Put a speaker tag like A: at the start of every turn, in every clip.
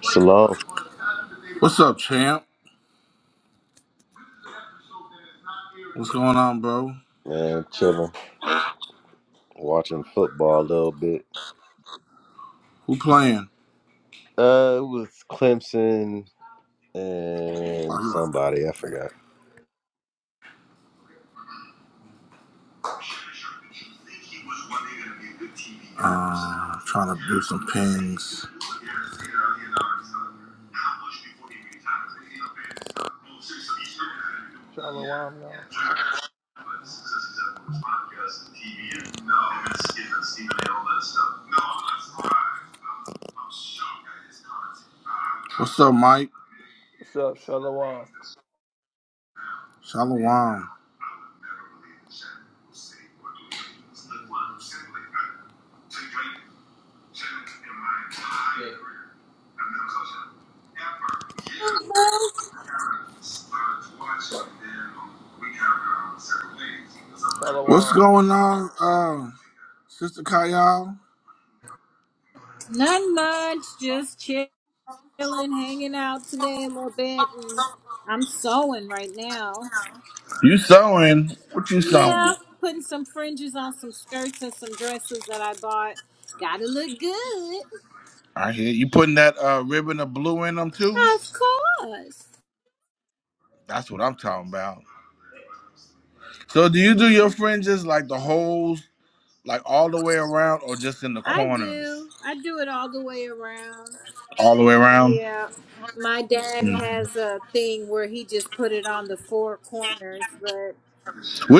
A: Shalom,
B: What's up, champ? What's going on, bro?
A: man. Chilling, watching football a little bit.
B: Who playing?
A: Uh, it was Clemson
B: Oh,
A: and
B: you must.
A: somebody I forgot.
B: Uh, trying to do some pings.
C: Shalom, y'all.
B: What's up, Mike?
C: What's up, Shalom?
B: Shalom. What's
C: Shalom.
B: going on, uh, Sister Kyle?
D: Not much, just chilling, hanging out today a little bit, and I'm sewing right now.
B: You sewing? What you sewing?
D: Yeah, putting some fringes on some skirts and some dresses that I bought. Gotta look good,
B: I hear you putting that uh ribbon of blue in them too.
D: of course.
B: That's what I'm talking about. So do you do your fringes like the holes, like all the way around, or just in the
D: I
B: corners,
D: do. I do it all the way around.
B: all the way around?
D: Yeah, my dad
B: Mm.
D: has a thing where he just put it on the four corners, but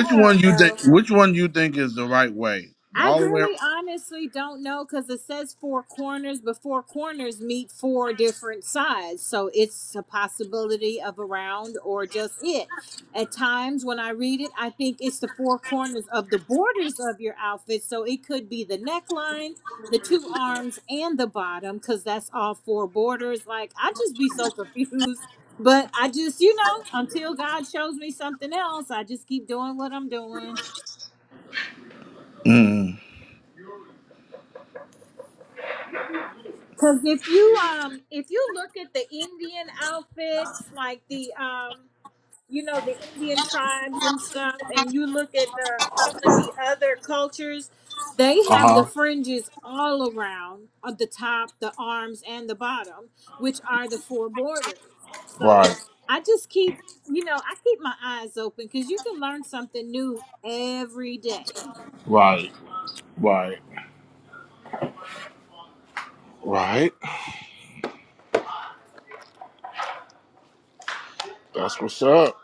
D: I
B: one
D: don't
B: you
D: know.
B: think? Which one you think is the right way?
D: I
B: All the way.
D: really honestly don't know because it says four corners, but four corners meet four different sides. So it's a possibility of a round or just it. At times when I read it, I think it's the four corners of the borders of your outfit. So it could be the neckline, the two arms, and the bottom because that's all four borders. Like, I just be so confused. But I just, you know, until God shows me something else, I just keep doing what I'm doing.
B: Mm.
D: Cause if you um if you look at the Indian outfits, like the um you know the Indian tribes and stuff, and you look at the some of the other cultures, they
B: Uh
D: have
B: huh.
D: the fringes all around on the top, the arms, and the bottom, which are the four borders. So
B: Right.
D: I just keep you know I keep my eyes open because you can learn something new every day.
B: Right. Right. Right. That's what's up.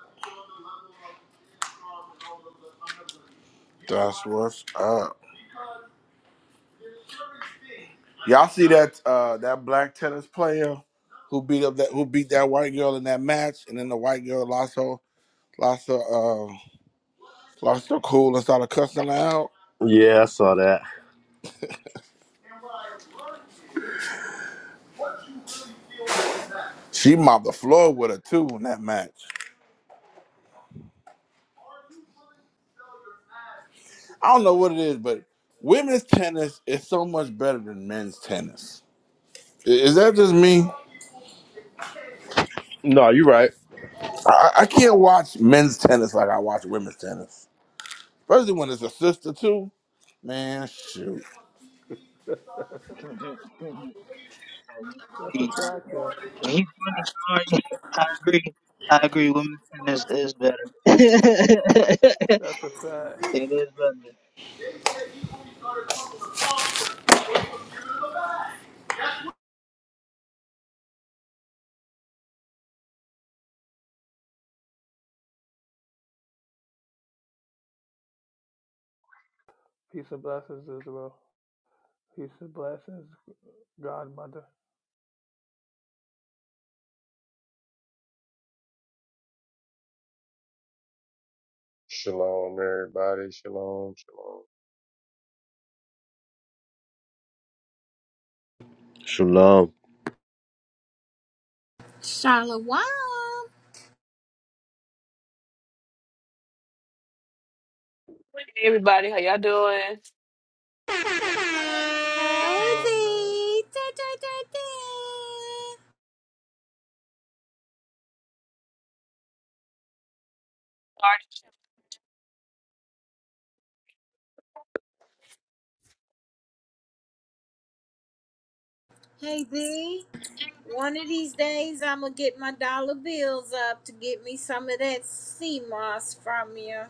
B: That's what's up. Y'all see that uh that black tennis player who beat up that who beat that white girl in that match, and then the white girl lost her. Lost her, uh, lost her cool and started cussing her out.
A: Yeah, I saw that.
B: She mopped the floor with her too in that match. I don't know what it is, but women's tennis is so much better than men's tennis. I- Is that just me?
A: No, you're right.
B: I, I can't watch men's tennis like I watch women's tennis, especially when it's a sister too. Man, shoot.
E: He,
C: That's a
E: he's funny.
C: fact, though.
E: Yeah, he's funny. Sorry, I agree. I agree. Women is is better. it
C: That's a fact.
E: is better.
C: Peace and blessings, Israel. Peace and blessings, Godmother.
F: Shalom, everybody. Shalom, shalom.
A: Shalom.
D: Shalom.
G: Hey everybody, how y'all doing?
D: Hey
C: Doing good.
D: thee. Da, da, da, da. Hey thee. One of these days I'm gonna get my dollar bills up to get me some of that sea moss from you.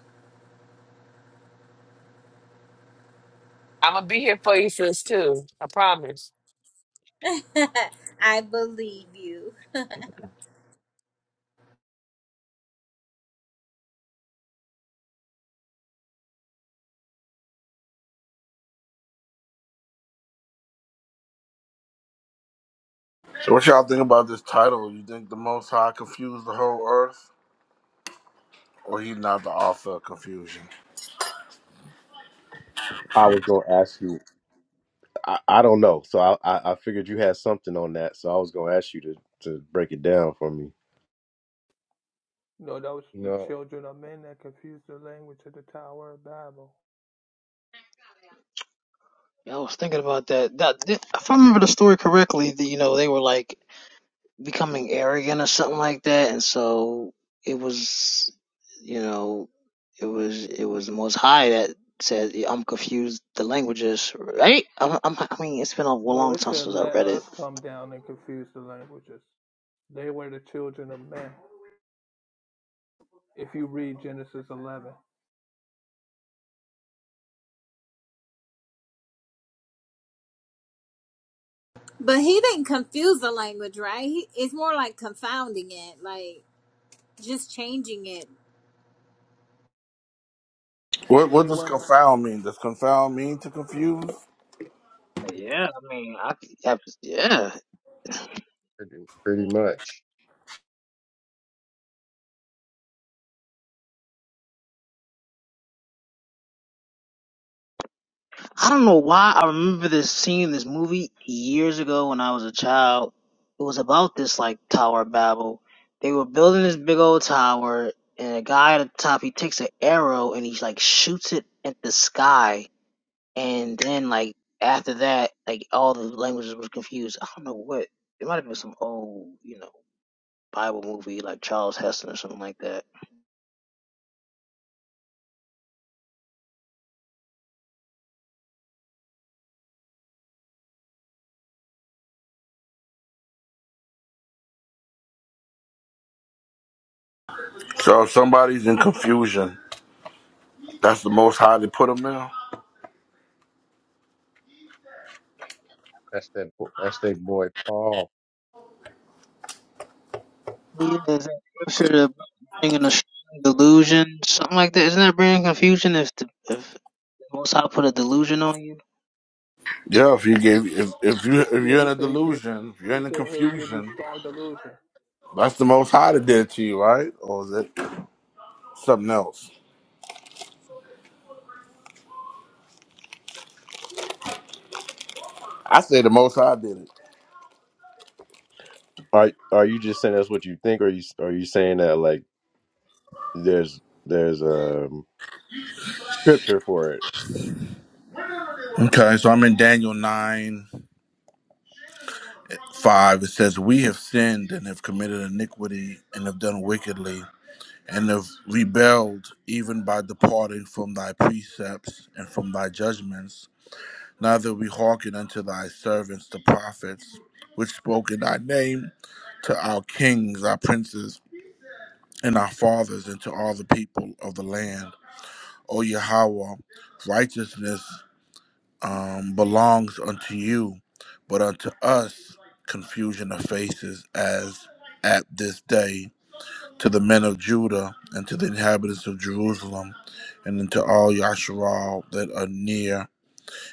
G: I'm gonna be here for you, sis, too. I promise.
D: I believe you.
B: So, what y'all think about this title? You think the Most High confused the whole earth, or he not the author of confusion?
A: I was gonna ask you. I, I don't know, so I, I I figured you had something on that, so I was gonna ask you to to break it down for me.
C: No, that was the
F: No,
C: children of men that confused the language of the Tower of Babel.
E: Yeah, I was thinking about that. that thi- if I remember the story correctly, the, you know, they were like becoming arrogant or something like that, and so it was, you know, it was it was the Most High that said, yeah, "I'm confused. The languages, right? I'm, I'm, I mean, it's been a
C: No,
E: long
C: it
E: time
C: said,
E: since I
C: let
E: read it.
C: us come down and confuse the languages. They were the children of men. If you read Genesis 11,
D: But he didn't confuse the language, right? He, it's more like confounding it, like just changing it.
B: What
C: do
B: what does
C: anyone?
B: confound mean? Does confound mean to confuse?
E: Yeah, I mean, I, I yeah.
F: pretty, pretty much.
E: I don't know why I remember this scene in this movie years ago when I was a child. It was about this like Tower of Babel. They were building this big old tower, and a guy at the top he takes an arrow and he like shoots it at the sky, and then like after that, like all the languages were confused. I don't know what it might have been some old you know Bible movie like Charles Heston or something like that.
B: So if somebody's in confusion, that's the most high to put them in.
F: That's that. bo- That's that boy Paul.
E: But yeah, is that scripture to bring in a strong delusion, something like that? Isn't that bringing confusion if the if Most High put a delusion on you?
B: Yeah, if you gave if if you if
C: Yeah,
B: you're
C: he
B: in a
C: said he, give,
B: delusion, if you're
C: he
B: in a
C: said he'll give you
B: confusion,
C: strong delusion.
B: that's the most high that did it to you, right? Or is it something else? I say the most high did it.
A: Are are you just saying that's what you think, or are you are you saying that like there's there's um scripture for it?
B: Okay, so I'm in Daniel nine five. It says, We have sinned and have committed iniquity and have done wickedly. and have rebelled even by departing from thy precepts and from thy judgments. Neither we hearken unto thy servants the prophets, which spoke in thy name to our kings, our princes, and our fathers, and to all the people of the land. O Yahweh, righteousness um, belongs unto you, but unto us confusion of faces as at this day to the men of Judah and to the inhabitants of Jerusalem and unto all Yasharal that are near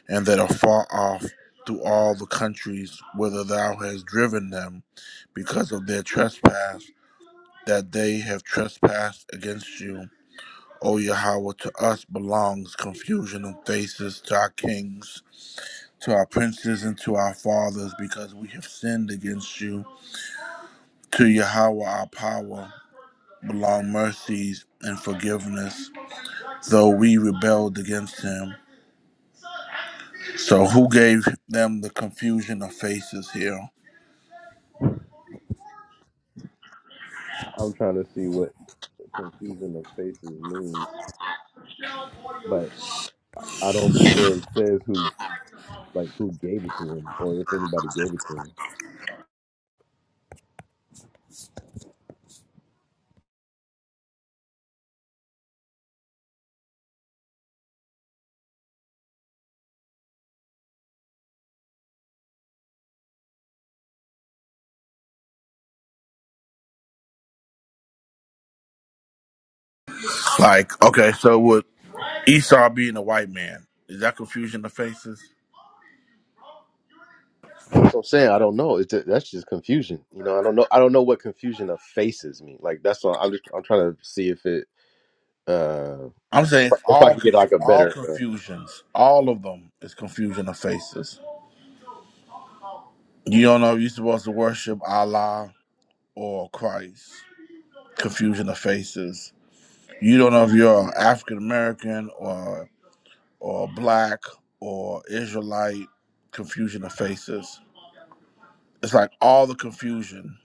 B: and that are far off to all the countries whither thou hast driven them because of their trespass that they have trespassed against you. O Yahweh, to us belongs confusion of faces to our kings, to our princes, and to our fathers, because we have sinned against you. To Yahweh, our power, belong mercies and forgiveness though we rebelled against him. So who gave them the confusion of faces here?
A: I'm trying to see what confusing the faces means. but. I don't see where it says who like who gave it to him or if anybody gave it to him.
B: Like, okay, so with Esau being a white man, is that confusion of faces?
A: That's what I'm saying. I don't know. It's that's just confusion. You know, I don't know. I don't know what confusion of faces mean. Like that's all. I'm just. I'm trying to see if it. uh
B: I'm saying it's
A: If I
B: all
A: can get
B: confu-
A: like a
B: all
A: better. Uh,
B: confusions, all of them is confusion of faces. You don't know if you're supposed to worship Allah or Christ. Confusion of faces. You don't know if you're African American or or black or Israelite. Confusion of faces. it's like all the confusion.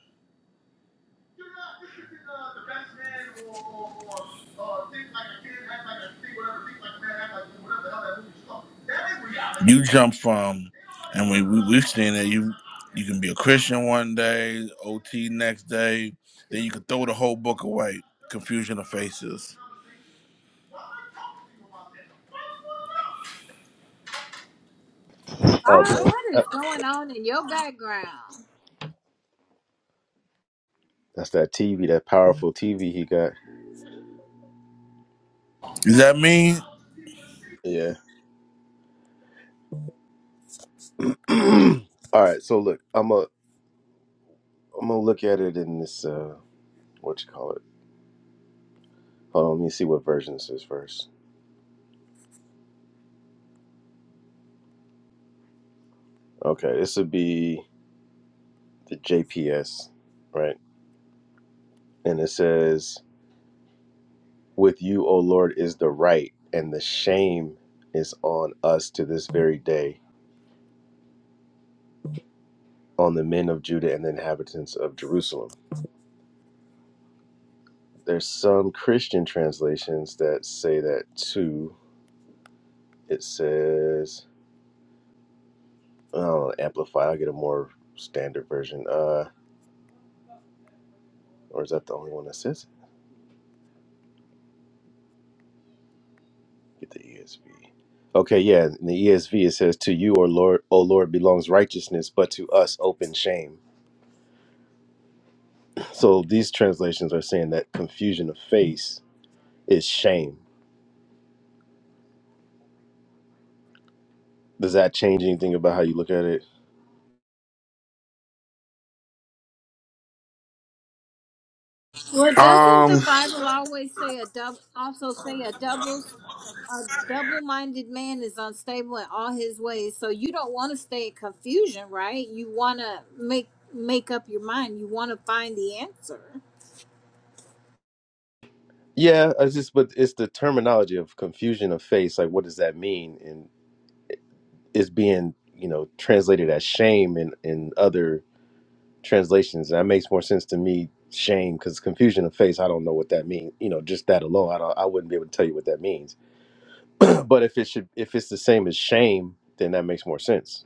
B: You jump from, and we, we we've seen that you you can be a Christian one day, OT next day, then you can throw the whole book away. Confusion of faces.
A: oh,
D: Ah,
A: bro,
D: what is going on in your background?
A: that's that TV. That powerful TV he got.
B: Is that me?
A: Yeah. all right. So look, I'm a. I'm gonna look at it in this. uh What you call it? Hold on. Let me see what version this is first. Okay, this would be the JPS, right? And it says with you, O Lord, is the right, and the shame is on us to this very day, on the men of Judah and the inhabitants of Jerusalem. There's some Christian translations that say that too. It says, i oh, amplify. I'll get a more standard version. Uh, or is that the only one that says? it? Get the ESV. Okay, yeah, in the ESV it says, "To you, O Lord, O Lord, belongs righteousness, but to us, open shame." So these translations are saying that confusion of face is shame. Does that change anything about how you look at it?
D: Well, doesn't the
B: Um.
D: Bible always say a double? Also say a double? a double-minded man is unstable in all his ways so you don't want to stay in confusion right you want to make make up your mind you want to find the answer
A: Yeah, it's just but it's the terminology of confusion of face. Like, what does that mean? And it's being you know translated as shame in in other translations. And That makes more sense to me. Shame because confusion of face. I don't know what that means. You know, just that alone, I don't. I wouldn't be able to tell you what that means. but if it should, if it's the same as shame, then that makes more sense.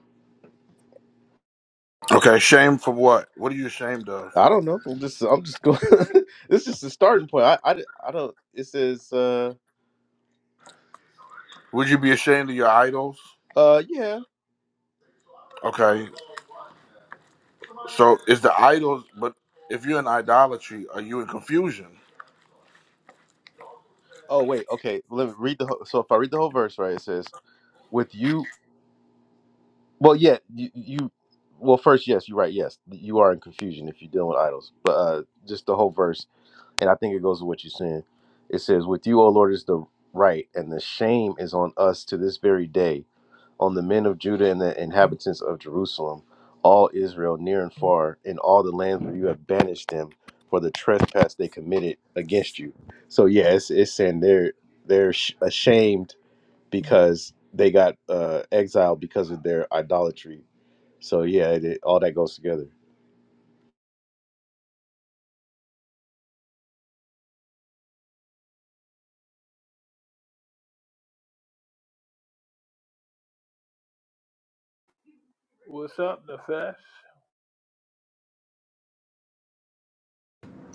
B: Okay. Shame for what? What are you ashamed of?
A: I don't know. I'm just I'm just going. this is the starting point. I, I I don't. It says. uh
B: Would you be ashamed of your idols?
A: uh yeah
B: Okay. So it's the idols, but if you're in idolatry, are you in confusion?
A: Oh wait, okay. Let me read the whole, so if I read the whole verse, right? It says, "With you, well, yeah, you, you, well, first, yes, you're right. Yes, you are in confusion if you're dealing with idols, but uh, just the whole verse, and I think it goes with what you're saying. It says, "With you, O Lord, is the right, and the shame is on us to this very day, on the men of Judah and the inhabitants of Jerusalem, all Israel, near and far, in all the lands where you have banished them for the trespass they committed against you." So yeah, it's, it's saying they're they're sh- ashamed because they got uh, exiled because of their idolatry. So yeah, it, it, all that goes together.
C: What's up, the fest?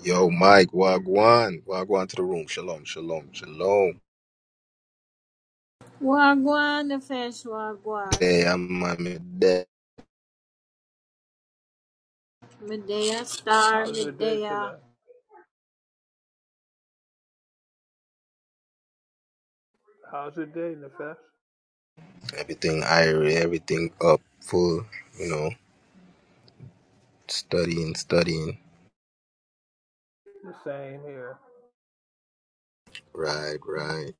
H: Yo, Mike, Wagwan, Wagwan to the room. Shalom, shalom, shalom.
D: wagwan the fish wagwan
H: Hey, I'm, I'm in debt.
D: medea star
C: How's your day
D: medea
C: today? How's your day, Nefesh?
H: Everything irie, everything up, full, you know, studying, studying.
C: The same here.
H: Right, right.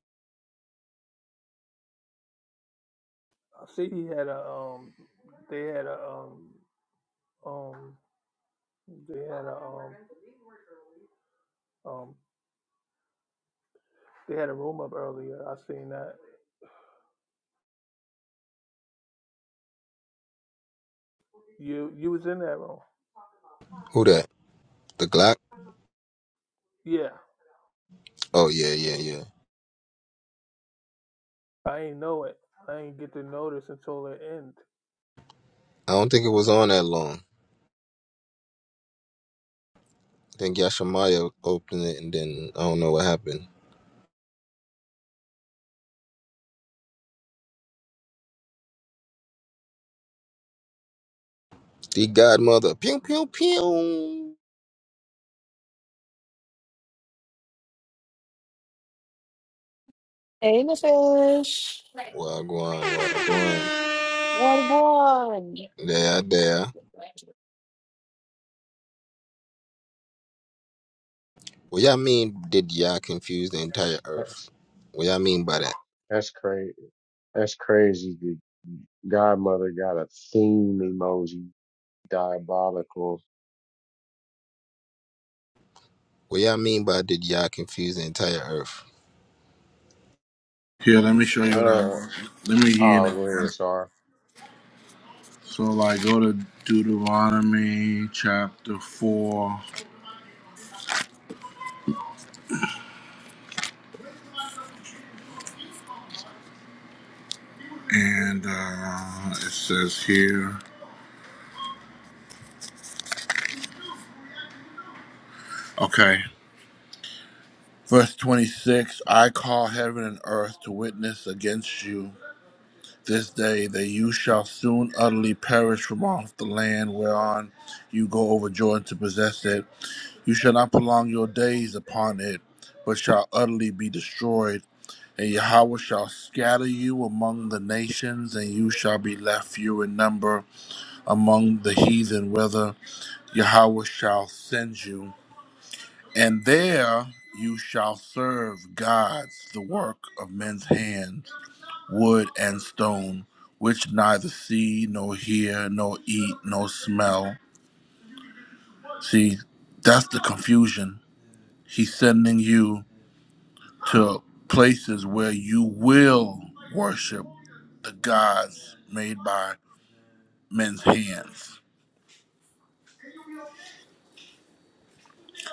C: I see he had a um they had a um um they had a um um they had a room up earlier. I seen that. You you was in that room.
H: Who that? The Glock?
C: Yeah.
H: Oh, yeah, yeah, yeah.
C: I ain't know it. I ain't get the notice until the end.
H: I don't think it was on that long. I think Yashimaya opened it and then I don't know what happened. The Godmother. Pew, pew, pew.
G: Hey, the fish.
H: Wagwan, Wagwan.
G: What one?
H: There, there. What y'all mean did y'all confuse the entire earth?
F: That's
H: What y'all mean by that?
F: that's crazy. That's crazy. The godmother got a theme emoji. Diabolical.
H: What y'all mean by did y'all confuse the entire earth?
B: Here, let me show
F: Uh,
B: you what
F: oh,
B: I. Let me hear it.
F: go
B: again.
F: ahead, sorry.
B: So, like, go to Deuteronomy chapter 4, and uh, it says here, okay, verse 26 I call heaven and earth to witness against you this day that you shall soon utterly perish from off the land whereon you go over Jordan to possess it You shall not prolong your days upon it, but shall utterly be destroyed. And Yahweh shall scatter you among the nations, and you shall be left few in number among the heathen, whither Yahweh shall send you. And there you shall serve gods, the work of men's hands, wood and stone, which neither see, nor hear, nor eat, nor smell. See, that's the confusion. He's sending you. to places where you will worship the gods made by men's hands.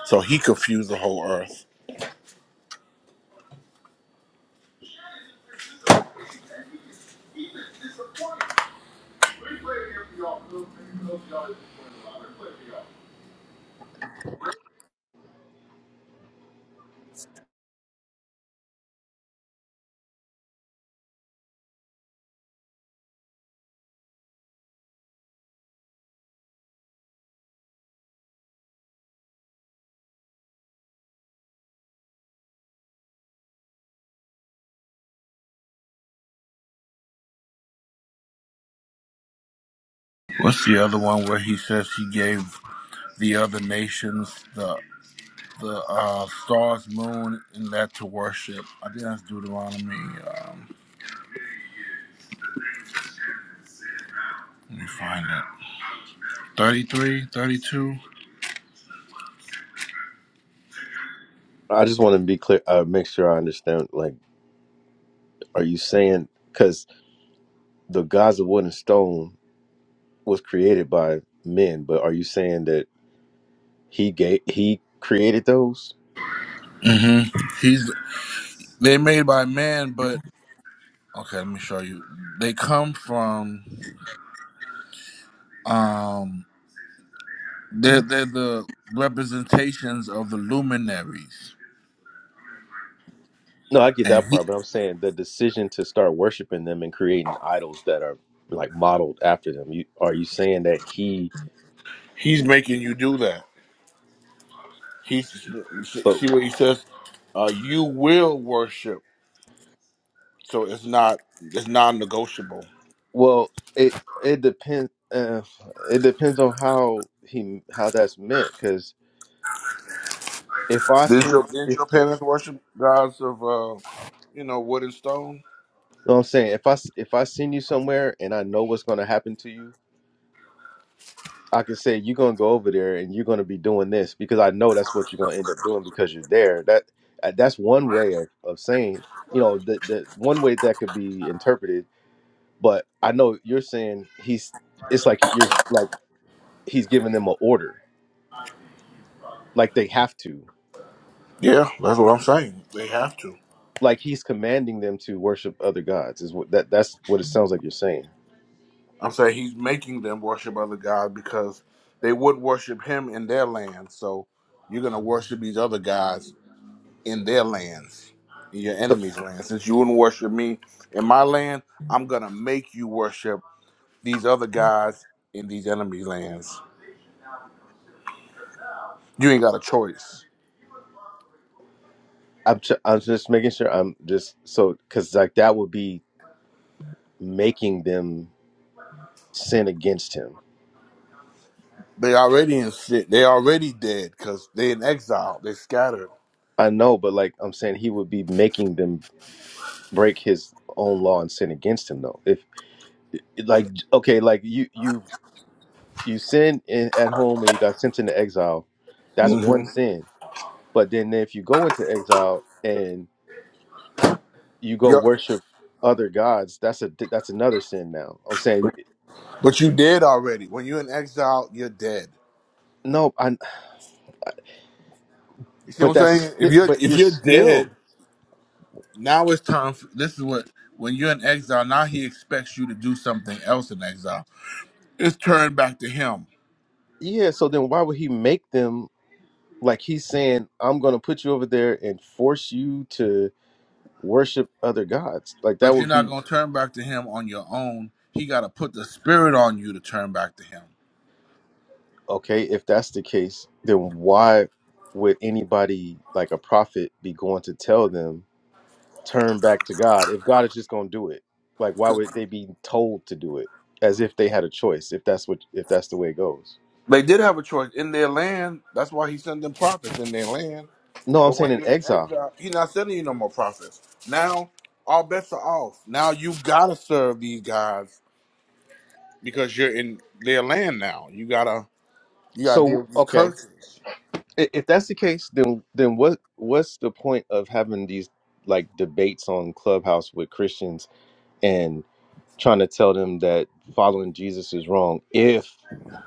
B: So he confused the whole earth. What's the other one where he says he gave the other nations the the uh, stars, moon, and that to worship? I think that's Deuteronomy. Um, let me find it. 33, 32.
A: I just want to be clear, uh, make sure I understand. Like, are you saying because the gods of wood and stone was created by men, but are you saying that he gave he created those?
B: hmm He's they made by man, but okay, let me show you. They come from. Um, They're, they're the representations of the luminaries.
A: No, I get
B: And
A: that
B: he,
A: part, but I'm saying the decision to start worshiping them and creating idols that are like modeled after them. You, are you saying that he?
B: he's making you do that. He's
A: But
B: see what he says. Uh, you will worship, so it's not it's non-negotiable.
A: Well, it it depends. Uh, it depends on how he how that's meant. Because if I
B: Didn't
A: send,
B: your, didn't
A: if
B: your
A: you
B: parents worship gods of uh, you know wood and stone?
A: know what I'm saying, if I s- if I send you somewhere and I know what's going to happen to you, I can say you're going to go over there and you're going to be doing this because I know that's what you're going to end up doing because you're there. That uh, that's one way of, of saying. You know, the the one way that could be interpreted. But I know you're saying he's. It's like you're like he's giving them an order, like they have to.
B: Yeah, that's what I'm saying. They have to.
A: like he's commanding them to worship other gods is what that that's what it sounds like you're saying
B: I'm saying he's making them worship other gods because they would worship him in their land. So you're gonna worship these other gods in their lands, in your
A: so
B: enemies' land. Since you wouldn't worship me in my land, I'm gonna make you worship these other guys in these enemy lands. You ain't got a choice.
A: i'm, ju- I'm just making sure i'm just so because like that would be making them sin against him
B: They already in shit. They already dead because they in exile. They scattered.
A: i know but like i'm saying he would be making them break his own law and sin against him though if like okay like you you you sin in, at home and you got sent into exile that's one
B: hmm
A: sin but then if you go into exile and you go
B: Yep.
A: worship other gods that's a that's another sin now i'm saying
B: But you dead already. When you're in exile, you're dead.
A: no i
B: You see
A: but
B: what I'm
A: that's
B: saying? If
A: sti-
B: you're
A: but
B: if
A: you're
B: you're dead,
A: still
B: now it's time. For, this is what when you're in exile. Now he expects you to do something else in exile. It's turned back to him
A: yeah so then why would he make them like he's saying i'm gonna put you over there and force you to worship other gods like that
B: But you're
A: would
B: not
A: be
B: going to turn back to him on your own. He got to put the spirit on you to turn back to him.
A: okay if that's the case then why would anybody like a prophet be going to tell them turn back to God if God is just going to do it? Like, why
B: 'Cause
A: would they be told to do it as if they had a choice? If that's what, if that's the way it goes?
B: They did have a choice in their land. That's why he sent them prophets in their land.
A: No, I'm
B: But
A: saying
B: when
A: in
B: you're in
A: exile.
B: exile, he's not sending you no more prophets. Now, all bets are off. Now you gotta serve these guys because you're in their land now. You gotta you gotta deal
A: So,
B: with these
A: okay,
B: curses
A: i- if that's the case, then then what what's the point of having these like debates on Clubhouse with Christians and trying to tell them that following Jesus is wrong if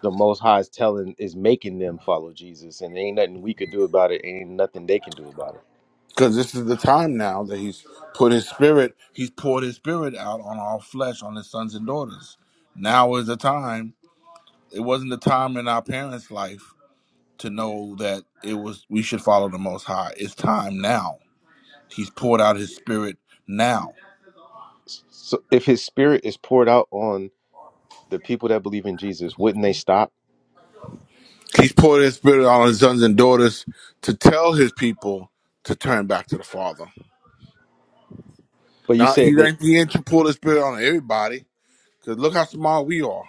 A: the Most High is telling is making them follow Jesus, and ain't nothing we could do about it, ain't nothing they can do about it.
B: because this is the time now that he's put his spirit. He's poured his spirit out on all flesh, on his sons and daughters. Now is the time it wasn't the time in our parents' life to know that it was we should follow the most high. It's time now. He's poured out his spirit now.
A: So, if His Spirit is poured out on the people that believe in Jesus, wouldn't they stop?
B: He's poured his spirit on his sons and daughters to tell his people to turn back to the Father.
A: But you
B: Now he
A: said they
B: ain't he ain't to pour his spirit on everybody. Cause look how small we are.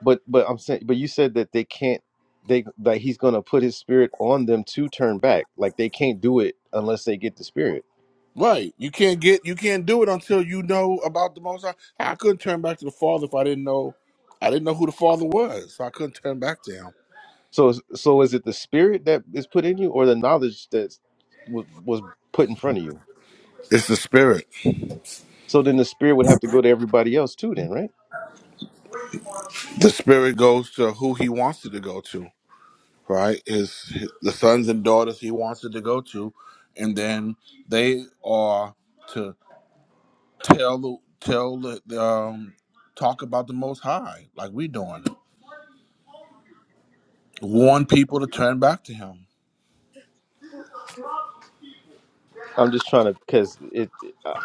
A: but but I'm saying but you said that they can't they like he's gonna put his spirit on them to turn back. Like they can't do it unless they get the spirit.
B: Right. You can't get you can't do it until you know about the most high. I couldn't turn back to the Father if I didn't know I didn't know who the Father was. So I couldn't turn back to him.
A: So so is it the spirit that is put in you or the knowledge that was was put in front of you?
B: It's the spirit.
A: So then the spirit would have to go to everybody else too then, right?
B: the spirit goes to who he wants it to go to right is the sons and daughters he wants it to go to and then they are to tell the tell the the, um talk about the most high like we doing warn people to turn back to him
A: I'm just trying to because it I-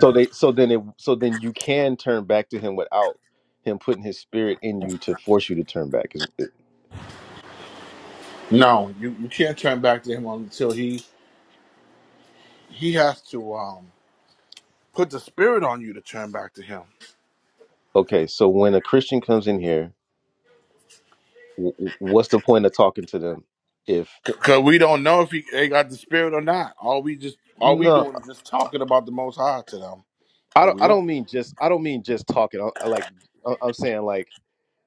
A: so they so then it so then you can turn back to him without him putting his spirit in you to force you to turn back.
B: no you, you can't turn back to him until he he has to um put the spirit on you to turn back to him
A: Okay, so when a Christian comes in here, w- w- what's the point of talking to them if
B: because we don't know if he they got the spirit or not all we just all we
A: no,
B: doing is just talking about the most high to them
A: I
B: but
A: don't
B: we
A: I
B: don't.
A: don't mean just I don't mean just talking. I, I like I- I'm saying like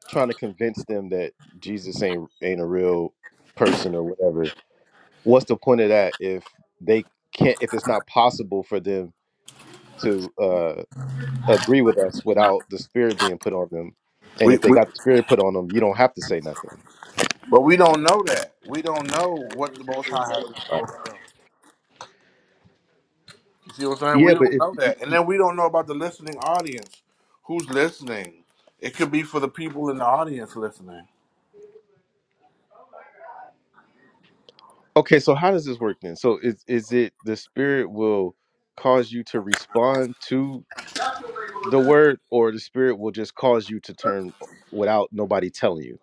A: trying to convince them that Jesus ain't ain't a real person or whatever. What's the point of that if they can't if it's not possible for them to uh agree with us without the spirit being put on them? And
B: We,
A: if they
B: we,
A: got the spirit put on them, you don't have to say nothing.
B: but we don't know that. We don't know what the Most High has in
A: Right.
B: store for them. You see what I'm saying? We
A: Yeah, but
B: don't
A: if
B: know that, and then we don't know about the listening audience. Who's listening? It could be for the people in the audience listening.
A: Okay, so how does this work then? So is is it the spirit will cause you to respond to the word, or the spirit will just cause you to turn without nobody telling you?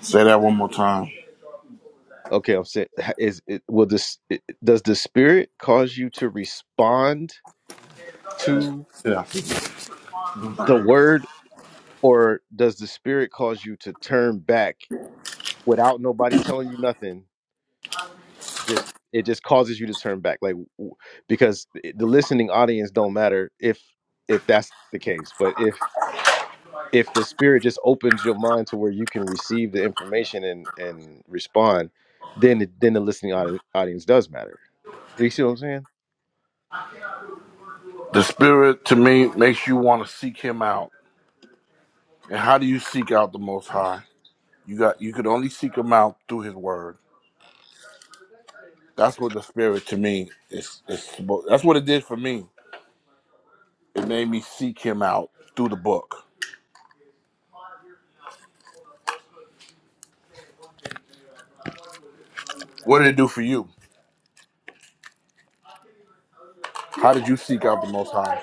B: Say that one more time.
A: Okay, I'm saying ha- is it will this it, does the spirit cause you to respond to
B: Yeah.
A: the
B: The
A: word, or does the spirit cause you to turn back without nobody telling you nothing? Just it just causes you to turn back, like w- because eh, the listening audience don't matter if if that's the case, but if if the spirit just opens your mind to where you can receive the information and and respond then it, then the listening audi- audience does matter you see what i'm saying
B: Spirit to me makes you want to seek Him out. And how do you seek out the Most High? You got you could only seek Him out through His Word. That's what the Spirit to me is. is supposed- that's what it did for me. It made me seek Him out through the book. What did it do for you? How did you seek out the Most High?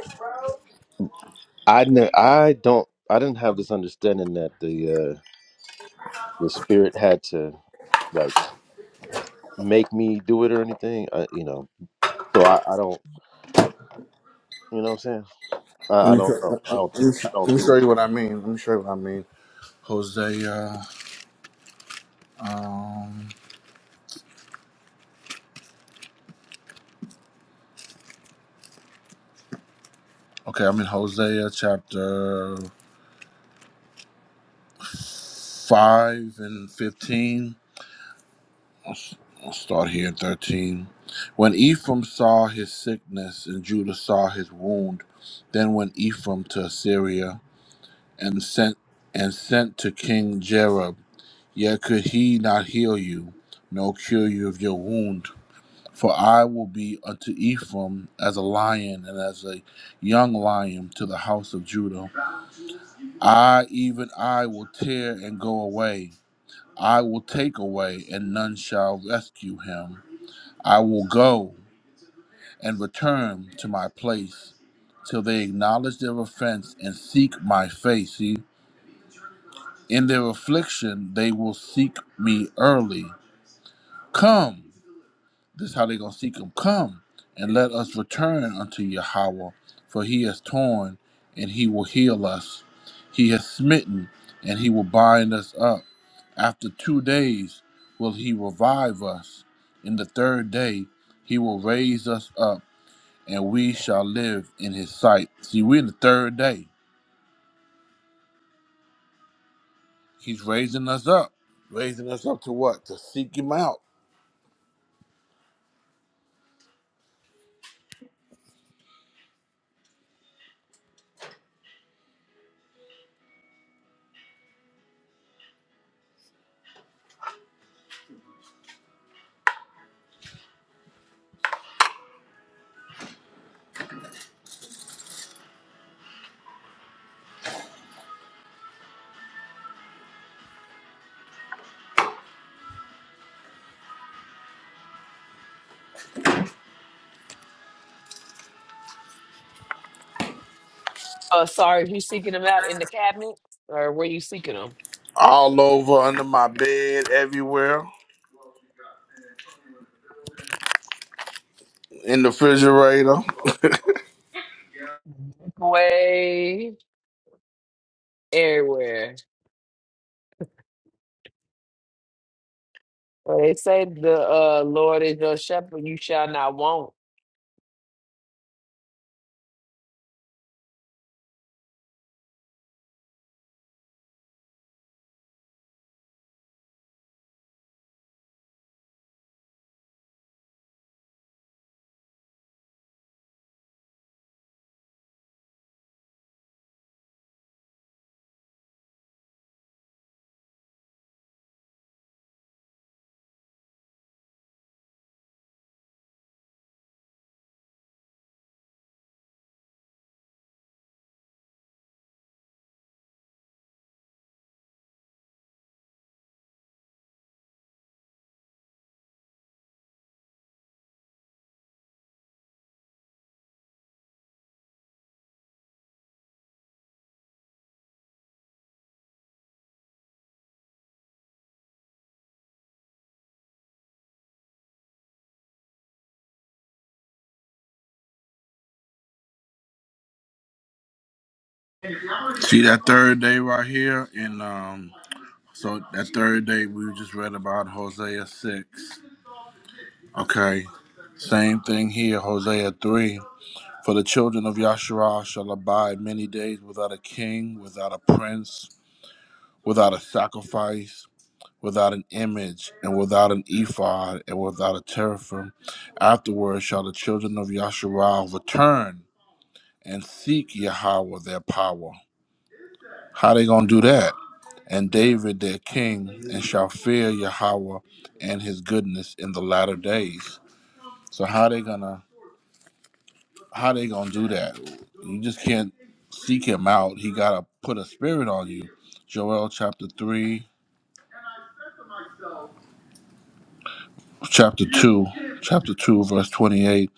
A: I know I don't I didn't have this understanding that the uh the spirit had to like make me do it or anything. I, you know, so I, I don't. You know what I'm saying? I,
B: Let
A: I
B: me,
A: don't know.
B: let
A: I
B: me,
A: don't think. I
B: let
A: don't
B: me
A: think.
B: show you what I mean. Let me show you what I mean. Hosea. Um, okay, I'm in Hosea chapter 5 and 15. I'll s- I'll start here at 13. When Ephraim saw his sickness and Judah saw his wound, then went Ephraim to Assyria and sent and sent to King Jerob Yet could he not heal you, nor cure you of your wound. For I will be unto Ephraim as a lion, and as a young lion to the house of Judah. I, even I, will tear and go away. I will take away, and none shall rescue him. I will go and return to my place, till they acknowledge their offense and seek my face. See, in their affliction they will seek me early. Come. This is how they're gonna seek him. Come and let us return unto Yahweh, for he has torn and he will heal us. He has smitten and he will bind us up. After two days will he revive us. In the third day he will raise us up, and we shall live in his sight. See, we're in the third day. He's raising us up. Raising us up to what? To seek him out.
G: Uh, sorry, you seeking them out in the cabinet or where you seeking them?
B: All over under my bed, everywhere, in the refrigerator.
G: Way everywhere. Well, they say the uh, Lord is your shepherd; you shall not want.
B: See that third day right here, and um, so that third day we just read about Hosea six. Okay, same thing here, Hosea three. For the children of Yasharah shall abide many days without a king, without a prince, without a sacrifice, without an image, and without an ephod, and without a teraphim. Afterward shall the children of Yasharah return and seek Yahweh their power. How they gonna do that? And David their king, and shall fear Yahweh and his goodness in the latter days. So how they gonna how they gonna do that? You just can't seek him out. He gotta put a spirit on you. Joel chapter three, chapter two, chapter two, verse twenty-eight.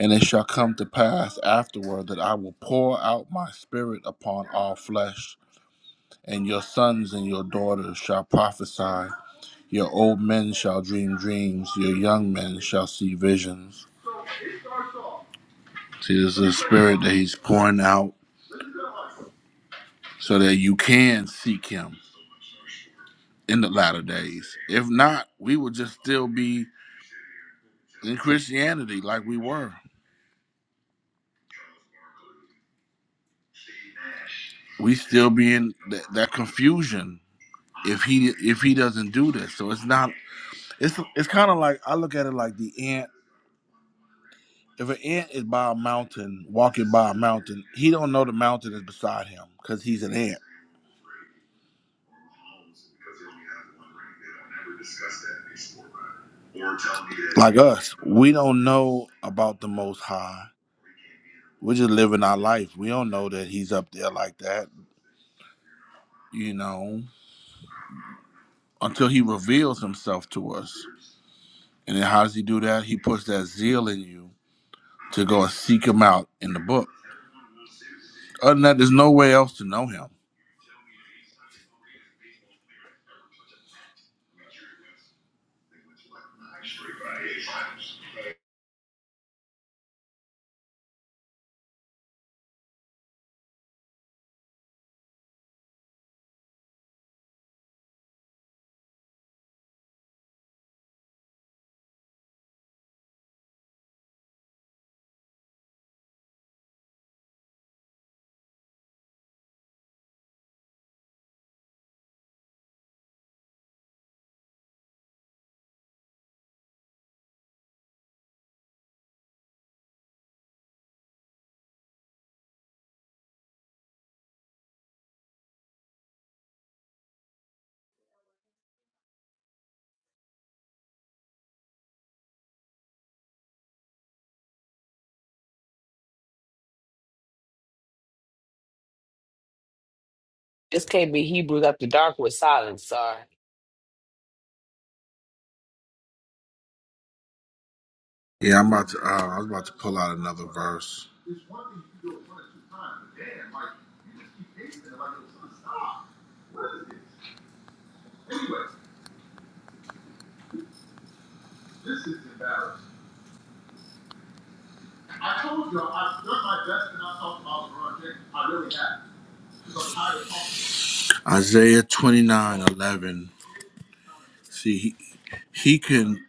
B: And it shall come to pass afterward that I will pour out my spirit upon all flesh, and your sons and your daughters shall prophesy, Your old men shall dream dreams, your young men shall see visions. See, this is a spirit that he's pouring out so that you can seek him in the latter days. If not, we would just still be in Christianity like we were. We still be in that, that confusion if he if he doesn't do this. So it's not it's it's kind of like I look at it like the ant. If an ant is by a mountain, walking by a mountain, he don't know the mountain is beside him because he's an ant Like us, we don't know about the Most High. We're just living our life. We don't know that He's up there like that, you know, until He reveals Himself to us. And then how does He do that? He puts that zeal in you to go and seek Him out in the book. Other than that, there's no way else to know Him.
G: This can't be Hebrews after dark with silence. Sorry.
B: Yeah, I'm about to. Uh, I was about to pull out another verse, Isaiah 29:11. See, he, he can.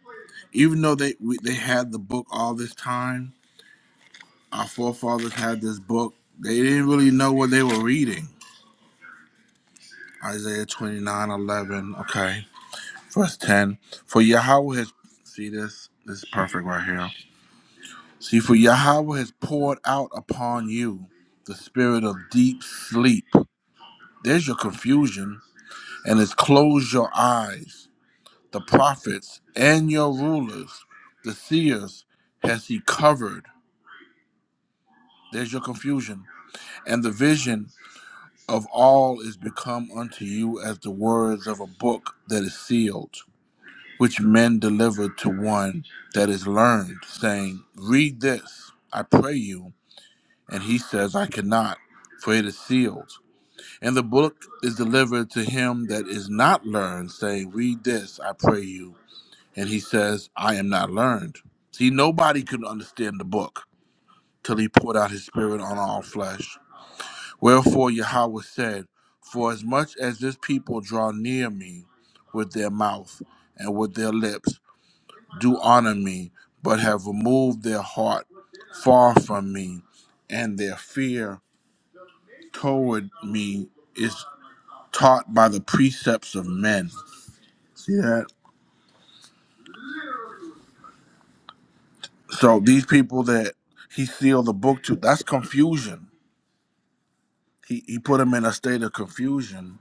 B: Even though they we, they had the book all this time, Our forefathers had this book. They didn't really know what they were reading. Isaiah 29 11. okay. Verse 10. For Yahweh has, see this? This is perfect right here. See, for Yahweh has poured out upon you the spirit of deep sleep. There's your confusion, and has closed your eyes. The prophets and your rulers, the seers, has he covered. There's your confusion. And the vision of all is become unto you as the words of a book that is sealed, which men deliver to one that is learned, saying, Read this, I pray you. And he says, I cannot, for it is sealed. And the book is delivered to him that is not learned, saying, Read this, I pray you. And he says, I am not learned. See, nobody could understand the book till he poured out his spirit on all flesh. Wherefore Yahweh said, For as much as this people draw near me with their mouth and with their lips, do honor me, but have removed their heart far from me, and their fear toward me is taught by the precepts of men. See that? So these people that he sealed the book to, that's confusion. He, he put them in a state of confusion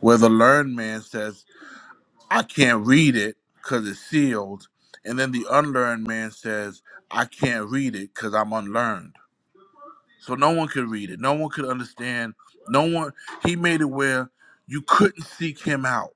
B: where the learned man says, I can't read it because it's sealed. And then the unlearned man says, I can't read it because I'm unlearned. So no one could read it. No one could understand. No one, he made it where you couldn't seek him out.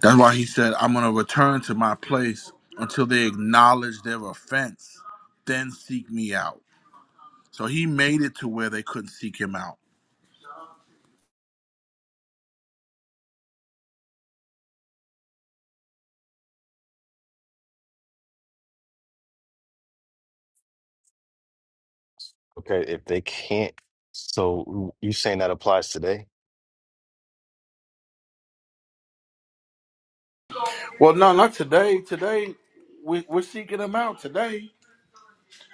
B: That's why he said, I'm going to return to my place until they acknowledge their offense, then seek me out. So he made it to where they couldn't seek him out.
I: Okay, if they can't, so you saying that applies today?
B: Well, no, not today. Today, we, we're seeking him out today.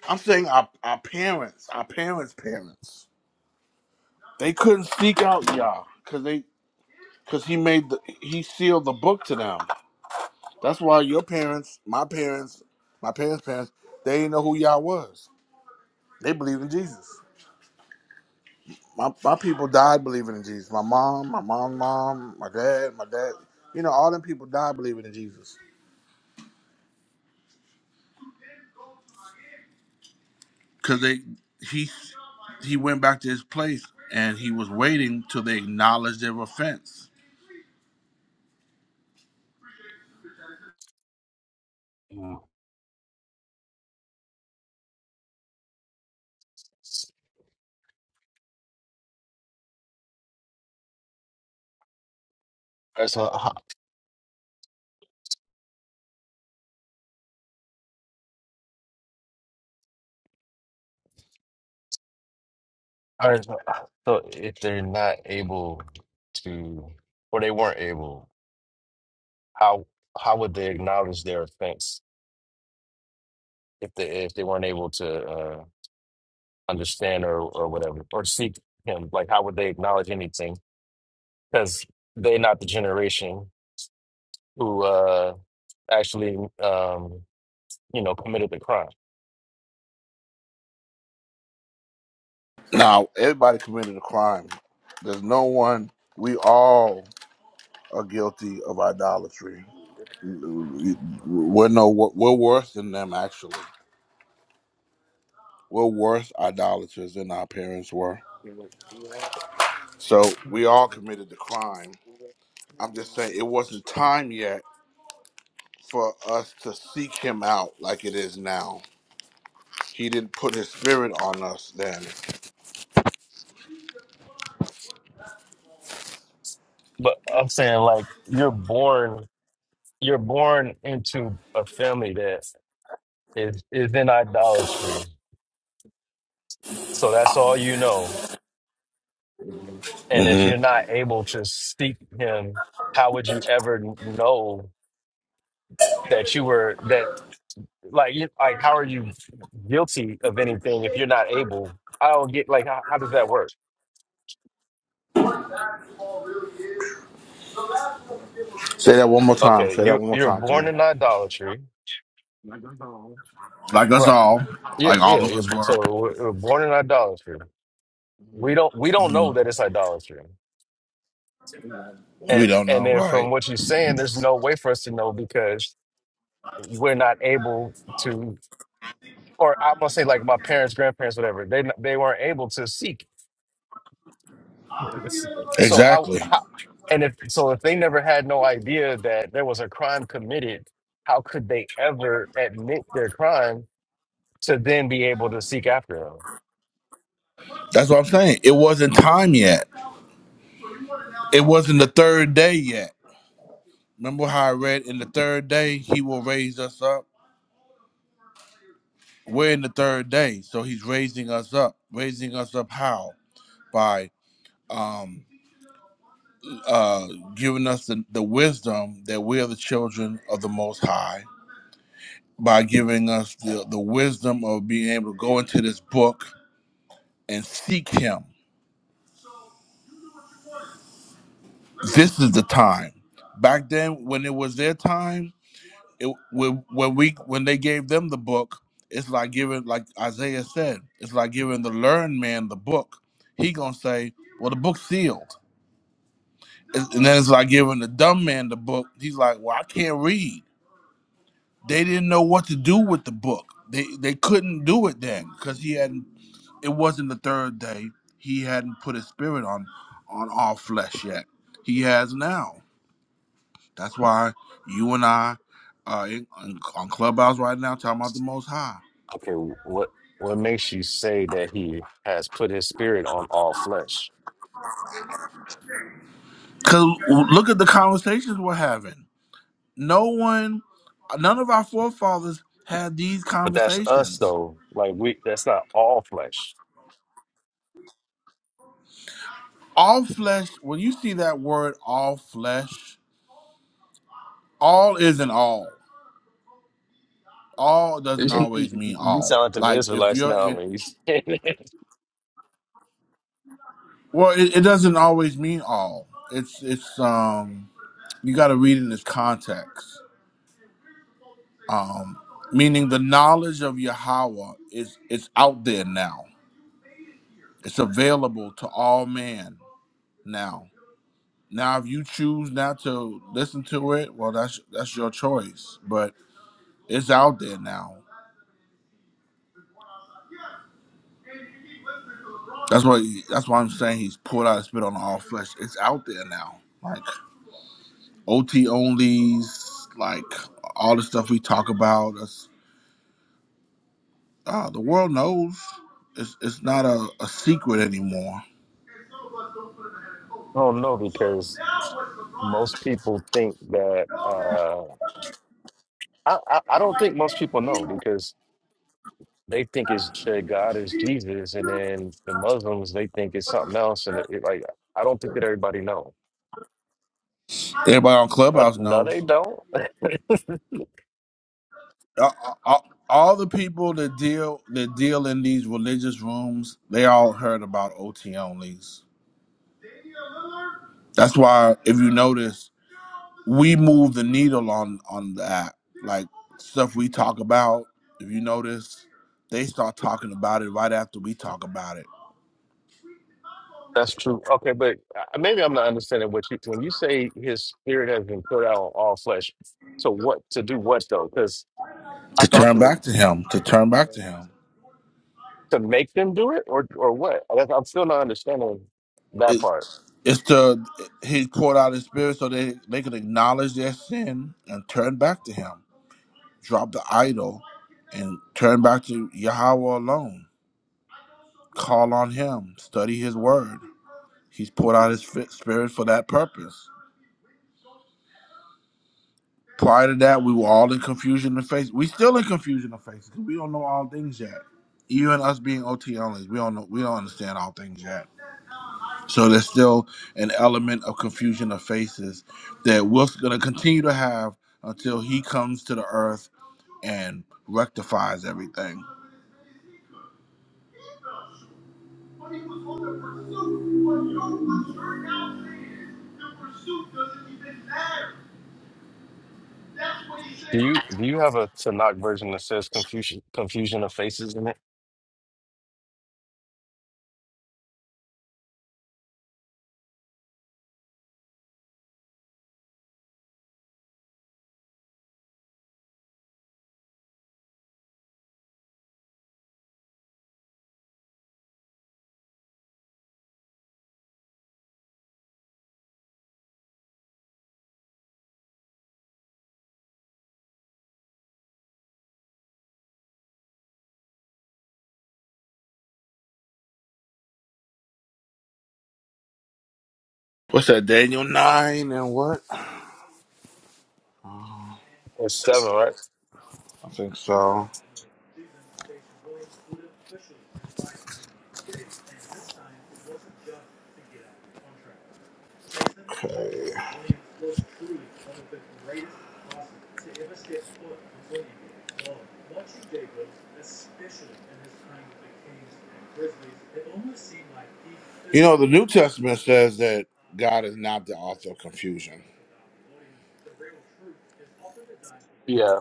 B: I'm saying our, our parents, our parents' parents, they couldn't seek out Yah because they because he made the he sealed the book to them. That's why your parents, my parents, my parents' parents, they didn't know who Yah was. They believed in Jesus. My my people died believing in Jesus. My mom, my mom's mom, my dad, my dad. You know, all them people died believing in Jesus because they he he went back to his place and he was waiting till they acknowledged their offense
I: Yeah. All right, so ho- all right, so, uh, so if they're not able to, or they weren't able, how how would they acknowledge their offense if they if they weren't able to uh, understand or or whatever or seek him? Like, how would they acknowledge anything? Because they're not the generation who uh, actually um, you know committed the crime.
B: Now, everybody committed a crime. There's no one. We all are guilty of idolatry. We're no. We're worse than them. Actually, we're worse idolaters than our parents were. So we all committed the crime. I'm just saying it wasn't time yet for us to seek him out like it is now. He didn't put his spirit on us then.
I: But I'm saying like you're born you're born into a family that is is in idolatry. So that's all you know. And if you're
B: hmm
I: not able to seek him, how would you ever know that you were that like you, like how are you guilty of anything if you're not able? I don't get like how, how does that work?
B: Say that one more time.
I: Okay,
B: Say that
I: you
B: one more
I: you're
B: time to
I: born
B: me.
I: in idolatry,
B: Like us
I: right?
B: all,
I: Yeah,
B: like all
I: yeah.
B: of
I: You're,
B: us
I: so
B: were.
I: we're we're born in idolatry. We don't we don't know that it's idolatry. And,
B: We don't
I: and
B: know.
I: then from
B: Right.
I: what you're saying, there's no way for us to know because we're not able to, or I'm gonna say like my parents, grandparents, whatever. They they weren't able to seek. So how
B: Exactly.
I: how and if so if they never had no idea that there was a crime committed, how could they ever admit their crime to then be able to seek after him?
B: That's what I'm saying. It wasn't time yet. It wasn't the third day yet. Remember how I read in the third day he will raise us up? We're in the third day, so he's raising us up. Raising us up how? By um uh giving us the, the wisdom that we are the children of the most high, by giving us the, the wisdom of being able to go into this book and seek him. This is the time. Back then when it was their time, it, when when we when they gave them the book, it's like giving like Isaiah said, it's like giving the learned man the book. He gonna say, "Well, the book's sealed," It's- and then it's like giving the dumb man the book. He's like, "Well, I can't read." They didn't know what to do with the book. They they couldn't do it then because he hadn't. It wasn't the third day. He hadn't put his spirit on on all flesh yet. He has now. That's why you and I uh, in, on Clubhouse right now talking about the Most High.
I: Okay, what what makes you say that he has put his spirit on all flesh?
B: Cause look at the conversations we're having. No one, none of our forefathers had these
I: But that's us
B: conversations.
I: though. Like we, that's not all flesh.
B: All flesh. When you see that word, all flesh, all isn't all. All doesn't always mean
I: You
B: all.
I: sound like them
B: Like if
I: Israelites
B: you're,
I: now,
B: in,
I: man.
B: well, it, it doesn't always mean all. It's it's um you got to read in its context. Um, meaning the knowledge of Yahweh is it's out there now. It's available to all man now Now, if you choose not to listen to it, well, that's that's your choice. But it's out there now. That's what that's why I'm saying he's poured out his spit on all flesh. It's out there now. Like OT onlys, like all the stuff we talk about. That's, uh, the world knows. It's it's not a, a secret anymore.
I: I don't know because most people think that uh, I, I I don't think most people know because they think it's that God is Jesus, and then the Muslims they think it's something else, and it, it, like I don't think that everybody know.
B: Everybody on
I: Uh,
B: Clubhouse
I: No, they
B: knows.
I: don't.
B: Uh, uh, uh, all the people that deal that deal in these religious rooms, they all heard about OT onlys That's why if you notice, we move the needle on on that. Like stuff we talk about, if you notice, they start talking about it right after we talk about it.
I: That's true. Okay, but uh, maybe I'm not understanding what you when you say His Spirit has been poured out on all flesh. So what to do what though? Because I
B: To
I: thought
B: turn
I: you were.
B: back to him, to turn back to him.
I: to make them do it or or what? I guess I'm still not understanding that
B: It,
I: part.
B: it's to he poured out his spirit so they they could acknowledge their sin and turn back to him. Drop the idol and turn back to Yahweh alone. Call on him, study his word. He's poured out his fi- spirit for that purpose. Prior to that, we were all in confusion of faces. We still in confusion of faces because we don't know all things yet. Even us being OT only, we don't know, we don't understand all things yet. So there's still an element of confusion of faces that we're going to continue to have until He comes to the earth and rectifies everything.
I: Do you do you have a Tanakh version that says confusion confusion of faces in it?
B: What's that? Daniel nine and what?
I: It's seven, right?
B: I think so. Okay. You know, the New Testament says that God is not the author of confusion.
I: Yeah.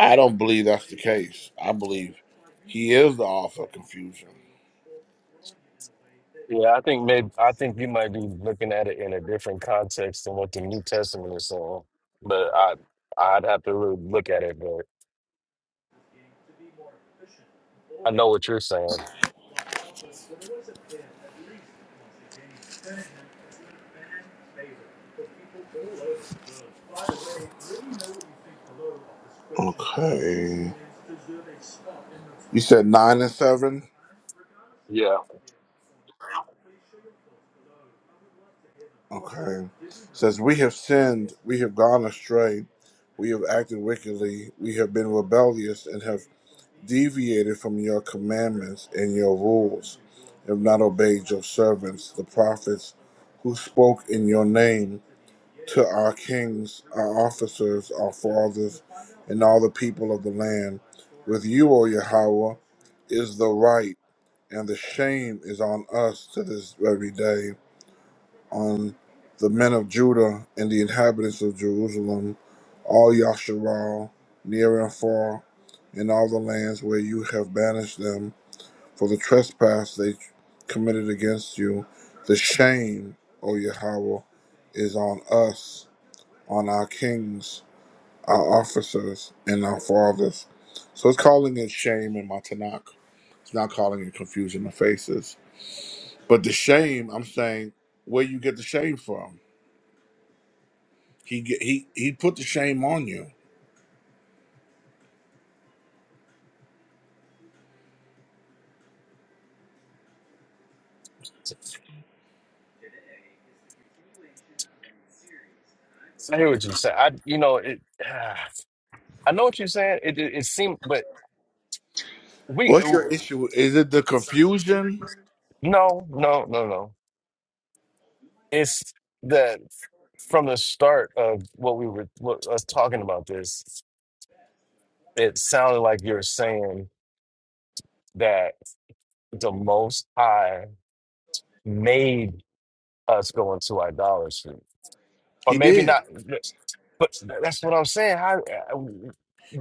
B: I don't believe that's the case. I believe He is the author of confusion.
I: Yeah, I think maybe I think you might be looking at it in a different context than what the New Testament is saying. But I I'd have to really look at it, but I know what you're saying.
B: Okay. You said nine and seven?
I: Yeah.
B: Okay. Says, We have sinned, we have gone astray, we have acted wickedly, we have been rebellious, and have. deviated from your commandments and your rules, have not obeyed your servants, the prophets, who spoke in your name to our kings, our officers, our fathers, and all the people of the land. With you, O Yahweh, is the right, and the shame is on us to this very day on the men of Judah and the inhabitants of Jerusalem, all Yasharal, near and far, in all the lands where you have banished them, for the trespass they committed against you. The shame, O Yahweh, is on us, on our kings, our officers, and our fathers. So it's calling it shame in my Tanakh. It's not calling it confusion of faces. But the shame, I'm saying, where you get the shame from? He ge- he he put the shame on you.
I: I hear what you're saying. I you know it I know what you're saying. It it, it seemed but we
B: What's your
I: no,
B: issue? Is it the confusion?
I: no, no, no. it's that from the start of what we were what, us talking about this, it sounded like you're saying that the Most High made us go into idolatry, or
B: He
I: maybe
B: did.
I: not. But that's what I'm saying. How,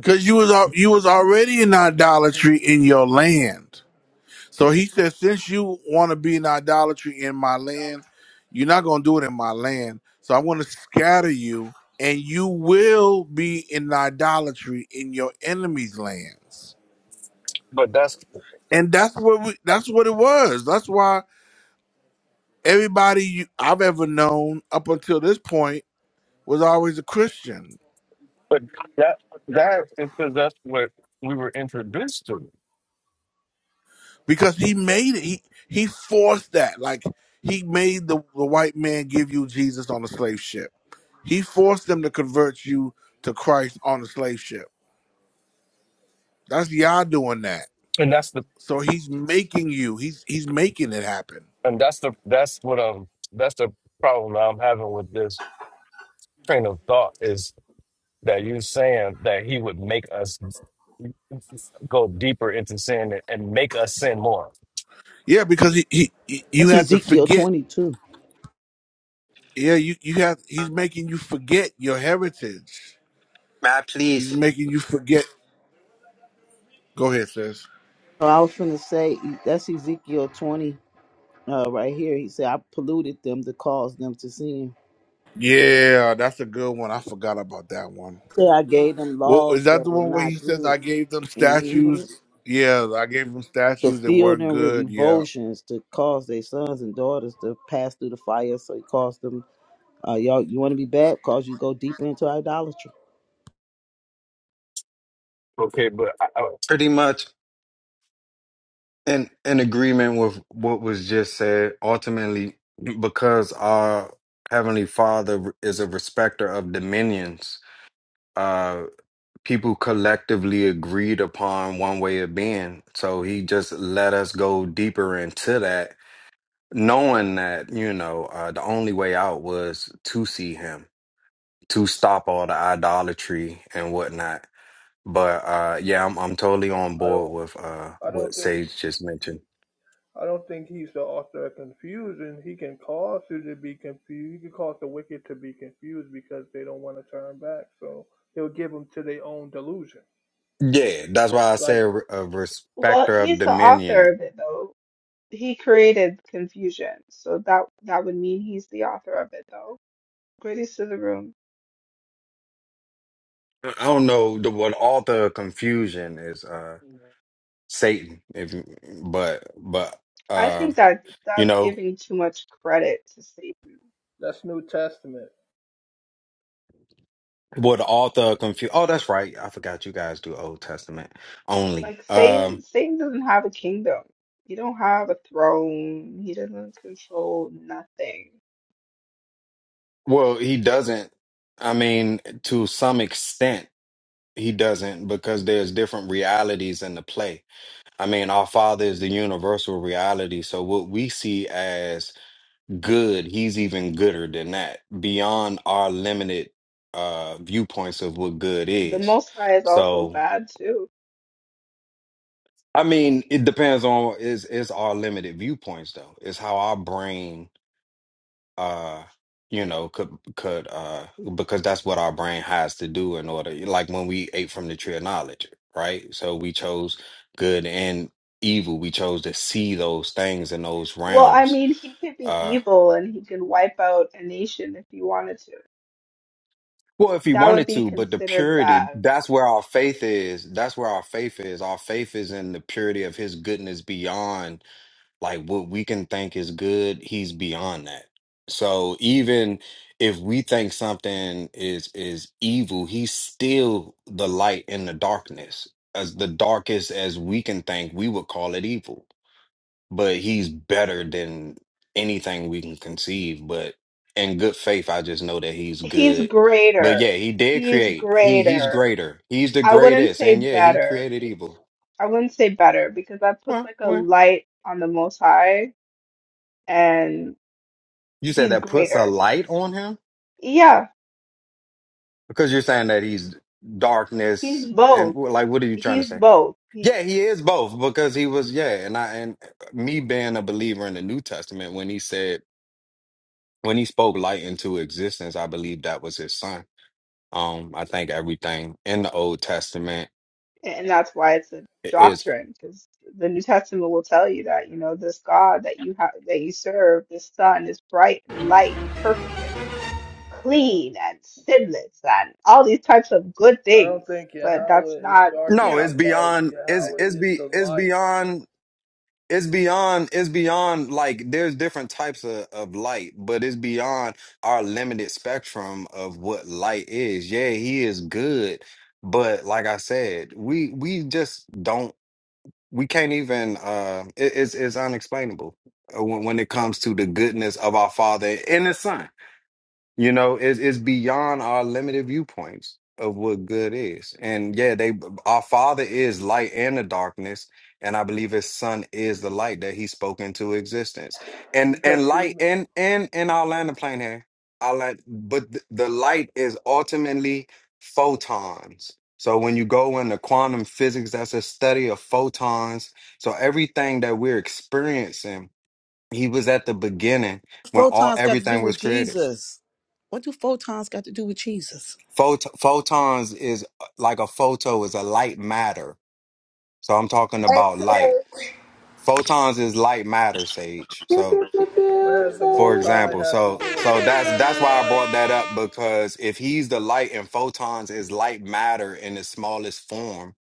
B: Cause you was al- you was already in idolatry in your land. So he said, since you want to be in idolatry in my land, you're not gonna do it in my land. So I'm gonna scatter you, and you will be in idolatry in your enemies' lands.
I: but that's
B: And that's what we, that's what it was. That's why everybody you, I've ever known up until this point was always a Christian
I: but that that is because that's what we were introduced to,
B: because he made it. He he forced that. Like he made the, the white man give you Jesus on a slave ship. He forced them to convert you to Christ on a slave ship. That's Yah doing that.
I: and that's the
B: So he's making you. He's he's making it happen.
I: and that's the that's what um that's the problem I'm having with this train of thought is that you saying that he would make us go deeper into sin and make us sin more.
B: Yeah, because he, he, he- you
J: That's
B: have to
J: Ezekiel
B: forget.
J: 22.
B: Yeah, you you have. He's making you forget your heritage.
K: Matt,
B: He's
K: please.
B: making you forget. Go ahead, sis.
J: So I was going to say, that's Ezekiel 20 uh, right here. He said, I polluted them to cause them to sin.
B: Yeah, that's a good one. I forgot about that one.
J: He Said I gave them
B: Well, is
J: laws
B: that
J: that
B: the
J: were
B: one where
J: not
B: he says
J: good.
B: I gave them
J: hmm
B: statues? Yeah, I gave them
J: To
B: statues that
J: fill
B: weren't
J: them with
B: good. Yeah.
J: revulsions, to cause their sons and daughters to pass through the fire. So he caused them, uh, y'all, you want to be bad? Cause you to go deeper into idolatry.
I: Okay, but I, I,
K: Pretty much in in agreement with what was just said. Ultimately, because our heavenly Father is a respecter of dominions, uh, people collectively agreed upon one way of being. So He just let us go deeper into that, knowing that you know uh, the only way out was to see Him, to stop all the idolatry and whatnot But uh, yeah, I'm I'm totally on
C: I
K: board
C: don't
K: with uh,
C: I
K: what
C: don't think
K: Sage just mentioned.
C: I don't think he's the author of confusion. He can cause you to be confused. He can cause the wicked to be confused because they don't want to turn back. So he'll give them to their own delusion.
K: Yeah, that's why I say
C: Like
K: a, a
L: Well,
K: respecter of
L: he's the author
K: dominion.
L: of it though. He created confusion, so that that would mean he's the author of it though. Greatest of the room.
K: I don't know the what author of confusion is uh, Satan, if you- but but
L: I
K: uh,
L: think that
K: you
L: that's
K: know
L: giving too much credit to Satan.
C: that's New Testament.
K: what the author of confusion. Oh, that's right. I forgot you guys do Old Testament only.
L: Like Satan,
K: Um,
L: Satan doesn't have a kingdom. He don't have a throne. He doesn't control nothing.
K: well, he doesn't. I mean, to some extent, he doesn't because there's different realities in the play I mean, our Father is the universal reality. So, what we see as good, He's even gooder than that, beyond our limited uh, viewpoints of what good
L: The
K: is.
L: Most High is also
K: So,
L: bad too.
K: I mean, it depends on is is our limited viewpoints though. It's how our brain uh you know could could uh because that's what our brain has to do in order like when we ate from the tree of knowledge right so we chose good and evil we chose to see those things in those
L: Well, I
K: realms
L: mean, he could be
K: uh
L: evil and he could wipe out a nation if he wanted to.
K: well if we
L: That would
K: wanted
L: be
K: to but the
L: considered
K: purity
L: bad.
K: that's where our faith is that's where our faith is our faith is in the purity of his goodness beyond like what we can think is good he's beyond that so even if we think something is is evil he's still the light in the darkness as the darkest as we can think we would call it evil but he's better than anything we can conceive but in good faith i just know that he's
L: He's
K: good but yeah
L: greater.
K: he did
L: He's
K: create he he's
L: greater.
K: greater he's the
L: I wouldn't
K: greatest
L: say
K: and yeah he
L: better.
K: created evil
L: I wouldn't say better because that puts
K: well
L: like a
K: well
L: light on the Most High, and
K: you
L: he's
K: said that puts a
L: greater.
K: light on him
L: Yeah,
K: Because you're saying that he's
L: he's
K: darkness and
L: both.
K: wh- like what are you trying to
L: He's
K: say?
L: both. He's,
K: Yeah, he is both because he was yeah, and I and me being a believer in the New Testament when he said when he spoke light into existence, I believe that was his son. Um I think everything in the Old Testament
L: and that's why it's a
K: i- is
L: doctrine because the New Testament will tell you that you know this God that you have that you serve, this Sun, is bright and light and perfect and clean and sinless and all these types of good
C: I don't
L: things.
C: think
L: But that's
C: Yahweh is
L: not you
K: no,
C: darkness
L: know.
K: it's
C: and light.
K: beyond it's it's
C: Yahweh is
K: be
C: the
K: it's
C: light
K: beyond it's beyond it's beyond like there's different types of, of light but it's beyond our limited spectrum of what light is yeah he is good but like i said we we just don't we can't even uh it, it's it's unexplainable uh, when, when it comes to the goodness of our father and his son you know, it's, it's beyond our limited viewpoints of what good is. And yeah, they our Father is light and the darkness, and I believe His Son is the light that He spoke into existence. And
C: because
K: and
C: the
K: light and and and I'll land the plane here, I'll land, but th- the light is ultimately photons. So when you go into quantum physics, that's a study of photons. So everything that we're experiencing, He was at the beginning when all
J: Photons got to do
K: everything
J: with
K: was created.
J: Jesus. What do photons got to do with Jesus?
K: Phot- photons is uh, like a photo is a light matter. So I'm talking about light. Photons is light matter, Sage.
G: Pew,
K: So
G: pew, pew,
C: what
G: pew, I'm
C: has the
K: for
C: Most
G: saying.
C: High
K: example,
C: has to
K: so
C: do with
K: so
C: that
K: that's
C: type
K: that's
C: of
K: why I
C: light?
K: brought that up because if he's the light and photons is light matter in the smallest form,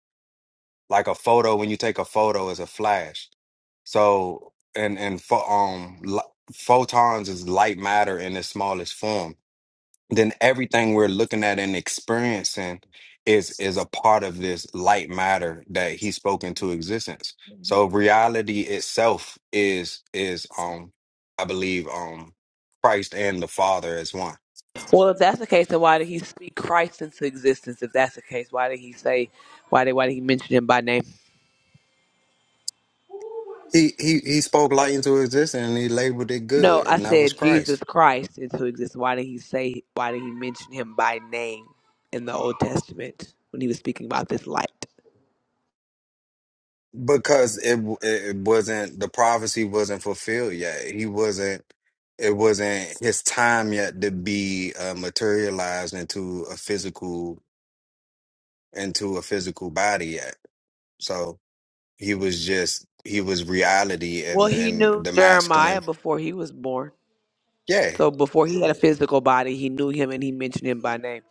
K: like a photo when you take a photo is a flash. So and and pho- um li- photons is light matter in the smallest form. then everything we're looking at and experiencing is is a part of this light matter that he spoke into existence so reality itself is is um i believe um christ and the father as one
G: Well, if that's the case, then why did he speak Christ into existence? If that's the case, why did he say, why did why did he mention him by name?
K: he he he spoke light into existence and he labeled it
G: No,
K: good
G: I
K: and that was
G: said Jesus
K: christ
G: Christ into existence. Why did he say? Why did he mention him by name in the Old Testament when he was speaking about this light?
K: because it w- it wasn't the prophecy wasn't fulfilled yet he wasn't it wasn't his time yet to be uh, materialized into a physical into a physical body yet. So he was just he was reality
G: Well,
K: and
G: he
K: and
G: knew
K: the
G: Jeremiah
K: masculine.
G: before he was born.
K: Yeah.
G: So before he had a physical body, he knew him and he mentioned him by name.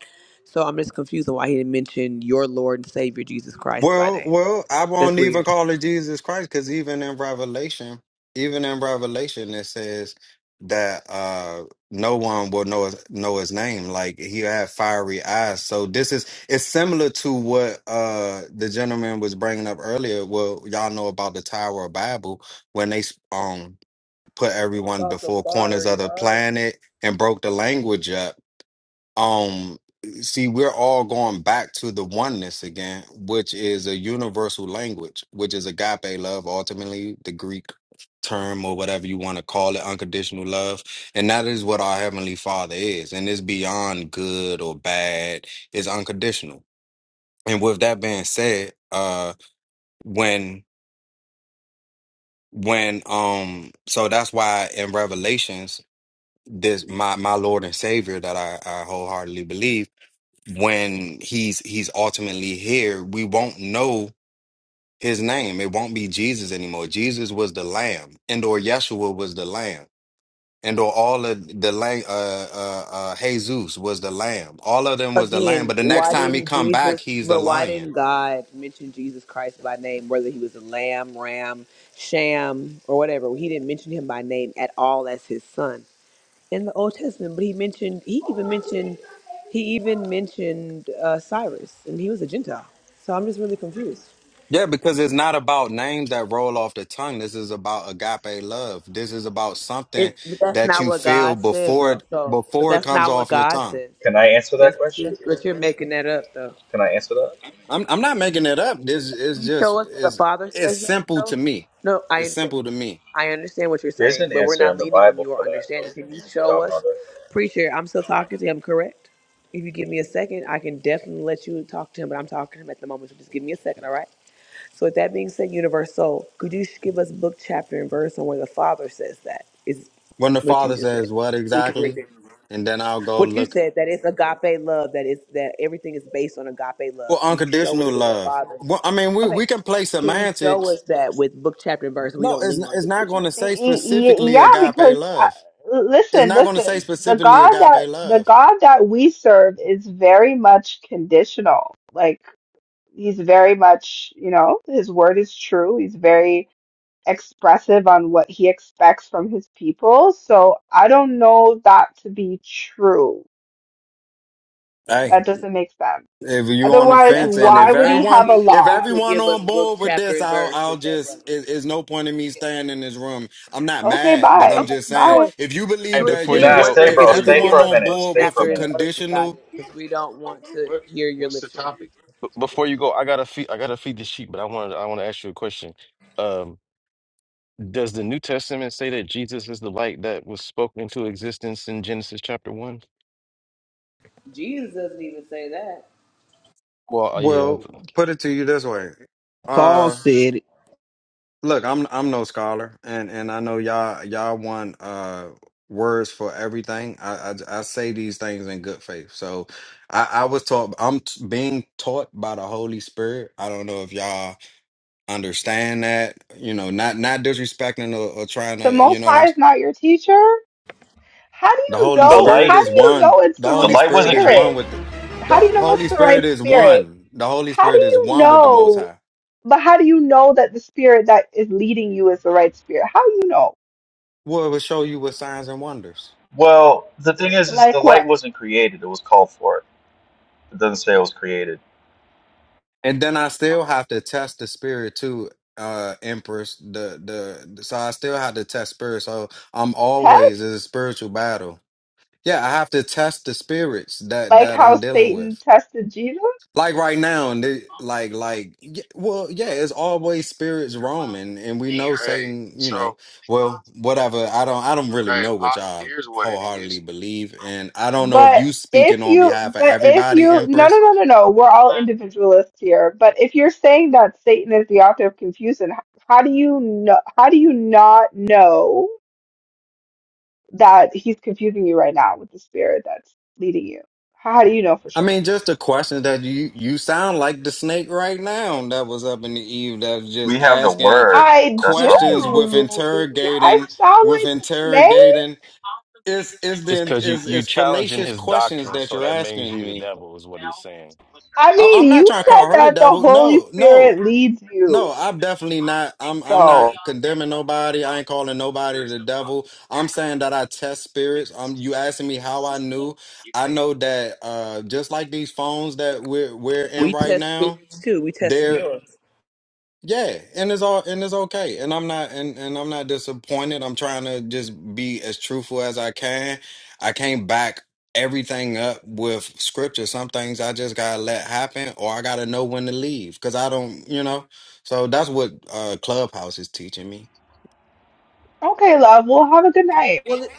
G: So I'm just confused on why he didn't mention your Lord and Savior Jesus Christ by
K: Well,
G: name.
K: well, I
G: That's
K: won't
G: weird.
K: even call it Jesus Christ because even in Revelation, even in Revelation, it says that uh no one will know his, know his name. Like he had fiery eyes. So this is it's similar to what uh the gentleman was bringing up earlier. Well, y'all know about the Tower of Babel when they um put everyone
C: About the
K: before corners
C: fiery
K: of the
C: eyes.
K: planet and broke the language up. Um, see, we're all going back to the oneness again, which is a universal language, which is agape love, ultimately the Greek term or whatever you want to call it, unconditional love. And that is what our Heavenly Father is. And it's beyond good or bad, it's unconditional. And with that being said, uh, when when um so that's why in revelations this my my Lord and Savior that I, I wholeheartedly believe when he's he's ultimately here we won't know his name it won't be Jesus anymore Jesus was the lamb and or Yeshua was the lamb and or all of the lamb uh, uh uh Jesus was the lamb all of them was the lamb
G: Again,
K: but the next
G: why
K: time he
G: didn't
K: come back
G: Jesus,
K: he's the
G: but why
K: lion
G: didn't God mention Jesus Christ by name, whether he was a lamb, ram, sham, or whatever? He didn't mention him by name at all as his son in the Old Testament, but he mentioned, he even mentioned, he even mentioned uh, Cyrus, and he was a Gentile. So I'm just really confused.
K: yeah because it's not about names that roll off the tongue this is about agape love this is about something
G: It, but that's
K: that
G: not
K: you
G: what
K: feel
G: God says,
K: before
G: though.
K: it
G: So, but
K: before it
G: that's
K: comes
G: not what
K: off your
G: God
K: tongue
G: says.
M: Can I answer that
G: That's what you're,
M: question?
G: but you're making that up, though.
M: Can I answer that?
K: I'm I'm not making it up. This
G: Can
K: is
G: you
K: just
G: show us what the
K: is it's
G: Father
K: it's
G: says, that,
K: simple
G: though?
K: to me.
G: No,
K: It's
G: I.
K: simple to me.
G: I understand what you're
M: There's
G: saying,
M: an
G: but we're
M: answer in
G: not
M: the
G: leaning on
M: Bible for
G: your
M: that, though.
G: understanding. Can you show us,
M: Godmother.
G: preacher? I'm still talking to him, correct? If you give me a second, I can definitely let you talk to him, but I'm talking to him at the moment, so just give me a second, all right? So, with that being said, Universal, could you sh- give us book, chapter, and verse on where the Father says that is
K: When the
G: what you
K: father
G: just said?
K: says what exactly, and then I'll go
G: What you
K: look.
G: said that it's agape love, that is that everything is based on agape
K: Well,
G: love. Can you show us
K: unconditional
G: where the
K: love.
G: Father said
K: Well, I
G: that?
K: mean, we
G: Okay.
K: we can play
G: Can you show
K: semantics.
G: us that with book, chapter, and verse? We
K: No,
G: don't
K: it's
G: lean
K: n-
G: on
K: it's
G: just
K: not
G: what you
K: going
G: said.
K: to say
L: Y- y-
K: specifically
L: Yeah,
K: agape
L: because I,
K: love. It's
L: listen,
K: not going to say
L: listen, the
K: specifically
L: God that
K: agape
L: the
K: love.
L: God that we serve is very much conditional. Like he's very much, you know, his word is true. He's very expressive on what he expects from his people. So I don't know that to be true.
K: Hey,
L: That doesn't make sense.
K: If you on the
L: Otherwise,
G: That's
K: fence,
G: why
K: and
G: we
L: why
G: was
K: if
L: would he
K: everyone,
L: have a
G: asking if
K: if
G: you
L: law?
G: could
K: everyone
G: give us
K: on
G: book,
K: board with
G: chapter,
K: this,
G: and
K: I'll,
G: verse
K: I'll
G: with that,
K: just.
G: brother.
K: It, it's no point in me staying in this room. I'm not
L: Okay,
K: mad, but I'm
L: bye.
G: Okay,
K: just
G: no
K: saying,
L: Bye.
G: worries.
K: if you
I: hey,
G: We
K: believe
G: were
K: that
I: before
G: just
I: you
K: you're,
M: Nah,
I: go,
M: stay,
G: wondering
K: if
M: bro.
G: if
I: before
G: you
I: you
G: could
M: Stay
G: give
K: everyone
I: go,
M: for a
G: us
K: on
M: minute.
G: book,
K: board
M: Stay
K: with
M: for a
K: a
G: chapter, and
M: minute.
G: verse about
K: conditional,
G: it, because we don't want to
F: What?
G: hear your
F: What's the
G: literature.
F: topic?
I: b- before you go, I gotta feed, I gotta feed the sheep. But I wanted, I want to ask you a question. Um, does the New Testament say that Jesus is the light that was spoken into existence in Genesis chapter one?
G: Jesus doesn't even say that.
I: Well, uh, yeah.
K: well, put it to you this way.
J: Paul
K: Uh,
J: said it.
K: look, I'm, I'm no scholar, and and I know y'all, y'all want uh words for everything. I, I, I say these things in good faith, so. I, I was taught. I'm t- being taught by the Holy Spirit. I don't know if y'all understand that you know not not disrespecting or, or trying
L: The
K: to you
L: Most
K: know what i'm
L: High is
K: saying
L: not your teacher. How do
K: the
L: you
K: holy
M: The
L: know?
M: light,
K: spirit
L: How do
K: is
L: you know
K: one
L: it's
K: the
L: the
M: the
K: holy
L: right
M: light
K: spirit
M: wasn't
K: is one
M: created.
L: spirit?
K: with the,
L: How
K: the
L: do you know it's
K: holy
L: the
K: spirit
L: right
K: is
L: spirit?
K: one the holy
L: How do
K: spirit is
L: you
K: one with the most
L: know?
K: high
L: But how do you know that the spirit that is leading you is the right spirit? How do you know?
K: well it will show you with signs and wonders
M: Well, the thing is, is the
L: Like
M: light
L: what?
M: wasn't created. It was called forth. It doesn't say it was created.
K: and then i still have to test the spirit too uh empress the the the so i still have to test spirit so i'm always
L: Test?
K: in a spiritual battle yeah i have to test the spirits that
L: Like
K: that
L: how
K: i'm dealing with
L: Satan tested Jesus?
K: Like right now, and they, like like y- well, yeah, it's always spirits roaming, and we know
F: Hey,
K: Satan. You
F: so
K: know, well, whatever. I don't I don't really
F: hey,
K: know
F: I,
K: what y'all
F: here's what it
K: wholeheartedly
F: is.
K: believe, and I don't know if
L: But
K: you speaking
L: if
K: on
L: you,
K: behalf of
L: but if
K: everybody,
L: you, no, no,
K: Empress.
L: no, no, no, we're all individualists here. But if you're saying that Satan is the author of confusion, how do you know? How do you not know? that he's confusing you right now with the spirit that's leading you. How do you know for
K: I
L: sure?
K: mean, just the question that you you sound like the snake right now that was up in the Eve that was
M: We
K: just
M: have the
K: asking
M: word.
L: I
M: That's how we
K: questions
M: know.
K: with
L: do.
F: that
L: I
K: interrogating
F: person,
L: sound
K: with
L: like the snake.
K: interrogating.
F: possibly
K: It's
F: the
K: it's
I: It's
K: then
F: candlestick
I: because
F: that
I: you
F: I
K: is it's
I: you
K: it's
F: picked up,
I: challenging
K: fallacious
I: his
K: questions
F: I
I: doctrine,
K: that
I: so
K: you're
F: think
I: that makes
F: that
K: asking
I: you the
K: me
I: devil,
F: candlestick
I: is what he's
F: fell
I: saying.
F: into the
L: I
F: direction
K: I-
L: mean,
K: I'm not
L: you
K: trying to
F: Alright.
L: said
K: call her the
L: that the
F: into
K: devil.
F: the
L: Holy
K: No,
F: table
L: Spirit
K: no,
F: after
L: leads
F: the
L: you.
K: no. I'm
F: poison.
K: definitely
F: I
K: not.
F: think
K: I'm
F: the
K: I'm not
F: heavy
L: So,
F: object
K: condemning
F: was the
K: nobody. I
F: clock.
K: ain't calling nobody
F: There is
K: the
F: no clock.
K: devil. I'm saying that I test
F: It
K: spirits. Um,
F: was
K: you asking me how I
F: System.
K: knew?
F: You
K: I
F: think
K: know that uh, just like these phones that we're we're in
G: We
K: right
G: test
K: now,
G: spirits too. We testing
K: there.
G: yours.
K: Yeah, and it's all and it's okay. And I'm not and and I'm not disappointed. I'm trying to just be as truthful as I can. I can't back everything up with scripture. Some things I just gotta let happen or I gotta know when to leave because I don't, you know. So that's what uh Clubhouse is teaching me.
L: okay, love, we'll have a good night.
G: Well, it,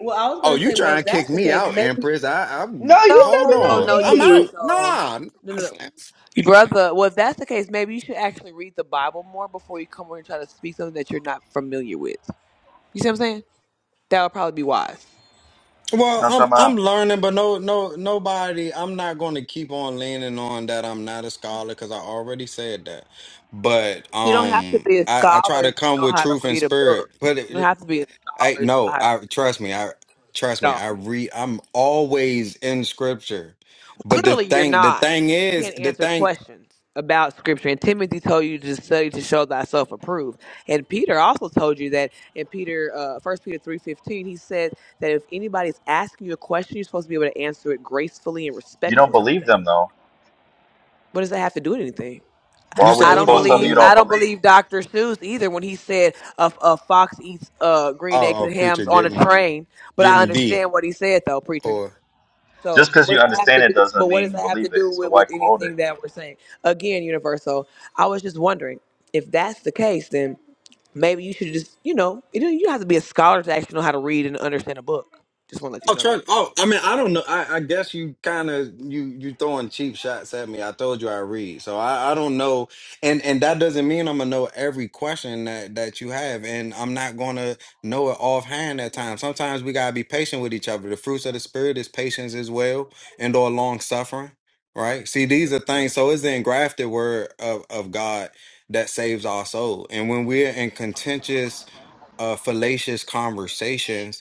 G: well, I was
K: Oh,
G: gonna
K: you
G: say, well,
K: trying
G: if
K: to
G: that's
K: kick
G: the
K: me
G: case,
K: out,
G: maybe
K: Empress. I
L: No,
K: I'm
L: you
G: no,
L: said
G: no,
K: hold
L: you're
G: no,
K: on.
G: no,
M: You know
K: I'm
L: gonna leave.
K: out.
G: universal,
K: Nah, nah,
G: no, no, no.
K: Sam.
G: Brother, well, if that's the case, maybe you should actually read the Bible more before you come over and try to speak something that you're not familiar with. You see what I'm saying? That would probably be wise.
M: what
K: Well,
M: I'm talking
K: I'm I'm
M: about?
K: learning, but no no nobody. I'm not going to keep on leaning on that I'm not a scholar because I already said that. But
G: You don't have to
K: um,
G: be a
K: I I try
G: scholar
K: to
G: to
K: come
G: know
K: with
G: how to
K: truth and
G: read a
K: spirit.
G: book.
K: But it,
G: You don't
K: it,
G: have to be a
K: I
G: scholar to know
K: no,
G: how to
K: I trust me. I
G: read
K: trust
G: at
K: me.
G: all.
K: I read. I'm always in scripture. But the
G: Clearly, you're
K: thing the
G: not.
K: thing
G: because You
K: is
G: can't
K: the
G: answer
K: thing
G: questions about scripture. And Timothy told you to study to show thyself approved. And Peter also told you that in Peter, uh, 1 Peter three fifteen, he said that if anybody's asking you a question, you're supposed to be able to answer it gracefully and
M: You don't
G: respectfully.
M: believe them, though.
G: What does that have to do with anything?
M: Why
K: you
M: would
G: I
K: said
M: you
K: who
G: don't
M: quote
K: don't
M: something
G: believe
M: you
K: believe
M: don't
K: him?
G: I don't
M: believe?
G: believe Dr. Seuss either when he said a, a fox eats uh, green eggs
K: Oh, a
G: and
K: preacher
G: hams on a
K: getting
G: train. But I
K: getting thee
G: understand what he said though, preacher.
K: or.
G: So
M: Just because
G: what
M: you
G: does that have
M: understand
G: to
M: it
G: do? But
M: doesn't
G: what
M: mean
G: does
M: you
G: that have to
M: believe it.
G: do
M: So
G: with
M: why
G: with
M: quote it?
G: anything that we're saying? Again, universal. I was just wondering if that's the case, then maybe you should just you know you don't you don't have to be a scholar to actually know how to read and understand a book. Just want to let you
K: Oh,
G: know that.
K: Trent. Oh, I mean, I don't know. I, I guess you kind of you you throwing cheap shots at me. I told you I read, so I, I don't know, and and that doesn't mean I'm gonna know every question that that you have, and I'm not gonna know it offhand at times. Sometimes we gotta be patient with each other. The fruits of the spirit is patience as well, and or long suffering. Right. See, these are
F: Uh,
K: things. So it's the engrafted word of of God that saves our soul, and when we're in contentious, uh, fallacious conversations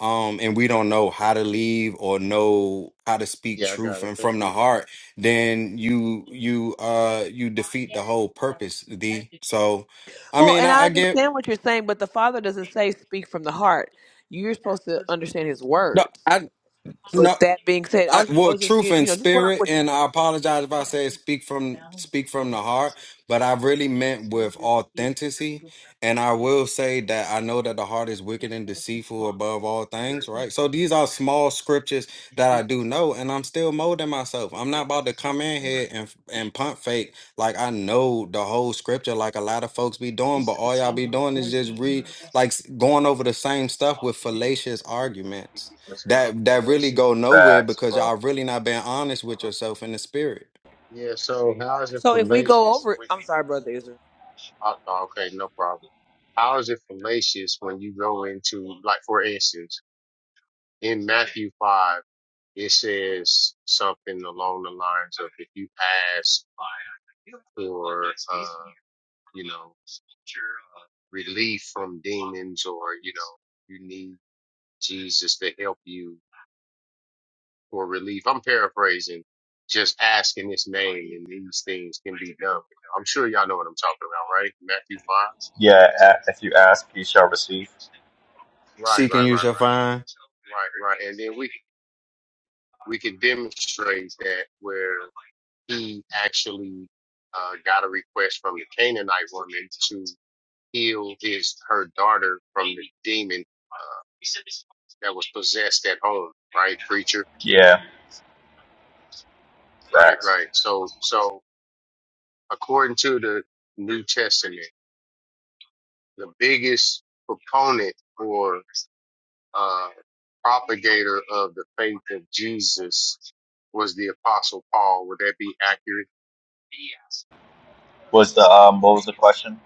K: um and we don't know how to leave or know how to speak
F: yeah, I got
K: truth
F: it.
K: and from
F: Thank
K: the
F: you.
K: heart then you you uh you
F: My
K: defeat the
F: guess
K: whole
F: is that it
K: purpose
F: had
K: d
F: to
K: so i
G: Well,
K: mean
F: that's
G: and
K: i,
G: I
F: why
K: I get
G: understand what
F: I
G: you're saying, but the Father doesn't
F: think
G: say speak from the
F: that
G: heart. You're
F: that
G: supposed to
F: person
G: understand
F: can
G: His
K: no
G: words.
K: i
G: So with
K: no
G: that
F: possibly
G: being
F: can
G: said, I
K: I,
G: was just,
F: think
G: I
K: well,
G: was
F: that I
G: just
K: truth
F: don't
G: you you
K: and
F: think
G: know
F: that.
G: just going off
K: spirit,
G: what you.
K: and I
F: Okay,
K: apologize if I
F: that
K: say
F: came
K: speak from
F: down
K: speak
F: the
K: from the heart,
F: literature.
K: but I
F: Now, look
K: really
F: at
K: meant with
F: this table, here's
K: authenticity.
F: the
K: And I
F: representation.
K: will say that I
F: In
K: know that
F: fact,
K: the heart
F: happy
K: is
F: up
K: wicked and
F: was the
K: deceitful
F: clock.
K: above all
F: There
K: things,
F: is no
K: right? So
F: clock.
K: these are small scriptures
F: You
K: that I
F: think,
K: do know, and I'm still molding myself.
F: you
K: I'm not
F: think the
K: about to
F: clock
K: come
F: is
K: in
F: the
K: here
F: murder.
K: and and
F: Yes.
K: pump fake like I know the whole scripture, like a lot of folks be
F: You
K: doing, but
F: said the
K: all y'all be
F: tumbler with
K: doing is
F: poison
K: just
F: was the
K: read
F: murder. That's
K: like
F: the
K: s- going over the same stuff
F: Clock,
K: with
F: we did.
K: fallacious arguments
F: That's not
K: that that really
F: fallacious.
K: go nowhere
M: Facts,
K: because
M: bro.
K: y'all really not being honest with yourself in the spirit.
F: Yeah, so how is it
G: So if we go
F: fallacious?
G: over,
F: when-
G: I'm sorry, brother Israel.
F: oh, no, okay, no problem. How is it fallacious when you go into, like, for instance, in Matthew 5, it says something along the lines of if you ask for, uh, you know, relief from demons or, you know, you need Jesus to help you for relief. I'm paraphrasing. Just ask in his name and these things can be done. I'm sure y'all know what I'm talking about, right? Matthew 5.
M: Yeah, a- if you ask, you shall receive.
F: Right, right,
K: Seeking
F: right,
K: you shall find.
F: right. Right, right. And then we, we can demonstrate that where. he actually uh, got a request from the Canaanite woman to heal his her daughter from the demon uh, that was possessed at home, right, preacher?
M: Yeah,
F: Right,
M: facts.
F: right. So, so according to the New Testament, the biggest proponent or uh, propagator of the faith of Jesus was the Apostle Paul. Would that be accurate?
M: Was the um what was the question?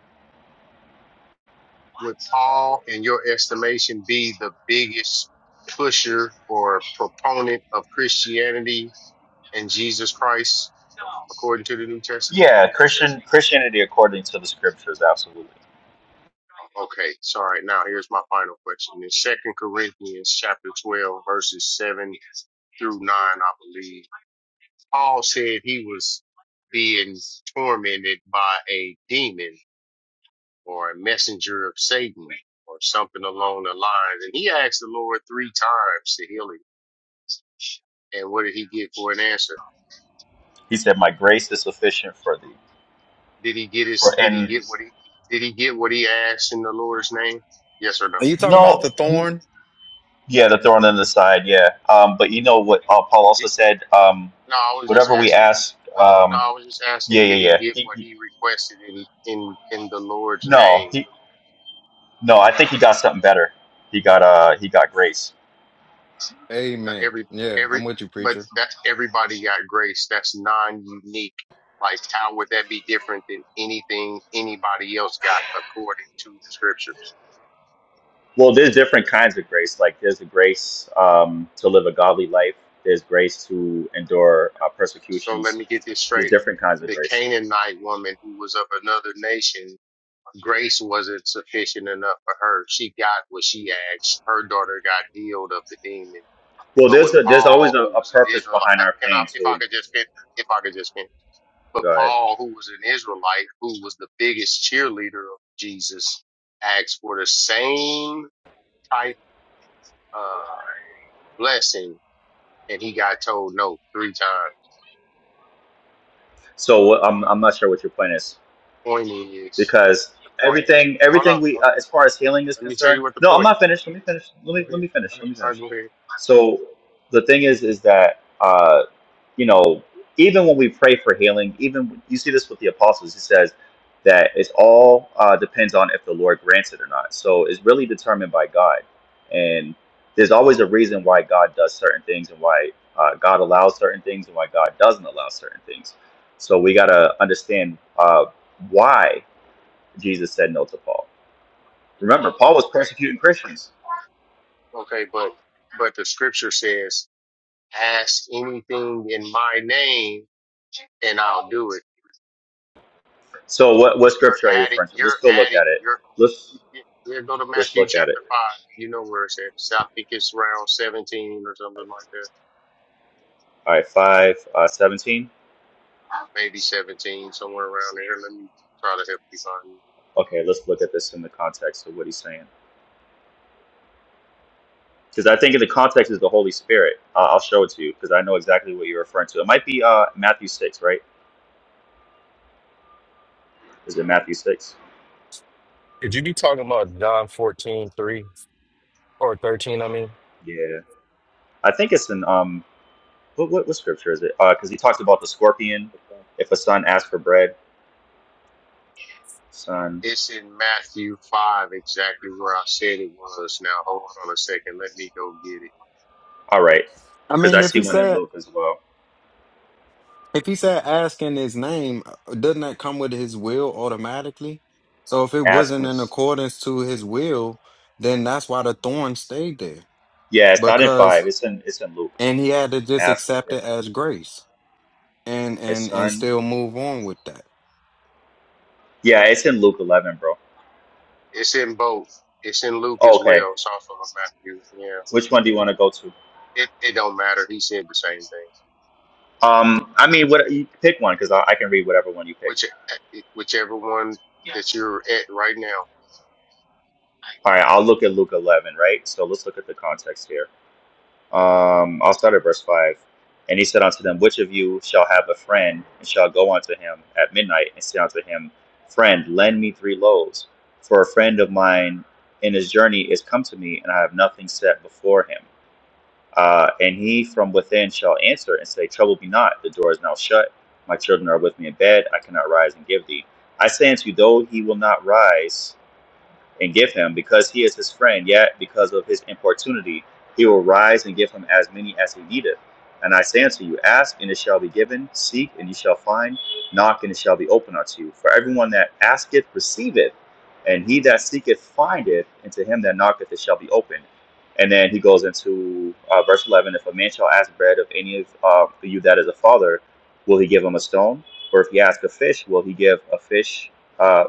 F: would Paul, in your estimation, be the biggest pusher or proponent of Christianity and Jesus Christ according to the New Testament?
M: Yeah, Christian Christianity according to the scriptures, absolutely.
F: Okay, so all right, now here's my final question. In Second Corinthians chapter twelve, verses seven through nine, I believe, Paul said he was being tormented by a demon or a messenger of Satan or something along the lines. And he asked the Lord three times to heal him And what did he get for an answer?
M: He said, "My grace is sufficient for thee."
F: Did he get his?
M: For
F: Did he
M: and
F: get what he? Did he get what he asked in the Lord's name? Yes or no?
K: Are you talking about the
M: no, n-
K: thorn?
M: yeah, the thorn in the side, yeah. Um, but you know what uh, Paul also said? Um,
F: No, I was just
M: whatever we
F: asking.
M: ask,
F: No,
M: um,
F: I was just
M: yeah,
F: asking.
M: yeah,
F: Did he
M: yeah.
F: get
M: He,
F: what
M: he,
F: he requested in in in the Lord's
M: no,
F: name?
M: he, no. I think he got something better. He got uh, he got grace.
F: Now,
K: Amen.
F: Every
K: Yeah,
F: every,
K: I'm with you,
F: but
K: preacher.
F: that's everybody got grace. That's non-unique. Like, how would that be different than anything anybody else got according to the scriptures?
M: Well, there's different kinds of grace. Like there's the grace um, to live a godly life. There's grace to endure uh,
F: So let
M: persecutions.
F: me get this
M: There's
F: straight.
M: different kinds of
F: The
M: grace.
F: Canaanite woman who was of another nation grace wasn't sufficient enough for her. She got what she asked. Her daughter got healed of the demon.
M: Well,
F: But
M: there's
F: when
M: a, there's
F: Paul,
M: always a,
F: who
M: a
F: was an
M: purpose
F: Israelite,
M: behind our
F: can I,
M: pain.
F: if I
M: So
F: could just finish, if I could just finish, but
M: go ahead.
F: Paul, who was an Israelite, who was the biggest cheerleader of Jesus, asked for the same type of blessing, and he got told no three times.
M: So what- I'm I'm not sure what your point is
F: Point is,
M: because
F: the point is,
M: everything
F: hold on,
M: everything we uh,
F: okay,
M: as far as healing is
F: let me tell
M: concerned.
F: you what the
M: No, I'm
F: point.
M: not finished. Let me finish. Let
F: Go
M: me let
F: ahead.
M: me
F: All
M: finish.
F: right,
M: Let me
F: all right,
M: finish.
F: go ahead.
M: So the thing is is that. uh, you know, even when we pray for healing, even you see this with the apostles, he says that it's all uh, depends on if the Lord grants it or not. So it's really determined by God. And there's always a reason why God does certain things and why uh, God allows certain things and why God doesn't allow certain things. So we got to understand uh, why Jesus said no to Paul. Remember, Paul was
F: Okay.
M: persecuting Christians.
F: Okay, but but the scripture says, "Ask anything in my name, and I'll do it."
M: So what, what
F: You're
M: scripture are you
F: adding,
M: referring to? Let's
F: you're
M: go look
F: adding,
M: at it.
F: you're.
M: Let's
F: Here go to
M: let's
F: Matthew
M: look at it.
F: chapter five. You know where it's at. So I think it's around seventeen or something like that.
M: All right, five uh, seventeen.
F: Maybe seventeen, somewhere around there. Let me try to help you find
M: Okay, let's look at this in the context of what he's saying. Because I think in the context is the Holy Spirit. Uh, I'll show it to you because I know exactly what you're referring to. It might be uh, Matthew 6, right? Is it Matthew 6?
I: Could you be talking about John 14 3 or 13, I mean?
M: Yeah. I think it's in, um, what, what, what scripture is it? Because he talks about the scorpion. If a son asks for bread, son.
F: it. It's in Matthew five, exactly where I said it was. Now hold on a second. Let me go get it.
M: All right.
K: I
M: Because I
K: mean, if
M: see
K: he
M: one in
K: said
M: Luke as well.
K: if he said ask in his name, uh, doesn't that come with his will automatically? So if it
M: Ask
K: wasn't
M: for,
K: in accordance to his will, then that's why the thorn stayed there.
M: yeah, it's not in 5.
K: Because
M: It's in, it's in Luke.
K: and he had to just
M: Ask
K: accept
M: if
K: it as grace and
M: a
K: and and
M: son.
K: still move on with that.
M: Yeah, it's in Luke 11, bro.
F: It's in both. It's in Luke
M: Oh,
F: as
M: okay.
F: well. It's also in Matthew. Yeah.
M: Which one do you want to go to?
F: it, it don't matter. He said the same thing.
M: Um, I mean, what you pick one because I, I can read whatever one you pick.
F: Which eh, whichever one that you're at right now.
M: All right, I'll look at Luke 11, right? So let's look at the context here. Um, I'll start at verse 5. And he said unto them, Which of you shall have a friend and shall go unto him at midnight and say unto him, Friend, lend me three loaves, for a friend of mine in his journey is come to me, and I have nothing set before him. Uh, and he from within shall answer and say, Trouble me not, the door is now shut. My children are with me in bed, I cannot rise and give thee. I say unto you, though he will not rise and give him, because he is his friend, yet because of his importunity, he will rise and give him as many as he needeth. And I say unto you, ask, and it shall be given, seek, and ye shall find, knock, and it shall be opened unto you. For everyone that asketh receiveth, and he that seeketh findeth, and to him that knocketh it shall be opened. And then he goes into uh, verse 11 If a man shall ask bread of any of uh, you that is a father, will he give him a stone? Or if he ask a fish, will he give a fish, uh,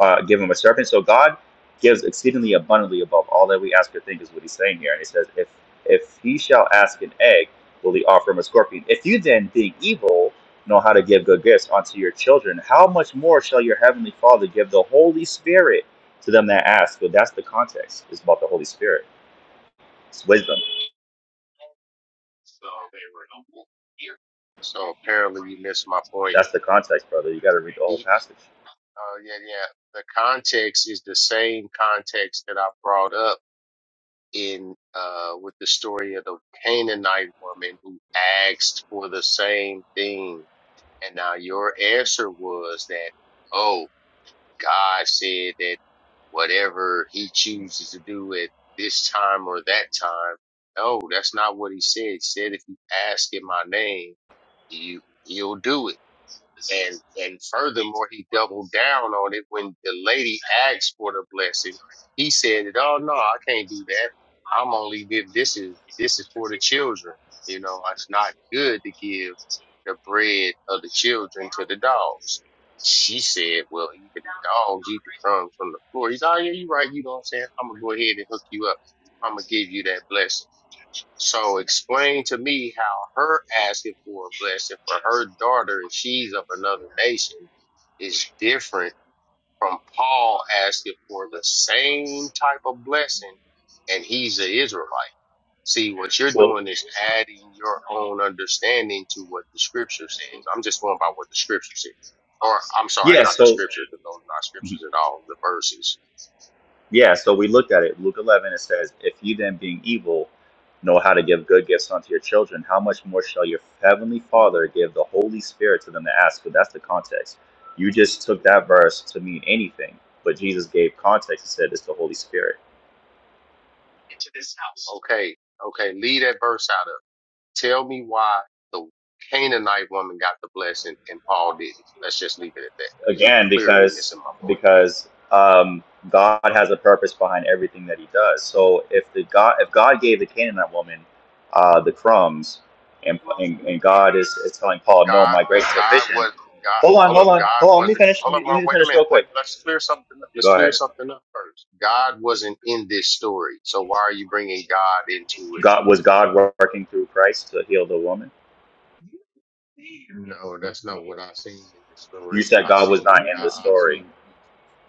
M: uh, give him a serpent? So God gives exceedingly abundantly above all that we ask or think is what he's saying here. And he says, if if he shall ask an egg, will he offer him a scorpion? If you then, being evil, know how to give good gifts unto your children, how much more shall your heavenly Father give the Holy Spirit to them that ask? Well, that's the context. It's about the Holy Spirit. It's wisdom.
F: So apparently you missed my point.
M: That's the context, brother. You got to read the whole
F: He,
M: passage.
F: uh, yeah, yeah. The context is the same context that I brought up in uh, with the story of the Canaanite woman who asked for the same thing, and now your answer was that. oh. God said that whatever he chooses to do at this time or that time. No, that's not what he said. He said, if you ask in my name, you, you'll do it. And and furthermore, he doubled down on it when the lady asked for the blessing. He said, that, "Oh no, I can't do that. I'm only give this is this is for the children. You know, it's not good to give the bread of the children to the dogs." She said, "Well, even the dogs eat the crumbs from the floor." He's, "Oh yeah, you're right. You know what I'm saying? I'm gonna go ahead and hook you up. I'm gonna give you that blessing." So explain to me how her asking for a blessing for her daughter, if she's of another nation, is different from Paul asking for the same type of blessing, and he's an Israelite. See, what you're
M: So
F: doing is adding your own understanding to what the scripture says. I'm just going by what the scripture says. Or, I'm sorry,
M: yeah,
F: not the
M: so.
F: scriptures, because those are not
M: Mm-hmm.
F: scriptures at all, the verses.
M: Yeah, so we looked at it. Luke 11, it says, If you then, being evil, know how to give good gifts unto your children, how much more shall your heavenly Father give the Holy Spirit to them that ask? So that's the context. You just took that verse to mean anything, but Jesus gave context and said it's the Holy Spirit.
F: Okay, okay, leave that verse out of it. Tell me why the Canaanite woman got the blessing and Paul didn't. Let's just leave it at that because you
M: again
F: clearly
M: because
F: missing my
M: because um, God has a purpose behind everything that He does. So if the God if God gave the Canaanite woman uh, the crumbs, and,
F: point.
M: and and God is is telling Paul, no,
F: God,
M: my grace is
F: God
M: sufficient.
F: was God.
M: Hold on,
F: Hold
M: hold
F: up,
M: on,
F: God
M: hold on. Let me
F: wasn't.
M: finish. Let
F: Hold up,
M: me, let
F: Mom,
M: me
F: wait a
M: finish
F: minute.
M: real
F: Wait,
M: quick.
F: let's clear something. up. Let's
M: Go
F: clear
M: ahead.
F: something up first. God wasn't in this story, so why are you bringing God into
M: God was God working through Christ to heal the woman.
F: it? No, that's not what I seen in the
M: You
F: story.
M: said
F: I
M: God was not
F: seen,
M: in
F: I,
M: the
F: I
M: story,
F: seen.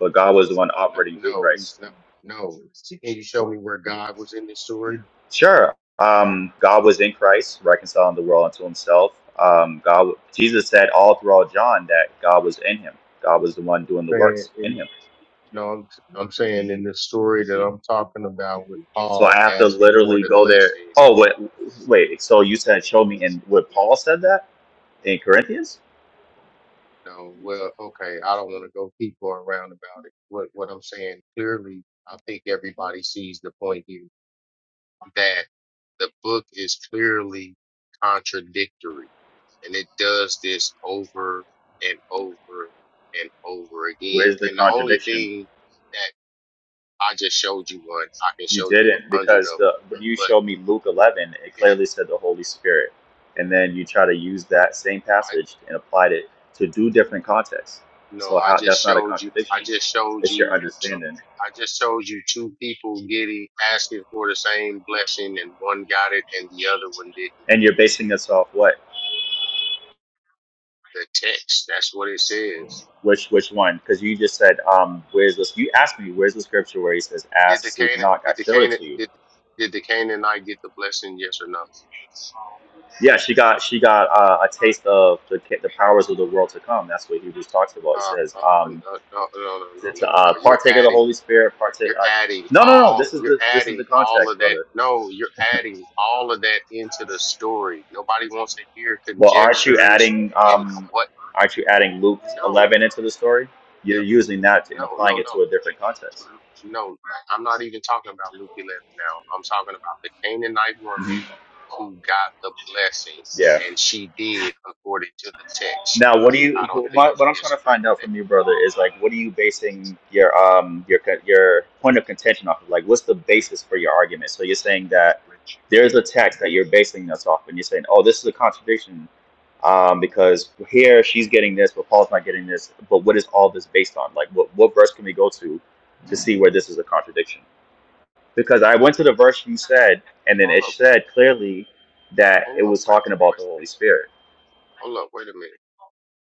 M: but God was the one operating through
F: No,
M: Christ.
F: he's not. No, can you show me where God was in this story?
M: Sure. Um, God was in Christ, reconciling the world unto Himself. Um, God, Jesus said all throughout John that God was in Him. God was the one doing the
F: saying
M: works in
F: in
M: Him.
F: you know I'm, I'm saying in the story that I'm talking about with
M: So I
F: Paul
M: have to
F: asking for
M: literally
F: the
M: go there.
F: blessing.
M: Oh wait, wait. So you said show me, and what Paul said that in Corinthians?
F: No, well, okay, I don't want to go keep going around about it. What what I'm saying clearly, I think everybody sees the point here that the book is clearly contradictory, and it does this over and over and over again.
M: Where's the
F: And the only
M: contradiction?
F: thing I just showed you one. I can
M: You
F: show you
M: didn't
F: a hundred
M: because
F: of them.
M: the when you
F: But
M: showed me Luke 11, it
F: yeah,
M: clearly said the Holy Spirit, and then you try to use that same
F: I
M: passage and applied it to do different contexts.
F: no,
M: So
F: I
M: how
F: just
M: that's not a
F: showed you.
M: contradiction.
F: I just showed
M: It's your
F: you two.
M: understanding,
F: I just showed you two people getting asking for the same blessing, and one got it and the other one didn't.
M: and you're basing this off what?
F: The text. That's what it says.
M: Which which one? Because you just said, um, where's this? You asked me where's the scripture where he says,
F: Did
M: "Ask,
F: the
M: seek,
F: Canaan?
M: knock." I
F: Did the
M: showed it
F: Canaan?
M: to you.
F: Did did the Canaanite get the blessing? Yes or no?
M: Yeah, she got she got uh, a taste of the ca- the powers of the world to come. That's what Hebrews talks about. He
F: Uh,
M: says.
F: uh, uh,
M: Um,
F: no, no, no, no, no,
M: to,
F: no.
M: to
F: no.
M: uh,
F: You're
M: partake of the
F: adding.
M: Holy Spirit. Partake.
F: You're
M: Uh,
F: adding
M: no, no, no.
F: all,
M: This is
F: you're
M: the this is
F: adding
M: the
F: all
M: context,
F: of that.
M: brother.
F: No, you're adding all of that into the story. Nobody wants to hear
M: Well, aren't you
F: conjectures
M: adding
F: and
M: um,
F: what.
M: aren't you adding Luke
F: No,
M: eleven into the story?
F: no,
M: You're using that and
F: no, no,
M: applying
F: no.
M: it to a different context.
F: No, I'm not even talking about Luke 11 now. I'm talking about the Canaanite
M: hmm
F: woman who got the blessings
M: Yeah.
F: and she did according to the text.
M: Now, what do
F: I
M: you?
F: don't think
M: My,
F: you
M: what I'm trying to
F: disagree
M: find
F: with
M: out from you, brother, is like, what are you basing your um your co- your point of contention off of? Like, what's the basis for your argument? So you're saying that
F: that.
M: there's a text that you're basing this off, and you're saying, oh, this is a contradiction, um, because here she's getting this, but Paul's not getting this. But what is all this based on? Like, what what verse can we go to to see where this is a contradiction? Because I went to the verse you said, and then
F: Hold
M: it
F: up,
M: said clearly that it
F: hold up,
M: was
F: wait,
M: talking about
F: wait,
M: the Holy Spirit.
F: hold up, wait a minute.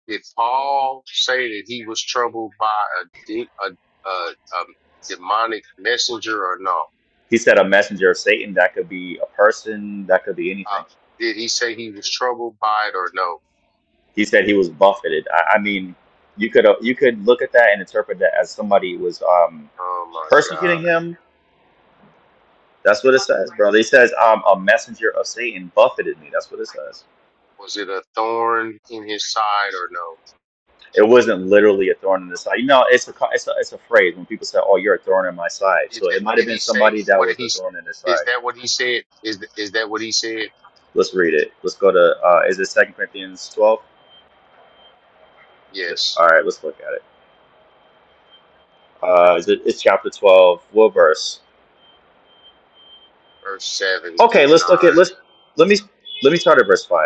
F: Did Paul say that he was troubled by a, de- a, a, a demonic messenger or no?
M: He said a messenger of Satan. That could be a person. That could be
F: Uh,
M: anything.
F: did he say he was troubled by it or no?
M: He said he was buffeted. I, I mean, you could uh, you could look at that and interpret that as somebody was um,
F: Oh my
M: persecuting
F: God.
M: him. That's what it says, bro. It says um, a messenger of Satan buffeted me. That's what it says.
F: Was it a thorn in his side or no?
M: It wasn't literally a thorn in the side. You know, it's a co- it's a, it's a phrase when people say, "Oh, you're a thorn in my side."
F: Is
M: So
F: that,
M: it might have
F: did
M: been
F: he say,
M: somebody that
F: what did
M: was
F: he,
M: a thorn in the
F: is
M: side.
F: that what he said? Is, th- is that what he said?
M: Let's read it. Let's go to uh, is it Second Corinthians twelve?
F: Yes.
M: All right, let's look at it. Uh, is it, it's chapter 12. What verse?
F: Verse seven
M: Okay,
F: through
M: let's look at
F: nine.
M: let's let me let me start at verse five.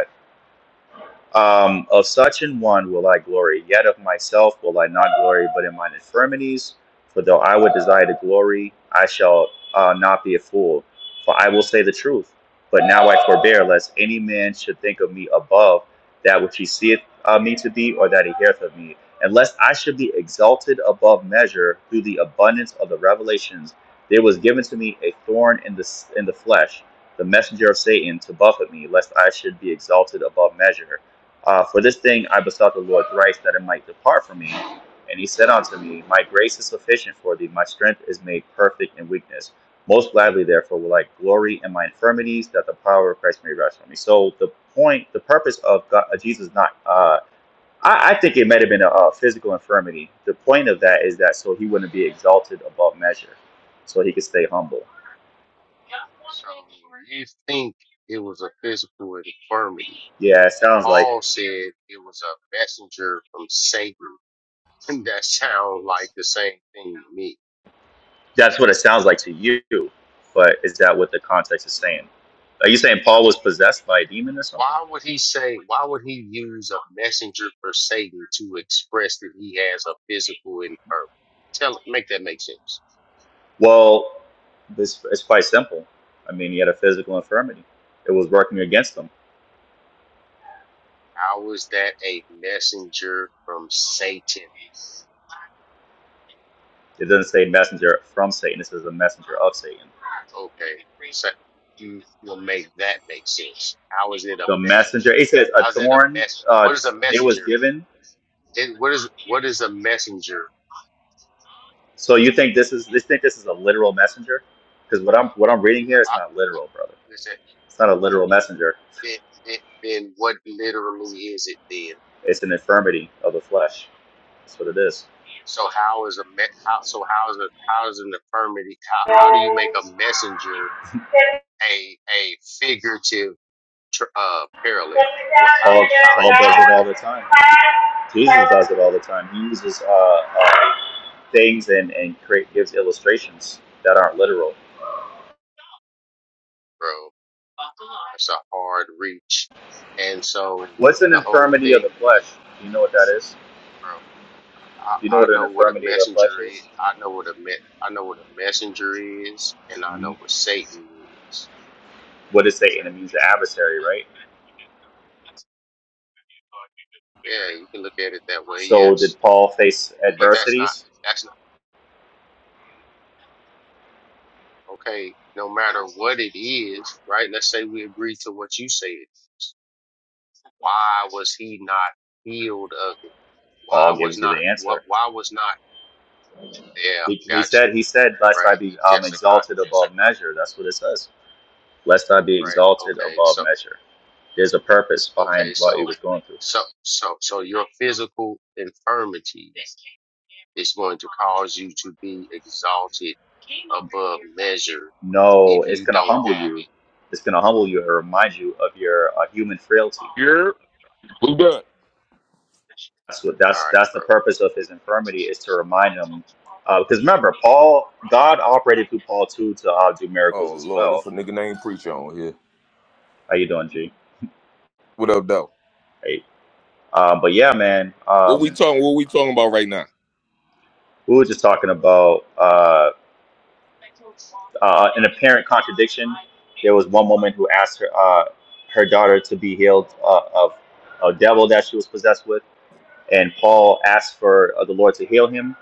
M: Um, of such an one will I glory, yet of myself will I not glory, but in mine infirmities. For though I would desire to glory, I shall uh, not be a fool, for I will say the truth. But now I forbear, lest any man should think of me above that which he seeth uh, me to be, or that he heareth of me, and lest I should be exalted above measure through the abundance of the revelations. There was given to me a thorn in the in the flesh, the messenger of Satan, to buffet me, lest I should be exalted above measure. Uh, for this thing I besought the Lord thrice that it might depart from me. And he said unto me, My grace is sufficient for thee, my strength is made perfect in weakness. Most gladly, therefore, will I glory in my infirmities, that the power of Christ may rest on me. So the point, the purpose of God, uh, Jesus not, uh, I, I think it might have been a, a physical infirmity. The point of that is that so he wouldn't be exalted above measure, so he could stay humble.
F: So you think it was a physical infirmity.
M: Yeah, it sounds like
F: Paul said it was a messenger from Satan that sound like the same thing to me.
M: That's what it sounds like to you, but is that what the context is saying? Are you saying Paul was possessed by a demon or something?
F: Why would he say, why would he use a messenger for Satan to express that he has a physical infirmity? Tell, make that make sense.
M: Well, this it's quite simple. I mean, he had a physical infirmity. It was working against him.
F: How is that a messenger from Satan?
M: It doesn't say messenger from Satan. It says a messenger of Satan.
F: Okay, so you will make that make sense. How is it a
M: The
F: messenger?
M: messenger. It says a
F: How is it a
M: thorn.
F: mess?
M: Uh,
F: What is a
M: they was
F: messenger?
M: given.
F: It, what is what is a messenger?
M: So you think this is? They think this is a literal messenger? Because what I'm what I'm reading
F: Uh,
M: here, it's
F: I-
M: not literal, brother.
F: listen.
M: It's not a literal messenger.
F: then, then, then what literally is it then?
M: It's an infirmity of the flesh. That's what it is.
F: So how is a me- how, so how is a how is an affirmity? How, how do you make a messenger a a figurative tr- uh parallel? What how do
M: Paul
F: you how are
M: Paul
F: you
M: does it
F: drawing
M: all
F: it,
M: the time. Jesus does it all the time. He uses uh, uh, things and and create, gives illustrations that aren't literal.
F: bro? It's a hard reach, and so
M: What's an
F: the whole
M: infirmity of the
F: thing is,
M: flesh? Do you know what that is?
F: bro.
M: Do you know
F: I,
M: what
F: I
M: an
F: know what a
M: infirmity of the flesh
F: messenger is.
M: is?
F: I know what a me- I know what a messenger is, and I know
M: Mhm.
F: what Satan is.
M: What is Satan? It means the adversary, right?
F: Yeah, you can look at it that way,
M: So
F: yes.
M: did Paul face
F: But that's not
M: adversities?
F: that's not okay. No matter what it is, right? Let's say we agree to what you said. Why was he not healed of it? Why
M: Paul
F: was
M: gives you
F: not
M: the
F: what?
M: answer.
F: Why was not? Yeah,
M: He, he
F: got you.
M: said, he said, lest I
F: Right,
M: be um,
F: Jessica.
M: exalted
F: Jessica.
M: above measure. That's what it says. Lest I be
F: Right.
M: exalted
F: Okay.
M: above
F: So
M: measure. There's a purpose behind
F: okay.
M: what he
F: So
M: was going
F: so
M: through.
F: so so your physical infirmity is going to cause you to be exalted above measure
M: No,
F: if
M: it's
F: you
M: gonna
F: don't have
M: humble
F: it.
M: you. It's gonna humble you and remind you of your uh, human frailty.
N: You're Who that?
M: That's what
F: All
M: that's
F: right,
M: that's the
F: bro.
M: purpose of his infirmity is to remind him. Because uh, remember, Paul, God operated through Paul too to uh, do
N: Oh
M: miracles as
N: Lord,
M: well.
N: it's a nigga named Preacher on here.
M: How you doing, G?
N: What up, though?
M: Hey. Um, but yeah, man.
N: What we
M: Um,
N: talking? What we talking about right now?
M: we were just talking about uh, uh, an apparent contradiction. There was one woman who asked her uh, her daughter to be healed uh, of a devil that she was possessed with, and Paul asked for uh, the Lord to heal him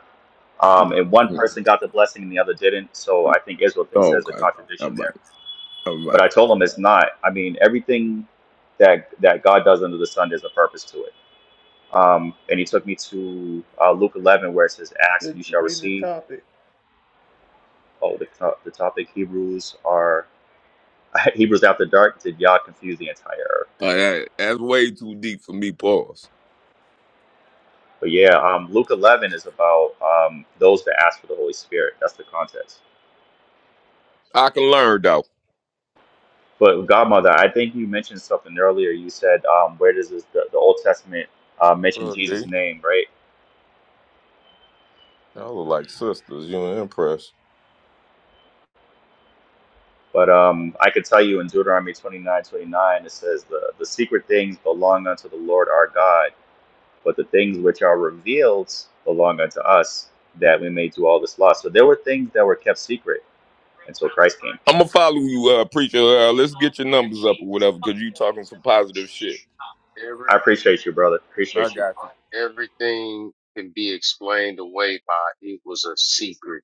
M: Um,
N: hmm
M: and one person got the blessing and the other didn't. So I think Israel thinks
N: Oh,
M: there's a
N: okay. All
M: contradiction
N: right.
M: there.
N: All
M: But
N: right.
M: I told him it's not. I mean, everything that that God does under the sun, there's a purpose to it. Um, and he took me to uh, Luke 11, where it says, "Ask and
C: Let's
M: you shall
C: read the
M: receive."
C: topic.
M: Oh, the, to- the topic Hebrews are Hebrews after dark. Did Yah confuse the entire earth?
N: All right. That's way too deep for me. Pause.
M: But yeah, um, Luke 11 is about um, those that ask for the Holy Spirit. That's the context.
N: I can learn though.
M: But Godmother, I think you mentioned something earlier. You said, um, where does this, the, the Old Testament uh, mention
N: Well,
M: Jesus'
N: D.
M: name, right?
N: Y'all look like sisters. You ain't impressed.
M: But um, I could tell you in Deuteronomy 29, 29, it says, the, the secret things belong unto the Lord our God, but the things which are revealed belong unto us, that we may do all this law. So there were things that were kept secret until Christ came.
N: I'm gonna follow you, uh, Preacher. Uh, let's get your numbers up or whatever, cause you talking some positive shit.
F: Every
M: I appreciate you, brother.
N: I
M: Appreciate you.
N: got you.
F: everything can be explained away by it was a secret.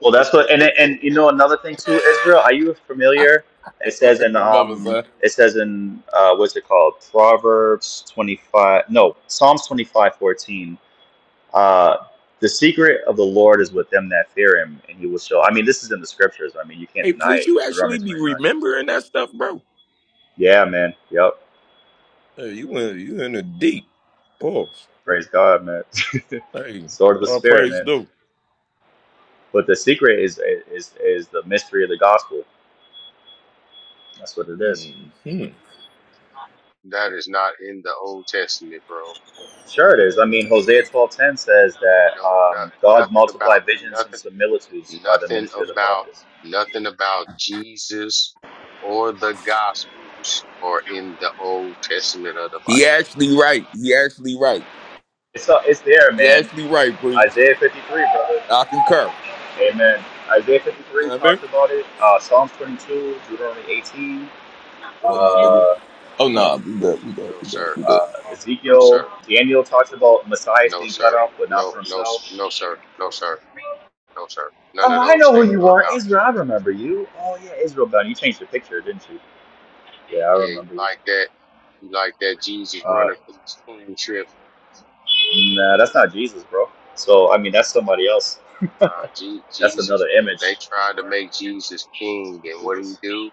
M: Well, that's what, and and
F: that
M: you know another thing too, Israel. Are you familiar? It says in
N: Mama,
M: um,
N: son.
M: it says in uh, what's it called? Proverbs twenty five, no, Psalms twenty five fourteen. Uh, the secret of the Lord is with them that fear Him, and He will show. I mean, this is in the scriptures. I mean, you can't
N: Hey,
M: deny
N: Preach,
M: it.
N: you
M: Deuteronomy
N: actually be
M: twenty nine.
N: remembering that stuff, bro?
M: Yeah, man. Yep.
N: Hey, you went you in the deep. Pause.
M: Praise God, man.
N: Hey,
M: Sword of the
N: all
M: Spirit,
N: praise
M: man.
N: due.
M: But the secret is is is the mystery of the gospel. That's what it is.
N: hmm
F: is not in the Old Testament, bro.
M: Sure, it is. I mean, Hosea twelve ten says that
F: No,
M: um,
F: no,
M: God
F: nothing about
M: multiplied visions and
F: nothing,
M: similitudes by the
F: nothing
M: ministry of the
F: about
M: prophets.
F: nothing about Jesus or the Gospels or in the Old Testament of the
N: He
F: Bible.
N: actually right. He actually right.
M: It's uh, it's there,
N: He
M: man.
N: actually right, preach.
M: Isaiah fifty three, brother.
N: I concur.
M: Amen. Isaiah fifty
N: You
M: three
N: know what I
M: talks
N: mean?
M: about it. Uh, Psalms twenty two, Deuteronomy eighteen,
N: What up, my nigga?
M: uh,
N: Oh no, nah, we good. We
F: No,
N: good. We good.
F: sir.
N: We good.
M: uh,
F: No,
M: Ezekiel,
F: sir.
M: Daniel talks about Messiah
F: No,
M: being cut
F: sir.
M: off, but not
F: No,
M: for
F: no, no,
M: himself.
F: sir. No, sir. No, sir. None
M: Oh,
F: of
M: I
F: those
M: know who
F: things are
M: you are,
F: about
M: Israel. I
F: Jesus.
M: remember you. Oh yeah, Israel. Dunn. You changed the picture, didn't you? Yeah, I
F: Yeah, you
M: remember you.
F: like that. You like that Jesus
M: Uh,
F: running from his kingship.
M: Nah, that's not Jesus, bro. So I mean, that's somebody else.
F: Uh, Je-
M: That's
F: Jesus,
M: another image.
F: they tried to make Jesus king, and what did he
M: Jesus.
F: do?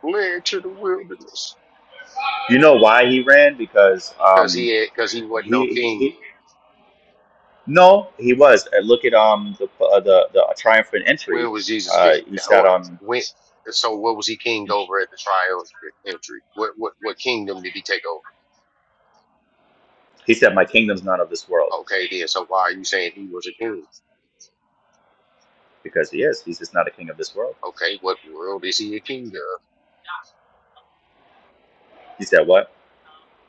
F: Fled to the wilderness
M: You know why he ran? Because
F: because
M: um,
F: he had because he wasn't no
M: he, he,
F: king.
M: he no, he was. Uh, Look at um the uh, the the triumphant entry.
F: When was Jesus king?
M: Uh, he said
F: Or
M: um
F: when? So what was he king over at the trial entry? What what what kingdom did he take over?
M: he said my kingdom's not of this world
F: Okay, then. So why are you saying he was a king?
M: because he is. He's just not a king of this world.
F: Okay, what world is he a king of?
M: He said what?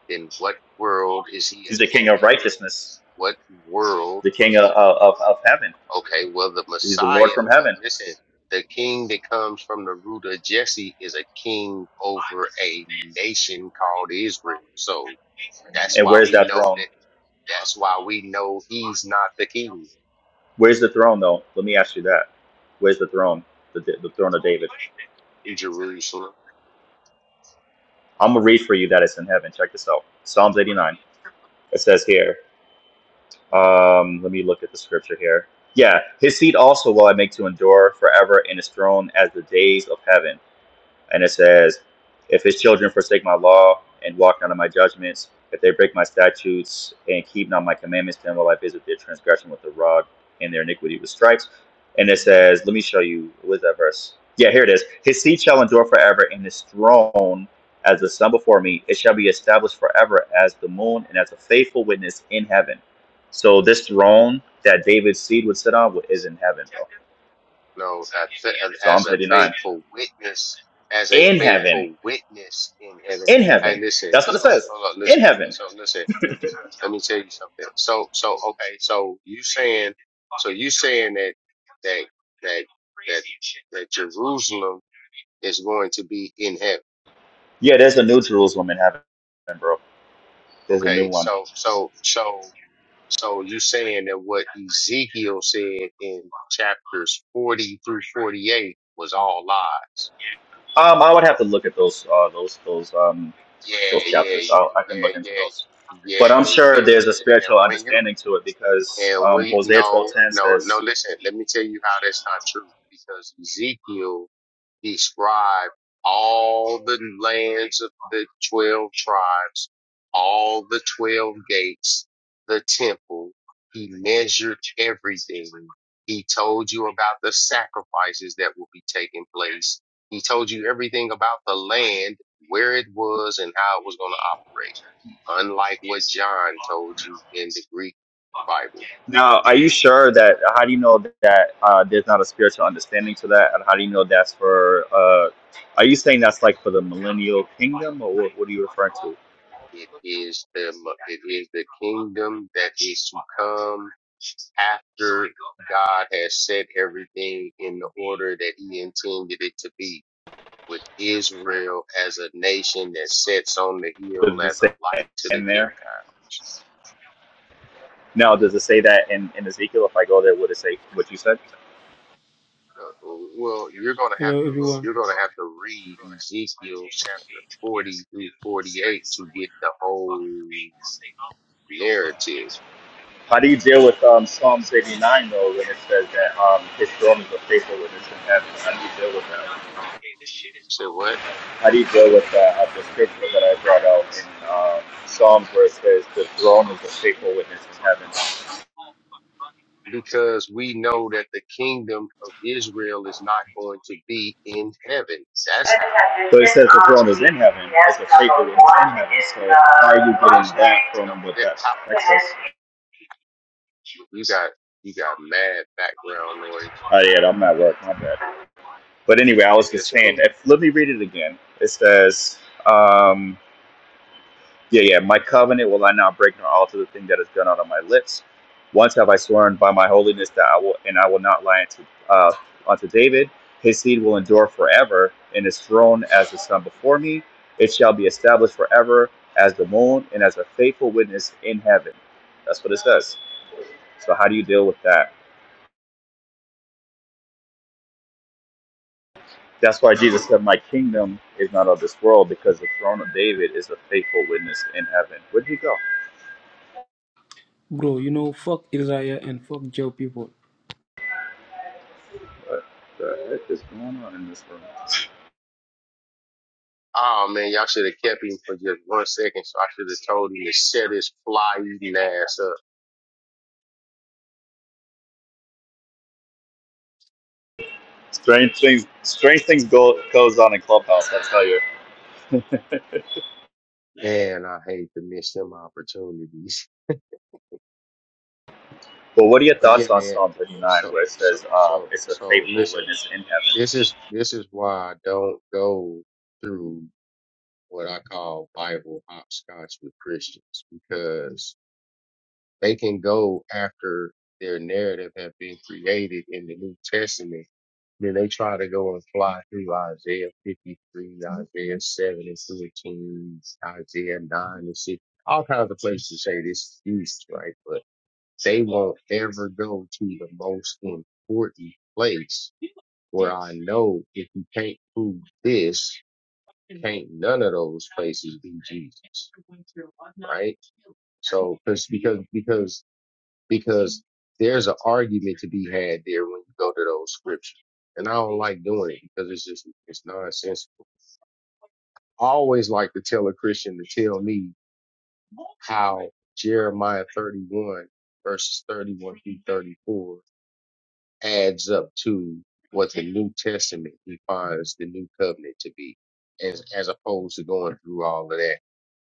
F: Then what world is he
M: He's the
F: a
M: king
F: king
M: of
F: of?
M: righteousness,
F: What world?
M: the king of of, of of heaven.
F: Okay, well, the
M: He's the Lord
F: Messiah,
M: from
F: uh,
M: heaven.
F: listen, the king that comes from the root of Jesse is a king over a nation called Israel. So that's
M: And
F: why
M: where's
F: we
M: that
F: know
M: throne?
F: that, that's why we know he's not the king
M: Where's the throne though? Let me ask you that. Where's the throne? The, the throne of David.
F: in Jerusalem.
M: I'm gonna read for you that it's in heaven. Check this out. Psalms 89. It says here. Um, let me look at the scripture here. Yeah, his seat also will I make to endure forever, and his throne as the days of heaven and it says, If his children forsake my law and walk not in my judgments, if they break my statutes and keep not my commandments, then will I visit their transgression with the rod and their iniquity with stripes. And it says, Let me show you, what is that verse? Yeah, here it is. His seed shall endure forever, and his throne as the sun before me. It shall be established forever as the moon and as a faithful witness in heaven. So this throne that David's seed would sit on is in heaven, bro.
F: knows as,
M: Psalm
F: as a
M: 39.
F: faithful witness, as a
M: In heaven.
F: faithful witness in heaven.
M: in
F: Hey,
M: heaven.
F: listen.
M: That's what it
F: So,
M: says.
F: hold up,
M: In
F: listen.
M: heaven.
F: So, listen. Let me, let me tell you something. So, so, okay. So, you saying, so you saying that, that, that, that, that Jerusalem is going to be in heaven.
M: Yeah, there's a new Jerusalem in heaven, bro. There's a new
F: Okay.
M: one.
F: So, so, so, so you saying that what Ezekiel said in chapters 40 through 48 was all lies.
M: Um, I would have to look at those uh, those those um
F: Yeah,
M: those
F: yeah,
M: chapters.
F: you-
M: I'll, I can look
F: yeah,
M: into
F: yeah,
M: those. But I'm
F: yeah,
M: sure
F: yeah.
M: there's a spiritual
F: And when you
M: understanding to it because
F: and
M: um,
F: we
M: Hosea
F: no,
M: 12:10
F: no, no.
M: says,
F: Listen, let me tell you how that's not true because Ezekiel describe all the lands of the 12 tribes, all the 12 gates, the temple. He measured everything. He told you about the sacrifices that will be taking place. He told you everything about the land, where it was, and how it was going to operate. Unlike what John told you in the Greek Bible,
M: "Now, are you sure that? How do you know that uh, there's not a spiritual understanding to that? And how do you know that's for? Uh, are you saying that's like for the millennial kingdom, or what, what are you referring to?
F: it is the it is the kingdom that is to come after God has set everything in the order that He intended it to be, with Israel as a nation that sets on the hill
M: Does
F: as
M: it
F: a
M: say
F: light to the
M: in there?
F: Gentile.
M: Now, does it say that in, in Ezekiel? If I go there, would it say what you said?
F: Uh, Well, you're gonna have
O: Hello
F: to
O: everyone.
F: you're gonna have to read Ezekiel chapter forty through forty eight to get the whole narrative.
M: How do you deal with um, Psalms 89, though, when it says that um, his throne is a faithful witness in heaven? How
F: So
M: do you deal with that?
F: what?
M: How do you deal with uh, uh, the scripture that I brought out in uh, Psalms where it says the throne is a faithful witness in heaven?
F: because we know that the kingdom of Israel is not going to be in heaven. That's how.
M: So it says the throne is in heaven. It's a faithful witness in heaven. So how are you
F: No, it's
M: getting
F: not.
M: that
F: No,
M: from what
F: that,
M: that
F: how, how-
M: text is?
F: you got you got mad background noise.
M: Oh, yeah,
F: Yeah,
M: I'm at work. My bad. But anyway, I was just
F: it's cool.
M: saying, if, let me read it again. It says, Um, Yeah, yeah. My covenant will I not break nor alter the thing that is done out of my lips. Once have I sworn by my holiness that I will, and I will not lie unto, uh, unto David. His seed will endure forever, and his throne as the sun before me. It shall be established forever as the moon and as a faithful witness in heaven. That's what it says. So how do you deal with that? That's why Jesus said, "My kingdom is not of this world," because the throne of David is a faithful witness in heaven. Where'd he go?
O: Bro, you know, fuck Isaiah and fuck Joe people.
M: What the heck is going on in this room?
F: Oh man, y'all should have kept him for just one second, so I should have told him to shut his fly eating ass up.
M: Strange things, strange things go goes on in Clubhouse. I tell you.
F: Man, I hate to miss them opportunities.
M: But what are your
F: But yeah,
M: thoughts on
F: man.
M: Psalm 39,
F: So
M: where it
F: so
M: says, um,
F: so
M: "It's a
F: so
M: faithful
F: listen.
M: witness in
F: This
M: heaven.
F: is this is why I don't go through. what I call Bible hopscotch with Christians because they can go after their narrative have been created in the New Testament. Then they try to go and fly through Isaiah 53, Isaiah 7 and 13, Isaiah 9 and 6, all kinds of places to say this is right? But they won't ever go to the most important place where I know if you can't prove this, can't none of those places be Jesus, right? So, because because because because there's an argument to be had there when you go to those scriptures, and I don't like doing it because it's just it's nonsensical. I always like to tell a Christian to tell me how Jeremiah 31 verses 31 through 34 adds up to what the New Testament defines the new covenant to be, as as opposed to going through all of that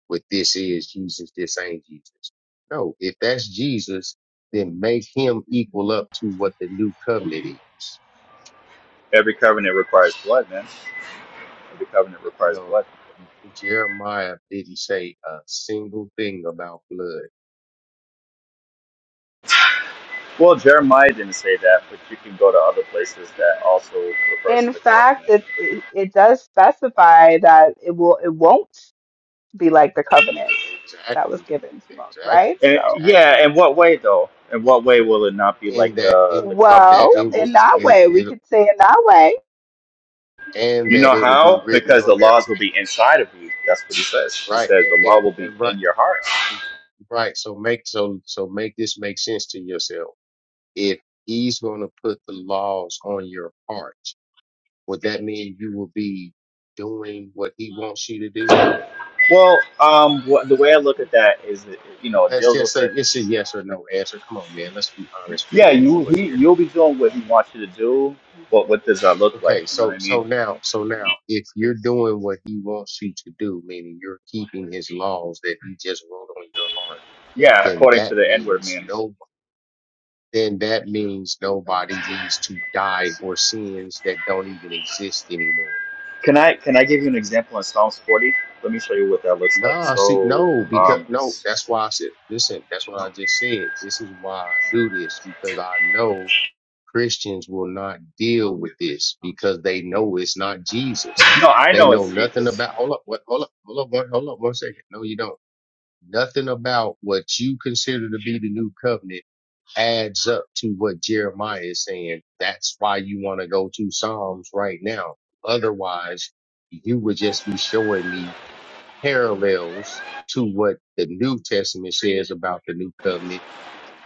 F: with this is Jesus, this ain't Jesus. No, if that's Jesus, then make him equal up to what the new covenant is.
M: Every covenant requires blood, man. Every covenant
F: You
M: requires
F: know,
M: blood."
F: Jeremiah didn't say a single thing about blood.
M: Well, Jeremiah didn't say that, but you can go to other places that also refers to
L: In
M: the
L: fact,
M: covenant.
L: it it does specify that it will it won't be like the covenant that was
F: Exactly,
L: given to Moses,
F: exactly,
L: right?
M: And,
L: So,
M: yeah,
F: exactly.
M: in what way though? In what way will it not be
F: In
M: like
F: that,
M: the the
F: in in
M: covenant
L: well,
F: that, it
M: that
L: in
F: will.
M: Moses
L: that
M: made?
L: way, we
F: it
L: could say in that way.
F: and
M: You
F: that
M: know
F: it'll be
M: how?
F: written
M: Because
F: on
M: the
F: there,
M: laws will be inside of you. That's what he says. He
F: right?
M: says
F: And,
M: the law
F: and,
M: will be
F: and right,
M: in your heart.
F: right. So make so so make this make sense to yourself. If he's going to put the laws on your heart, would that mean you will be doing what he wants you to do?
M: Well, um, wh- the way I look at that is, it, you know, it
F: Let's
M: deals
F: just
M: with
F: say
M: the
F: it's a yes or no answer. Come on, man. Let's be honest with
M: yeah.
F: what we're
M: You
F: doing
M: he
F: here.
M: you'll be doing what he wants you to do, but what does that look like?
F: Okay,
M: You know what
F: so
M: I
F: so
M: mean?
F: now so now if you're doing what he wants you to do, meaning you're keeping his laws that he just wrote on your heart
M: Yeah,
F: then
M: according to
F: that
M: the N word
F: means
M: man.
F: no. then that means nobody needs to die for sins that don't even exist anymore.
M: Can I can I give you an example in Psalms forty? Let me show you what that looks like.
F: Nah, see,
M: So,
F: no, because
M: um,
F: no,
M: s-
F: that's why I said, listen, that's what I just said. This is why I do this because I know Christians will not deal with this because they know it's not Jesus.
M: no, I
F: They
M: know
F: know
M: it's
F: nothing
M: Jesus.
F: about, hold up, what, hold up, hold up, one, hold up one second. No, you don't. Nothing about what you consider to be the new covenant adds up to what Jeremiah is saying. That's why you want to go to Psalms right now. Otherwise, you would just be showing me parallels to what the New Testament says about the new covenant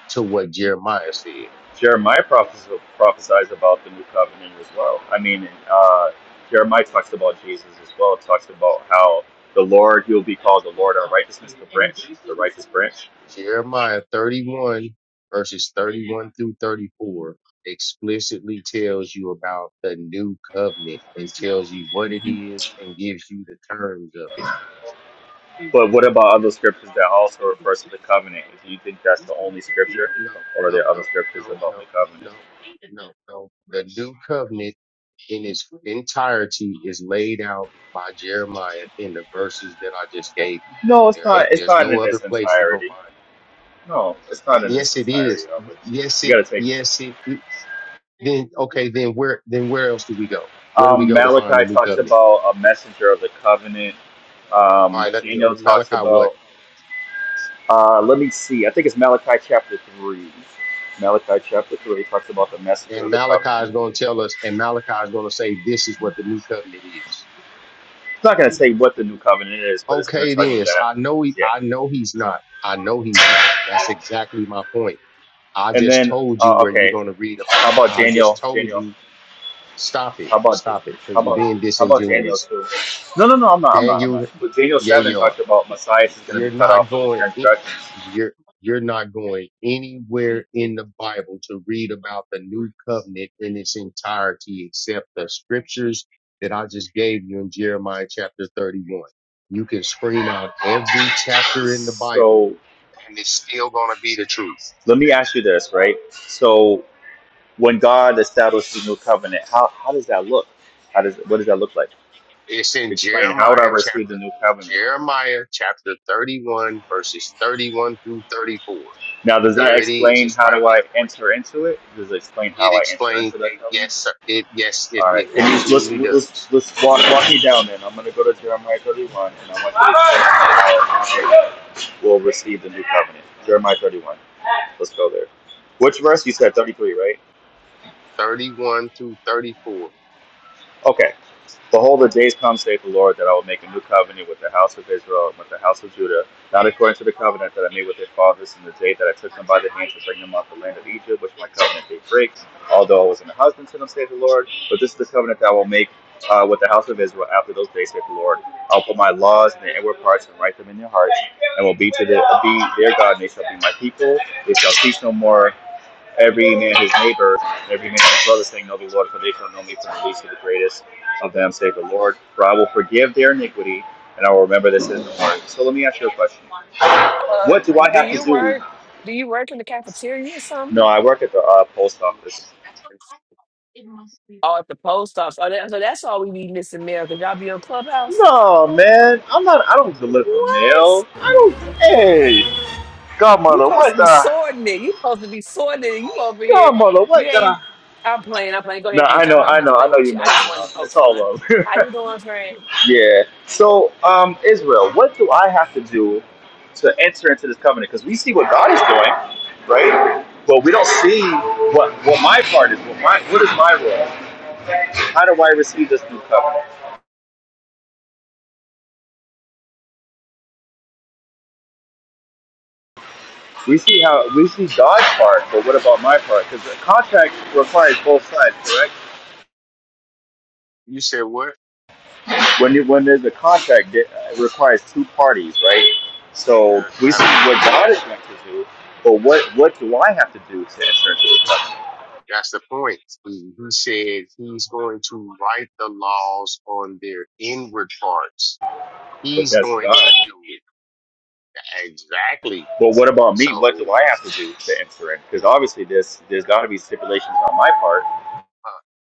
F: to what Jeremiah said.
M: Jeremiah prophes- prophesies about the new covenant as well. I mean, uh, Jeremiah talks about Jesus as well. It talks about how the Lord, you'll be called the Lord, our righteousness, the branch, the righteous branch.
F: Jeremiah 31 verses 31 through 34 explicitly tells you about the new covenant and tells you what it is and gives you the terms of it
M: But what about other scriptures that also refers to the covenant? Do you think that's
F: No,
M: the only
F: no,
M: scripture,
F: no,
M: or are
F: no,
M: there other
F: no, no,
M: scriptures about the covenant?
F: no, no, no. The new covenant in its entirety is laid out by Jeremiah in the verses that I just gave you.
M: No, it's
F: There
M: not.
F: ain't,
M: It's
F: there's
M: not
F: no
M: in
F: other
M: its
F: place to go
M: entirety. No, it's not
F: find it.
M: in its
F: Yes, it
M: entirety.
F: is.
M: Of it,
F: Yes,
M: you
F: it,
M: got to take.
F: yes, it. Then okay, then where, then where else do we go? Where do we
M: Um,
F: go to find the
M: Malachi
F: new
M: talks
F: covenant?
M: about a messenger of the covenant.
F: All
M: Um,
F: right, let uh,
M: Daniel talks
F: Malachi what?
M: about. Uh, let me see. I think it's Malachi chapter three. Malachi chapter three talks about the messenger
F: And
M: of the
F: Malachi
M: covenant.
F: is going to tell us, and Malachi is going to say, this is what the new covenant is.
M: It's not going to say what the new covenant is, but it's going
F: Okay,
M: to tell you
F: then. So
M: that.
F: I know he,
M: Yeah.
F: I know he's not. I know he's not. That's exactly my point. I
M: And
F: just
M: then,
F: told you
M: uh,
F: where you're
M: okay.
F: going to read about.
M: How about
F: I just
M: Daniel?
F: told
M: Daniel.
F: you, stop it,
M: How about
F: stop it, because
M: how
F: you're
M: about
F: being
M: how about Daniel
F: disingenuous.
M: too? No, no, no. I'm not. I'm not. I'm
F: Daniel,
M: not. But Daniel
F: yeah,
M: seven
F: you are.
M: talked about Messias is going to
F: You're
M: be cut
F: not
M: off for the
F: going. in-
M: transgressions.
F: You're you're not going anywhere in the Bible to read about the new covenant in its entirety, except the scriptures that I just gave you in Jeremiah chapter 31. You can scream out every chapter in the Bible
M: So
F: and it's still going to be the truth.
M: let me ask you this, right? So when God established the new covenant, how how does that look? How does what does that look like?
F: It's in
M: Explain. How would I
F: Jeremiah
M: receive the
F: chapter
M: new covenant?
F: Jeremiah chapter 31 verses 31 through 34.
M: Now, does that
F: There it is.
M: explain
F: It's
M: how
F: right
M: do I
F: there for
M: enter
F: you.
M: into it? Does it explain
F: It
M: how I enter
F: explains
M: into that
F: that
M: covenant?
F: yes, sir, it yes, it,
M: All right,
F: it
M: can you let's
F: absolutely
M: let's
F: does.
M: let's walk walk me down then. I'm gonna go to Jeremiah 31, and I want you to explain how we'll receive the new covenant. Jeremiah 31. Let's go there. Which verse you said? 33, right?
F: 31 through 34.
M: Okay. Behold, the days come, saith the Lord, that I will make a new covenant with the house of Israel and with the house of Judah, not according to the covenant that I made with their fathers in the day that I took them by the hand to bring them out of the land of Egypt, which my covenant they break, although I was an husband to them, saith the Lord. But this is the covenant that I will make uh, with the house of Israel after those days, saith the Lord. I'll put my laws in their inward parts and write them in their hearts, and will be to the, be their God, and they shall be my people. They shall teach no more every man his neighbor, every man his brother, saying, Know the Lord, for they shall know me from the least to the greatest of them, save the Lord. For I will forgive their iniquity, and I will remember this in the heart. So let me ask you a question.
G: Uh,
M: What do I
G: do
M: have to
G: you
M: do?
G: work? Do you work in the cafeteria or
M: No,
G: something?
M: I work at the uh, post office.
G: Oh, at the post office. Oh, that, so that's all we be missing, mail. Could y'all be on Clubhouse?
M: No, man, I'm not. I don't deliver
G: What?
M: mail. I don't. Hey,
G: You
M: godmother,
G: supposed
M: what
G: to be
M: the?
G: sorting it. You supposed to be sorting it. You over here.
M: Godmother, what
G: You
M: the?
G: ain't. I'm playing. I'm playing. Go
M: No,
G: ahead,
M: I
G: preach.
M: know,
G: I'm. I'm
M: I know,
G: just
M: I
G: playing
M: know
G: with
M: you are
G: you. I just
M: messing
G: wanted to
M: up.
G: poke
M: It's all
G: fun.
M: love.
G: How you doing, friend?
M: Yeah. So, um, Israel, what do I have to do to enter into this covenant? Because we see what God is doing, right? But we don't see what what my part is. What my what is my role? How do I receive this new covenant? We see how we see God's part, but what about my part? Because the contract requires both sides, correct?
F: You said what?
M: When you when there's a contract, it uh, requires two parties, right? So we
F: Uh,
M: see what
F: absolutely.
M: God is going to do, but what what do I have to do to enter into it?
F: That's the point. He he said he's going to write the laws on their inward parts.
M: But
F: He's
M: that's
F: going to
M: God.
F: do it. Exactly.
M: Well, what about me? What
F: So,
M: do I have to do to enter in? Because obviously, this there's got to be stipulations on my part.
F: uh,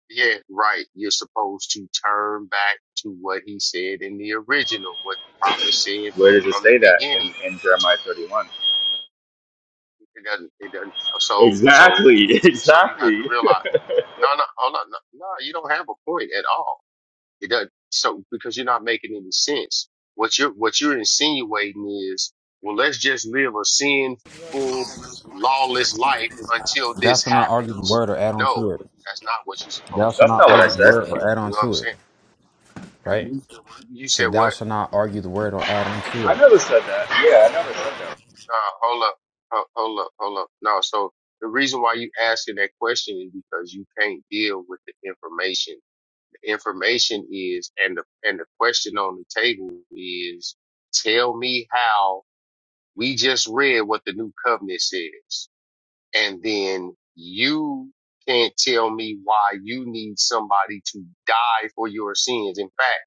F: yeah, right. You're supposed to turn back to what he said in the original, what the prophet said
M: Where does it
F: from the
M: say that
F: beginning.
M: in, in Jeremiah 31?
F: It doesn't. It doesn't. So, so,
M: Exactly,
F: so you have to
M: exactly.
F: realize. No, no, hold on. No, no, you don't have a point at all. It doesn't. So because you're not making any sense. What you're what you're insinuating is, well, let's just live a sinful, lawless life until
P: Thou
F: this
P: shalt not argue the
F: happens.
P: word or add on
F: No,
P: to it.
F: that's not what you're
P: Thou
F: supposed to
P: shalt
M: That's
F: do.
P: not
M: not what I
P: argue the
M: said.
P: word or add
F: You
P: on
F: know what I'm
P: to it.
F: saying? You said
P: Said, thou
F: what?
P: shalt not argue the word or add on to
M: I
P: it.
M: never said that. Yeah, I never said that.
F: No, hold up, Ho- hold up, hold up. No, so the reason why you asking that question is because you can't deal with the information. The information is, and the and the question on the table is, tell me how We just read what the new covenant says. And then you can't tell me why you need somebody to die for your sins. In fact,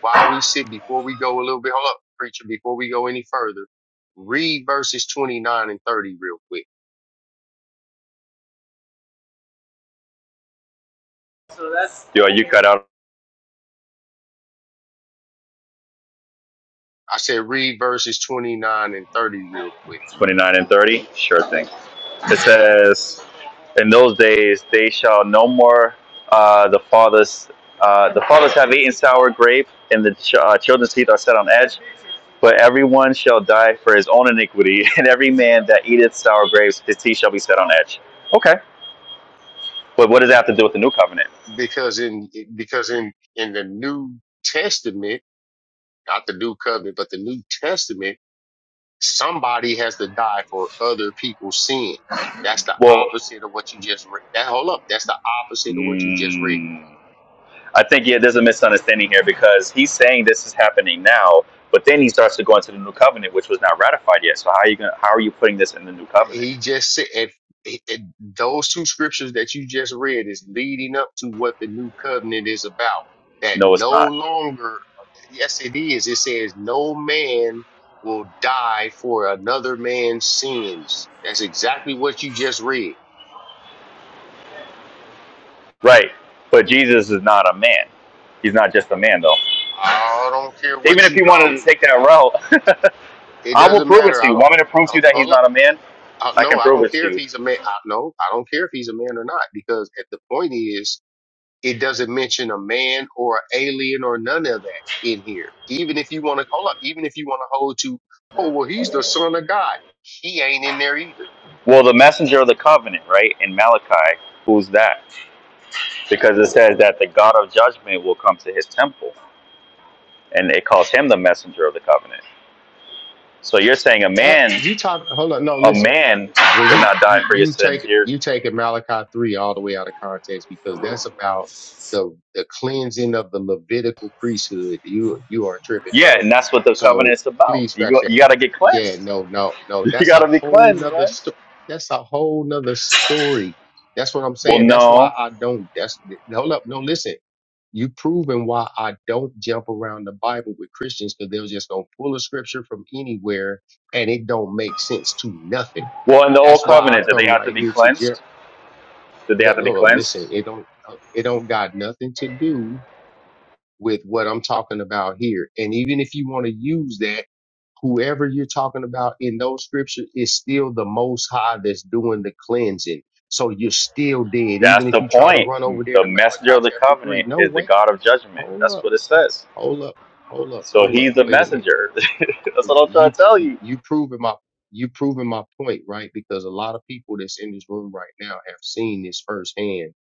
F: while we sit, before we go a little bit, hold up, preacher, before we go any further, read verses 29 and 30 real quick.
M: Yo, you cut out
F: I said read verses 29 and 30 real quick.
M: 29 and 30? Sure thing. It
F: Yeah.
M: says, "In those days they shall no more uh, the fathers uh, the fathers have eaten sour grape, and the ch- uh, children's teeth are set on edge. But everyone shall die for his own iniquity, and every man that eateth sour grapes, his teeth shall be set on edge. Okay. But what does that have to do with the new covenant?
F: Because in, because in, in the New Testament, not the New Covenant, but the New Testament, somebody has to die for other people's sins. That's the
M: Well,
F: opposite of what you just read. That hold up, that's the opposite of what you just read.
M: mm, I think yeah, there's a misunderstanding here because he's saying this is happening now, but then he starts to go into the new covenant, which was not ratified yet. So how are you gonna, how are you putting this in the new covenant?
F: He just said if, if those two scriptures that you just read is leading up to what the new covenant is about. That
M: No, it's
F: no
M: not.
F: longer, yes, it is. It says no man will die for another man's sins. That's exactly what you just read.
M: Right. But Jesus is not a man. He's not just a man though.
F: I don't care
M: Even
F: what
M: if
F: you
M: he wanted
F: call it.
M: to take that route,
F: It
M: I will
F: doesn't
M: prove it
F: matter.
M: to
F: I
M: you.
F: don't.
M: Want me to prove to you that he's
F: Hold
M: not a man?
F: I,
M: I
F: no,
M: can
F: I
M: prove
F: don't
M: it
F: care
M: to
F: if
M: you.
F: he's a man. I, no, I don't care if he's a man or not because at the point is, it doesn't mention a man or a alien or none of that in here. Even if you want to hold up, even if you want to hold to, oh well, he's the son of God. He ain't in there either.
M: Well, the messenger of the covenant, right, in Malachi, who's that? Because it says that the God of judgment will come to his temple, and it calls him the messenger of the covenant. So you're saying a
F: That
M: man,
F: you talk. Hold on. No,
M: a
F: listen.
M: man
F: When
M: did
F: you,
M: not die
F: you,
M: for your
F: you take,
M: sins. You're,
F: you take Malachi 3 all the way out of context because that's about the, the cleansing of the Levitical priesthood. You, you are tripping,
M: yeah,
F: bro.
M: and that's what the covenant
F: So
M: is about.
F: please
M: You
F: scratch
M: go,
F: that.
M: you got to get
F: Yeah,
M: cleansed.
F: no, no, no.
M: You
F: That's
M: got
F: a
M: to be
F: whole
M: cleansed,
F: nother
M: man.
F: story. That's a whole nother story. That's what I'm
M: Well,
F: saying. That's why
M: no.
F: I don't, that's, hold up. No, listen you proven why I don't jump around the Bible with Christians because they're just gonna pull a scripture from anywhere and it don't make sense to nothing.
M: Well, in the old
F: That's why I
M: covenant, did they
F: come
M: have to
F: right
M: be
F: here to Jer.
M: cleansed? Did they have to be
F: Hello, um,
M: cleansed?
F: listen, it don't uh, it don't got nothing to do with what I'm talking about here. And even if you want to use that, whoever you're talking about in those scriptures is still the Most High that's doing the cleansing. So you're still dead,
M: That's
F: even if
M: the
F: you try to
M: point.
F: run over there
M: The
F: to Malachi
M: messenger of the
F: chapter three.
M: covenant
F: No,
M: is the
F: wait,
M: God of judgment.
F: hold
M: That's
F: up,
M: what it
F: hold,
M: says.
F: hold up, hold up,
M: So
F: hold up.
M: he's the
F: Wait a minute.
M: messenger. That's what I'm trying
F: you
M: to tell you.
F: you proving my you proving my point, right? Because a lot of people that's in this room right now have seen this firsthand.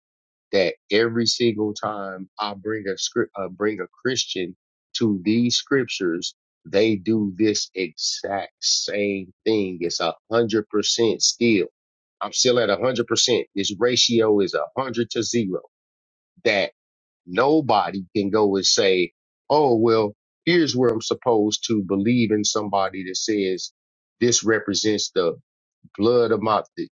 F: That every single time I bring a script, uh, bring a Christian to these scriptures, they do this exact same thing. It's a hundred percent still. I'm still at a hundred percent. This ratio is a hundred to zero. that. Nobody can go and say, oh, well, here's where I'm supposed to believe in somebody that says this represents the blood of my, the,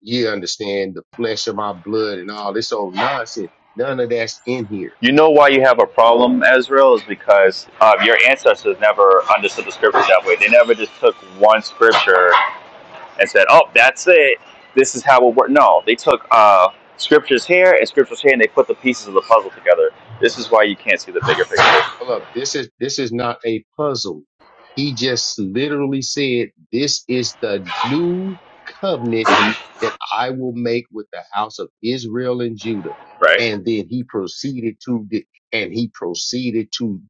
F: you understand, the flesh of my blood and all this old nonsense. None of that's in here.
M: You know why you have a problem, Israel, is because um, your ancestors never understood the scripture that way. They never just took one scripture and said, "Oh, that's it. This is how it works." No, they took uh, scriptures here and scriptures here, and they put the pieces of the puzzle together. This is why you can't see the bigger picture,
F: Hold up. This is this is not a puzzle. He just literally said, "This is the new covenant that I will make with the house of Israel and Judah."
M: right?
F: And then he proceeded to di- and he proceeded to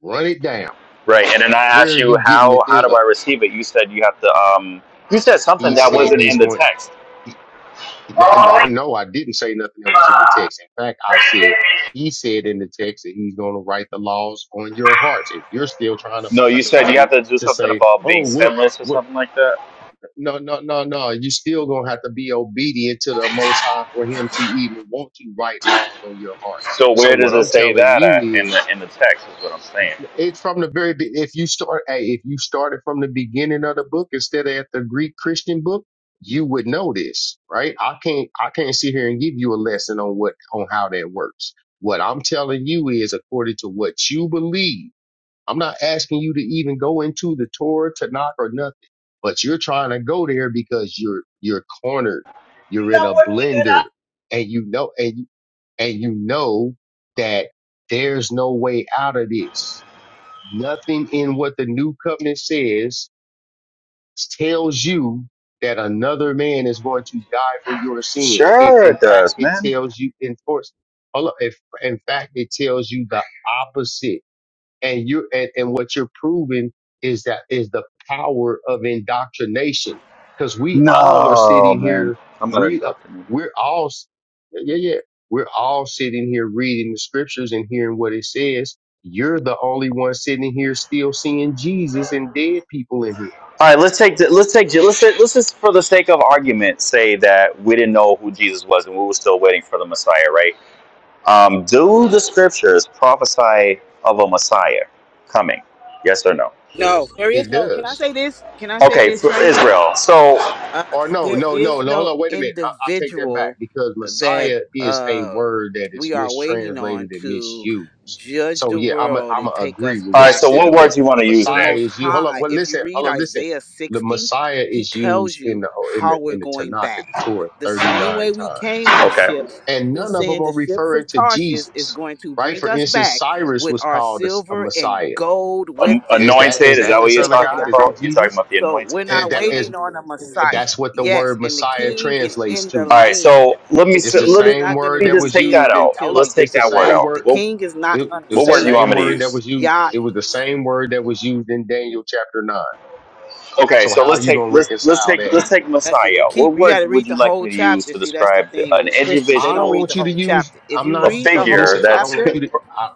F: run it down.
M: Right, and then I
F: Where
M: asked
F: are
M: you
F: you getting
M: how
F: that?
M: how
F: There's
M: do
F: a.
M: I receive it? You said you have to. Um, you said something
F: He
M: that
F: said
M: wasn't in
F: he's
M: the
F: going.
M: text.
F: No, no, no, I didn't say nothing that was in the text. In fact, I said he said in the text that he's going to write the laws on your hearts, and you're still trying to
M: No, you
F: find a
M: said you have
F: way
M: to do
F: to
M: something
F: say,
M: about being
F: "Oh, what,
M: sinless or
F: what?
M: something like that.
F: No, no, no, no. You're still going to have to be obedient to the Most High for Him to even want to write laws on your heart."
M: So
F: So
M: where does
F: what
M: it
F: I'm
M: say
F: telling
M: that
F: you
M: at in
F: is
M: the in the text? Is what I'm saying.
F: it's from the very be- if you start hey, if you started from the beginning of the book instead of at the Greek Christian book, you would know this, right? I can't I can't sit here and give you a lesson on what on how that works. What I'm telling you is according to what you believe. I'm not asking you to even go into the Torah, Tanakh, or nothing, but you're trying to go there because you're you're cornered, you're in a blender, and you know and and you know that there's no way out of this Nothing in what the new covenant says tells you that another man is going to die for your sins. It,
M: Sure,
F: in
M: it
F: fact,
M: does,
F: it
M: man.
F: tells you in force. Hold up. If, in fact, it tells you the opposite and you and, and what you're proving is that is the power of indoctrination because we all are
M: No,
F: sitting
M: man,
F: here
M: I'm not
F: read uh,
M: indoctrinated.
F: we're all s- yeah yeah yeah. we're all sitting here reading the scriptures and hearing what it says you're the only one sitting here still seeing jesus and dead people in here
M: All right, let's take the, let's take Je- let's say, let's just for the sake of argument say that we didn't know who Jesus was and we were still waiting for the Messiah, right? Um, do the scriptures prophesy of a Messiah coming? Yes or no?
J: No, there is
F: it
J: no. Can I
F: does
J: say this? Can I say
M: Okay,
J: this
M: for
J: right here?
M: Israel. So, all
J: Uh,
F: Or no,
J: there
F: no, no,
J: is
F: no, hold
J: no
F: on, wait a minute. I, I take that back
J: individual
F: because
J: that
F: Messiah is a
J: uh,
F: word that is
J: we are waiting on
F: mistranslated and
J: to
F: misused.
J: judge
F: So
J: the
F: yeah, I'm a,
J: world
F: I'm
J: and
F: a
J: take
F: agree
J: us
F: with what
M: right.
F: she
J: back
M: So,
J: to
F: said
J: the
M: what word
F: because
M: do
J: land.
M: you want to use
J: The
F: Messiah
M: then?
J: Most
F: is you. Hold on.
J: High,
F: well
J: if you
F: listen,
J: read
F: hold on, listen.
J: Isaiah
F: The
J: 60,
F: Messiah
J: he
F: is
J: tells
F: used in
J: you
F: the in
J: how
F: the
J: we're
F: in the
J: going
F: Tanakh and the
J: back.
F: Torah
J: The same
F: 39
J: way we came
F: times,
J: on
M: Okay,
J: ships,
F: and
J: he's
F: none of them
J: saying
F: are
J: the ships
F: referring
J: of
F: to
J: Tarshish is
F: Jesus,
J: going to
F: right?
J: bring
F: For
J: us
F: instance,
J: back
F: Cyrus
J: with
F: was
J: our
F: called a a
J: silver and
F: Messiah.
J: gold with
M: An-
F: Is
J: them for
F: that
J: the
M: anointed.
F: is
M: Is
F: that
M: that
F: the
M: what you're
F: Son
J: namesake
F: of
J: of
M: talking
F: God? Is
M: about?
F: that
J: Yahweh.
M: You're talking
F: Jesus?
M: about the
J: So
M: anointed.
J: we're
F: Is
J: not
F: that is
J: waiting on a
F: that's
J: Messiah.
F: what the
J: Yes,
F: word
J: and the
F: Messiah
J: king is
F: translates
J: in the
F: to.
M: All right.
J: land.
M: So let me
J: The
F: It's the
J: king
M: let me
J: is
F: same
J: not going to
F: word
J: be
F: that
M: just
F: was
M: take that
F: used
J: revealed
F: in,
M: out.
J: until
F: hold up,
J: we
M: Let's take
J: get
F: it's
J: to
F: the
M: that
J: the
M: word
F: same
J: land.
M: out.
J: The
F: word.
M: What
J: king is not
F: It,
J: going
F: it
J: to
F: was
M: what
F: the
M: word do you
J: save
M: want
F: same
M: me to
F: word
J: us.
F: that
M: use?
F: was used.
J: Y'all,
F: It was the same word that was used in Daniel chapter nine.
M: Okay.
F: So
M: So
F: how are
M: let's
F: you
M: take
F: going to
M: let's let's
F: reconcile
M: take
F: that?
M: let's take
J: that's if you
M: Messiah. What
J: keep, you got
M: word
J: to
M: would
J: read
M: you
J: the
M: like
J: whole
M: me to use
J: chapter.
M: to
J: See, that's the
M: describe
J: thing
M: an
J: with Christians. They
F: I
J: don't
F: don't
M: individual,
J: read the
F: want you to
J: whole
F: use,
J: chapter. If
F: I'm
J: you
M: a
F: not,
J: read the
F: uh,
J: whole
M: figure
F: listen, I don't
M: that's
F: want
J: chapter,
F: you to, I,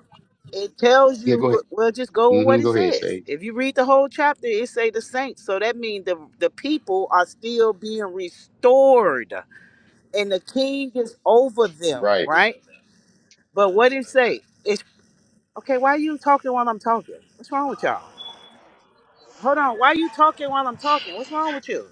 J: it tells you
F: yeah, go ahead.
J: who, well, just go with what
F: hmm
J: it
F: go ahead,
J: says.
F: Sage.
J: If you read the whole chapter, it say the saints. So that means the, the people are still being restored and the king is over them,
F: Right.
J: right? But what did it say? It's okay, why are you talking while I'm talking? What's wrong with y'all? Hold on, why are you talking while I'm talking? What's wrong with you?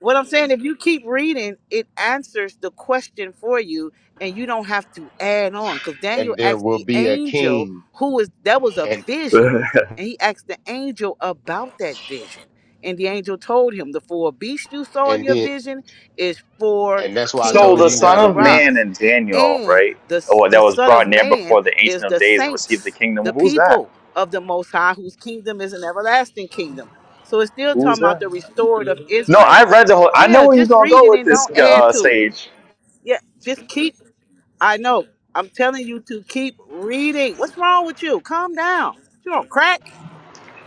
J: What I'm saying, if you keep reading, it answers the question for you, and you don't have to add on. Because Daniel
F: And there
J: asked
F: will
J: the
F: be a
J: angel,
F: king.
J: who was that was a
F: And,
J: vision, and he asked the angel about that vision, and the angel told him the four beasts you saw in
F: and
J: your
F: then,
J: vision is four
F: and that's why I
M: So
F: told
M: the
F: you,
J: kingdoms
F: you
J: that
F: got
M: Son
J: will
F: to
M: of
F: read.
M: Man
J: arise,
M: and Daniel,
J: and
M: right?
J: the
M: Oh,
J: the
M: that was
J: Son of
M: brought near
J: Man
M: before the
J: is
M: Ancient of
J: the
M: Days and received the
J: saints,
M: kingdom.
J: the
M: Who's that?
J: people of the Most High, whose kingdom is an everlasting kingdom. So it's still
M: Who's
J: talking about
M: that?
J: the restored of
M: No, I
J: Israel.
M: read the whole. I know
J: Yeah,
M: where you're
J: just
M: gonna
J: read
M: go
J: it
M: with
J: and
M: this,
J: don't add
M: uh,
J: to it.
M: Sage.
J: Yeah, just keep. I know. I'm telling you to keep reading. What's wrong with you? Calm down. You don't crack.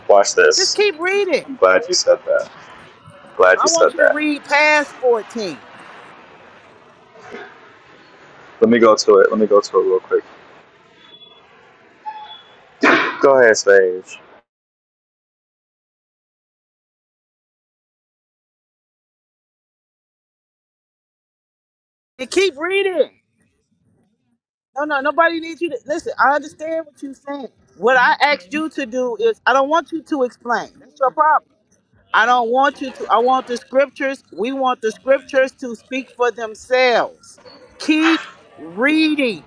M: Watch
J: Just
M: this.
J: keep reading.
M: I'm glad you said that. Glad
J: I
M: you
J: want
M: said
J: you to
M: that.
J: read past 14
M: Let me go to it. Let me go to it real quick. Go ahead, Sage.
J: and keep reading. No, no, nobody needs you to listen. I understand what you're saying. What I asked you to do is, I don't want you to explain. That's your problem. I don't want you to. I want the scriptures. We want the scriptures to speak for themselves. Keep reading.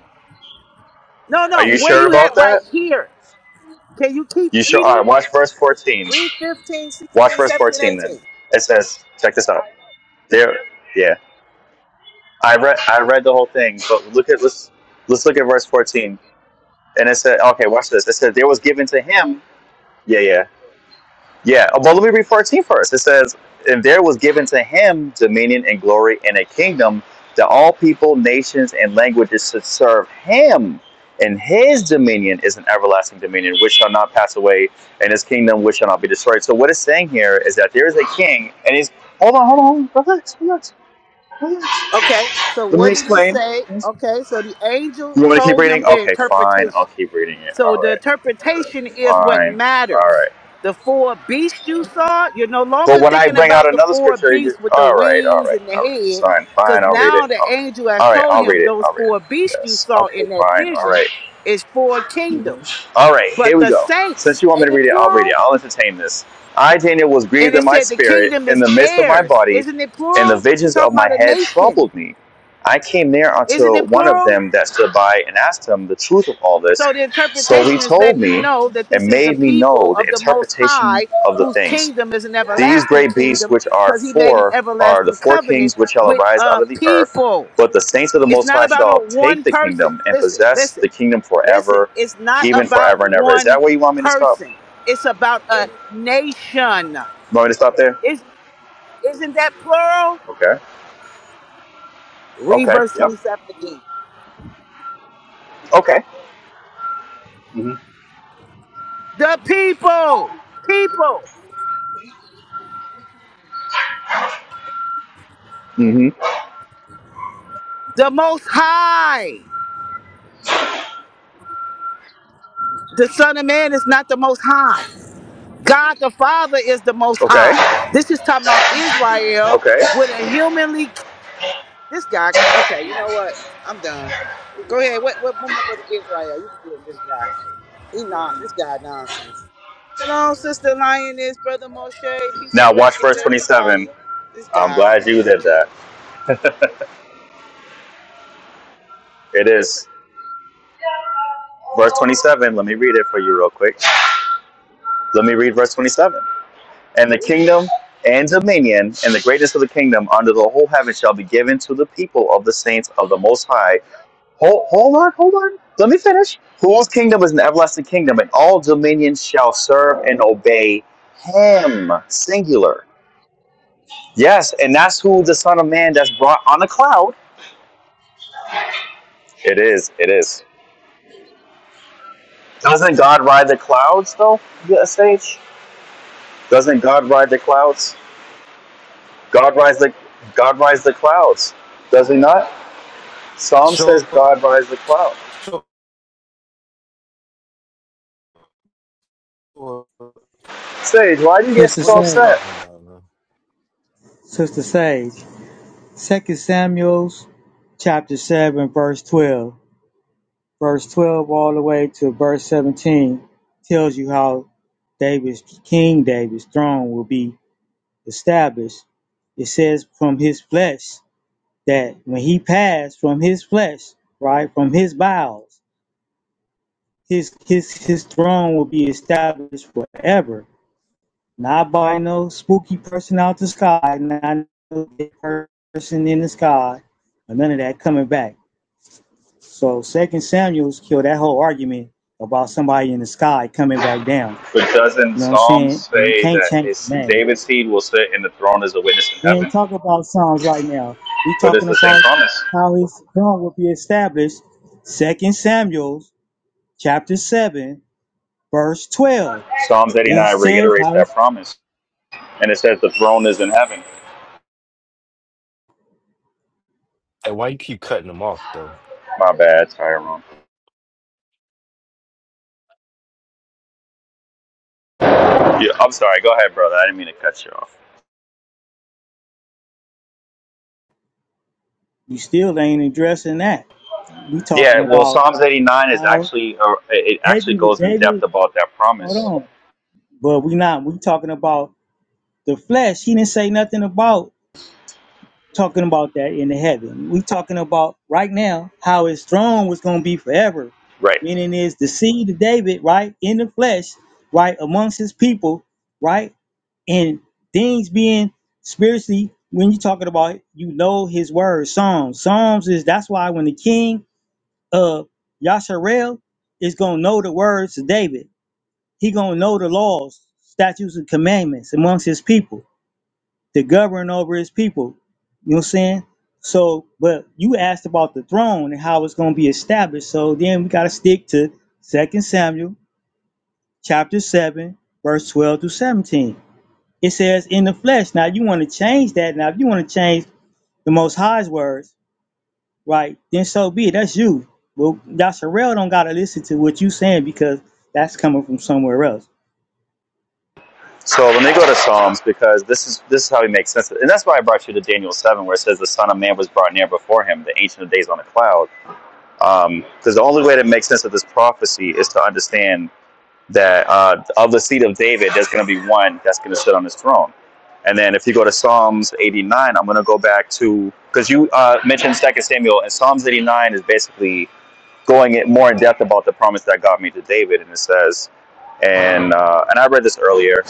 J: No,
M: Are
J: no.
M: you
J: Where
M: sure
J: you at
M: about
J: right
M: that?
J: here? Can you keep
M: You sure? All
J: reading?
M: right. Watch verse 14.
J: Read 15,
M: Watch
J: 16,
M: verse
J: 17, 18.
M: 14. Then it says, check this out. There. Yeah. I read. I read the whole thing. But look at. Let's. Let's look at verse 14 And it said, okay, watch this. It says, there was given to him. Yeah, yeah. Yeah. Oh, but let me read 14 first. It says, and there was given to him dominion and glory and a kingdom that all people, nations, and languages should serve him. And his dominion is an everlasting dominion which shall not pass away, and his kingdom which shall not be destroyed. So, what it's saying here is that there is a king, and he's. Hold on, hold on, hold on. Relax, relax, relax.
J: Okay. So
M: Let me
J: what did he
M: explain.
J: say?
M: You
J: Okay. So the angel
M: want me to keep
J: told him
M: reading?
J: the
M: Okay, fine. I'll
J: interpretation.
M: keep reading it.
J: So
M: All
J: the
M: right,
J: interpretation is what
M: fine. All right.
J: matters. The four beasts you saw, you're no
M: But
J: longer
M: when I
J: thinking
M: bring out
J: about the
M: another
J: four
M: scripture, you
J: beasts with the
M: all right, all
J: wings
M: right,
J: and the
M: all right. It's
J: head,
M: fine,
J: because
M: fine. I'll read
J: now
M: it.
J: the
M: All right,
J: angel has
M: all right.
J: told
M: I'll read
J: him
M: it.
J: those
M: I'll read it.
J: four beasts you
M: Yes.
J: saw
M: Okay.
J: in that
M: Fine. All
J: vision
M: right.
J: is four kingdoms.
M: All right. Here
J: But
M: we
J: the
M: go. Since
J: saints,
M: you want me
J: ain't
M: to
J: it
M: read it, I'll read
J: plural?
M: it. I'll entertain this. I, Daniel, was
J: And
M: grieved in
J: it
M: my
J: said the
M: spirit,
J: kingdom
M: in
J: is
M: the midst of my
J: theirs.
M: body,
J: Isn't it
M: and the
J: plural?
M: visions of
J: Talking
M: my
J: about a
M: head
J: nation.
M: troubled me. I came near
J: Isn't
M: unto
J: it
M: one of
J: plural?
M: them that stood by and asked him the truth of all this.
J: So the
M: So he
J: interpretation is
M: told
J: letting you
M: me
J: know that
M: and
J: this is the
M: made me
J: people
M: know the
J: of the Most
M: interpretation
J: High
M: of the
J: whose
M: things.
J: kingdom is an
M: These
J: everlasting
M: great beasts
J: kingdom
M: which are
J: because he made an
M: four are the
J: everlasting
M: four
J: covenant
M: kings which shall
J: with
M: arise out
J: a
M: of the earth,
J: people.
M: but the saints of the
J: It's
M: Most
J: not
M: High
J: about no
M: shall take
J: one
M: the kingdom
J: person.
M: and
J: Listen,
M: possess
J: listen,
M: the kingdom
J: listen.
M: forever,
J: It's not
M: even
J: about
M: forever and ever. Is
J: one
M: that where you want me to stop?
J: person. It's about a nation.
M: You want me to stop there?
J: Is, isn't that plural?
M: Okay.
J: Read
M: Okay.
J: verse
M: Yep.
J: 27 again.
M: Okay.
J: The people, people,
M: hmm
J: the most high. The Son of Man is not the most high. God the Father is the most high.
M: Okay.
J: This is talking about Israel
M: Okay.
J: with a humanly. This guy, okay, you know what? I'm done. Go ahead. What, what, what my brother Israel? You can deal with this guy. He not, this guy nonsense. Shalom, Sister Lioness, Brother Moshe. Peace and
M: Now watch
J: blessings,
M: verse 27.
J: everybody. This
M: I'm
J: guy's
M: glad you
J: is a
M: did that.
J: joke.
M: It is verse 27. Let me read it for you real quick. Let me read verse 27. And the kingdom and dominion and the greatness of the kingdom under the whole heaven shall be given to the people of the saints of the Most High. Hold, hold on, hold on. Let me finish. Whose kingdom is an everlasting kingdom, and all dominions shall serve and obey him. Singular. Yes, and that's who the Son of Man that's brought on a cloud. It is, it is. Doesn't God ride the clouds though, Yeah, Sage? Doesn't God ride the clouds? God rides the God rides the clouds. Does he not? Psalm says
I: Sure,
M: God rides the cloud.
I: sure. What
M: Sage, why do you get
Q: Sister
I: are
M: so
I: you
Q: Sage,
M: upset?
I: talking about, man?
Q: Sister Sage, Second Samuel's chapter seven, verse twelve, verse twelve all the way to verse seventeen tells you how David's King David's throne will be established. It says from his flesh that when he passed from his flesh, right from his bowels, his his his throne will be established forever Not by no spooky person out the sky, not no person in the sky, or none of that coming back. So Second Samuel's killed that whole argument about somebody in the sky coming back down.
M: But doesn't
Q: You know what I'm
M: Psalm
Q: saying? And you
M: say
Q: can't
M: that
Q: change
M: it's
Q: the name.
M: David's seed will sit in the throne as a witness in
Q: We ain't
M: heaven?
Q: talking about Psalms right now. We
M: But it's
Q: talking
M: the same
Q: about
M: promise.
Q: how his throne will be established. Second Samuel chapter seven, verse twelve.
M: Psalms
Q: It
M: 89
Q: says
M: reiterates
Q: how
M: that
Q: it's,
M: promise. And it says the throne is in heaven.
I: And why you keep cutting them off though?
M: My bad, Tyrone. Yeah, I'm sorry. Go ahead, brother. I didn't mean to cut you off.
Q: you still ain't addressing that. We talking
M: Yeah, well,
Q: about
M: Psalms 89 is
Q: how
M: actually, uh, it
Q: David,
M: actually
Q: was-
M: goes in depth
Q: David,
M: about that
Q: hold
M: promise.
Q: on. But we not. We talking about the flesh. He didn't say nothing about talking about that in the heaven. We talking about right now how his throne was going to be forever.
M: Right.
Q: Meaning is the seed of David, right in the flesh, right amongst his people, right, and things being spiritually. When you talking about, you know his words, Psalms. Psalms is that's why when the king of Yasharel is gonna know the words of David he gonna know the laws, statutes, and commandments amongst his people to govern over his people. You know what I'm saying? So, but you asked about the throne and how it's gonna be established. So then we gotta stick to Second Samuel chapter seven, verse twelve through seventeen. It says, "In the flesh." Now you want to change that. Now if you want to change the Most High's words, right? Then so be it. That's you. Well, Yasharel don't gotta listen to what you saying because that's coming from somewhere else.
M: So let me go to Psalms because this is this is how he makes sense of it. And that's why I brought you to Daniel 7, where it says the Son of Man was brought near before him, the Ancient of Days on a cloud. Um, Because the only way to make sense of this prophecy is to understand that uh, of the seed of David, there's going to be one that's going to sit on his throne. And then if you go to Psalms 89, I'm going to go back to, because you uh, mentioned Second Samuel, and Psalms 89 is basically going in more in depth about the promise that God made to David. And it says, and uh, and I read this earlier.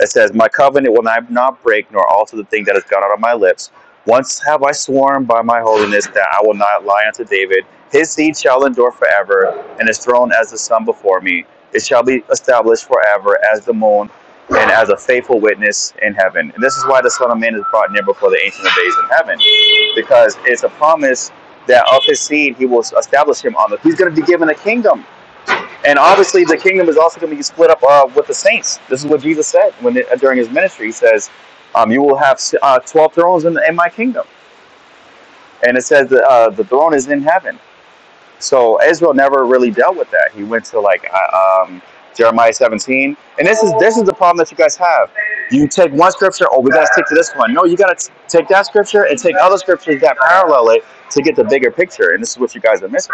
M: It says, My covenant will I not break, nor alter the thing that has gone out of my lips. Once have I sworn by my holiness that I will not lie unto David. His seed shall endure forever, and his throne as the sun before me. It shall be established forever as the moon, and as a faithful witness in heaven. And this is why the Son of Man is brought near before the Ancient of Days in heaven, because it's a promise that of his seed he will establish him on the. He's going to be given a kingdom and obviously, the kingdom is also going to be split up uh, with the saints. This is what Jesus said when it, during his ministry. He says, um, "You will have uh, twelve thrones in, the, in my kingdom," and it says that, uh, the throne is in heaven. So Israel never really dealt with that. He went to like uh, um, Jeremiah 17, and this is this is the problem that you guys have. You take one scripture, oh, we got to stick to this one. No, you got to take that scripture and take other scriptures that parallel it to get the bigger picture. And this is what you guys are missing.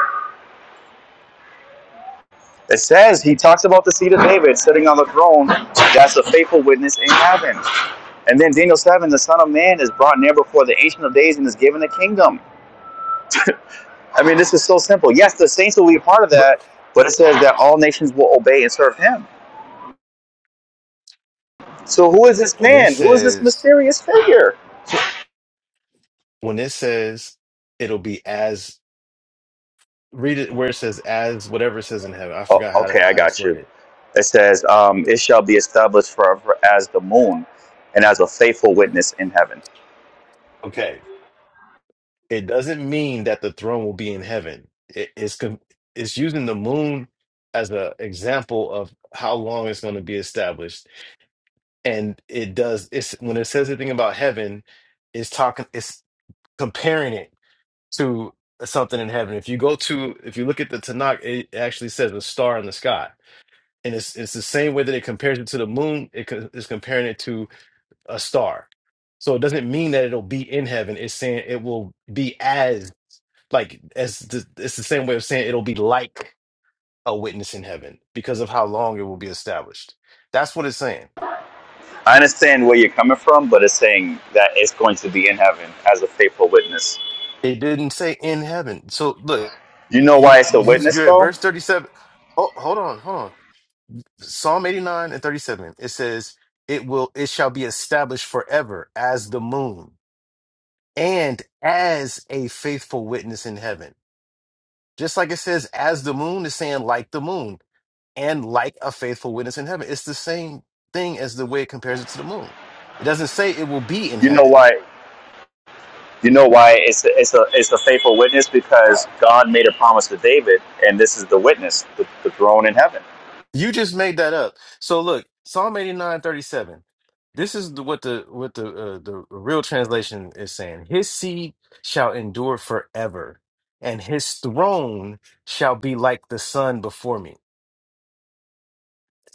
M: It says he talks about the seed of David sitting on the throne. That's a faithful witness in heaven. And then Daniel 7, the Son of Man is brought near before the Ancient of Days and is given a kingdom. I mean, this is so simple. Yes, the saints will be a part of
I: Br-
M: that, but it says that all nations will obey and serve him. So who is this
I: When it
M: man? Who is this
I: says
M: mysterious figure?
I: when it says it'll be as read it where it says as whatever it says in heaven. I
M: Oh,
I: forgot how to,
M: okay, I
I: how it's
M: got you.
I: worded.
M: It says, um, it shall be established forever as the moon and as a faithful witness in heaven.
I: Okay. It doesn't mean that the throne will be in heaven. It, it's con- it's using the moon as an example of how long it's going to be established, and it does. It's when it says anything about heaven, it's talking. It's comparing it to something in heaven. If you go to, if you look at the Tanakh, it actually says a star in the sky, and it's it's the same way that it compares it to the moon. It co- is comparing it to a star. So it doesn't mean that it'll be in heaven. It's saying it will be as like as the, it's the same way of saying it'll be like a witness in heaven because of how long it will be established. That's what it's saying.
M: I understand where you're coming from, but it's saying that it's going to be in heaven as a faithful witness.
I: It didn't say in heaven. So look,
M: You know
I: you,
M: why it's a
I: you
M: witness,
I: you're at
M: though.
I: verse 37. Oh, hold on, hold on. Psalm 89 and 37. It says, "It will it shall be established forever as the moon and as a faithful witness in heaven." Just like it says as the moon is saying like the moon. and like a faithful witness in heaven. It's the same thing as the way it compares it to the moon. It doesn't say it will be in
M: You know
I: heaven.
M: why. You know why it's a, it's a it's a faithful witness because God made a promise to David, and this is the witness, the, the throne in heaven.
I: You just made that up. So look, Psalm 89 37. This is the, what the what the uh, the real translation is saying. His seed shall endure forever, and his throne shall be like the sun before me.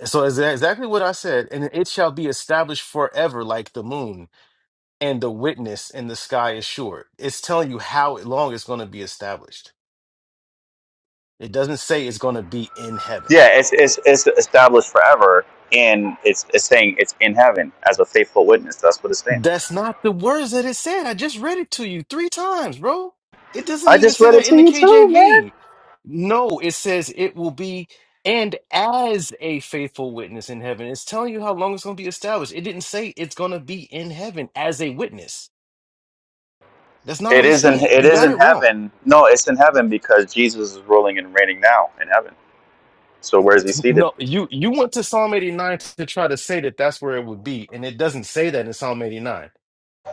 I: So is that exactly what I said, and it shall be established forever like the moon. and the witness in the sky is short. It's telling you how long it's going to be established. It doesn't say it's going to be in heaven.
M: Yeah, it's, it's it's established forever, and it's it's saying it's in heaven as a faithful witness. That's what it's saying.
I: That's not the words that it said. I just read it to you three times, bro. It doesn't
M: I
I: even
M: just
I: say
M: read it
I: that in
M: to
I: the
M: you too, man.
I: KJV. No, it says it will be and as a faithful witness in heaven. It's telling you how long it's going to be established. It didn't say it's going to be in heaven as a witness. That's not
M: It
I: what it's
M: is in
I: saying.
M: it
I: You
M: is
I: got it
M: in
I: wrong.
M: heaven. No, it's in heaven because Jesus is ruling and reigning now in heaven. So where is he seated?
I: No, you you went to Psalm 89 to try to say that that's where it would be, and it doesn't say that in Psalm 89.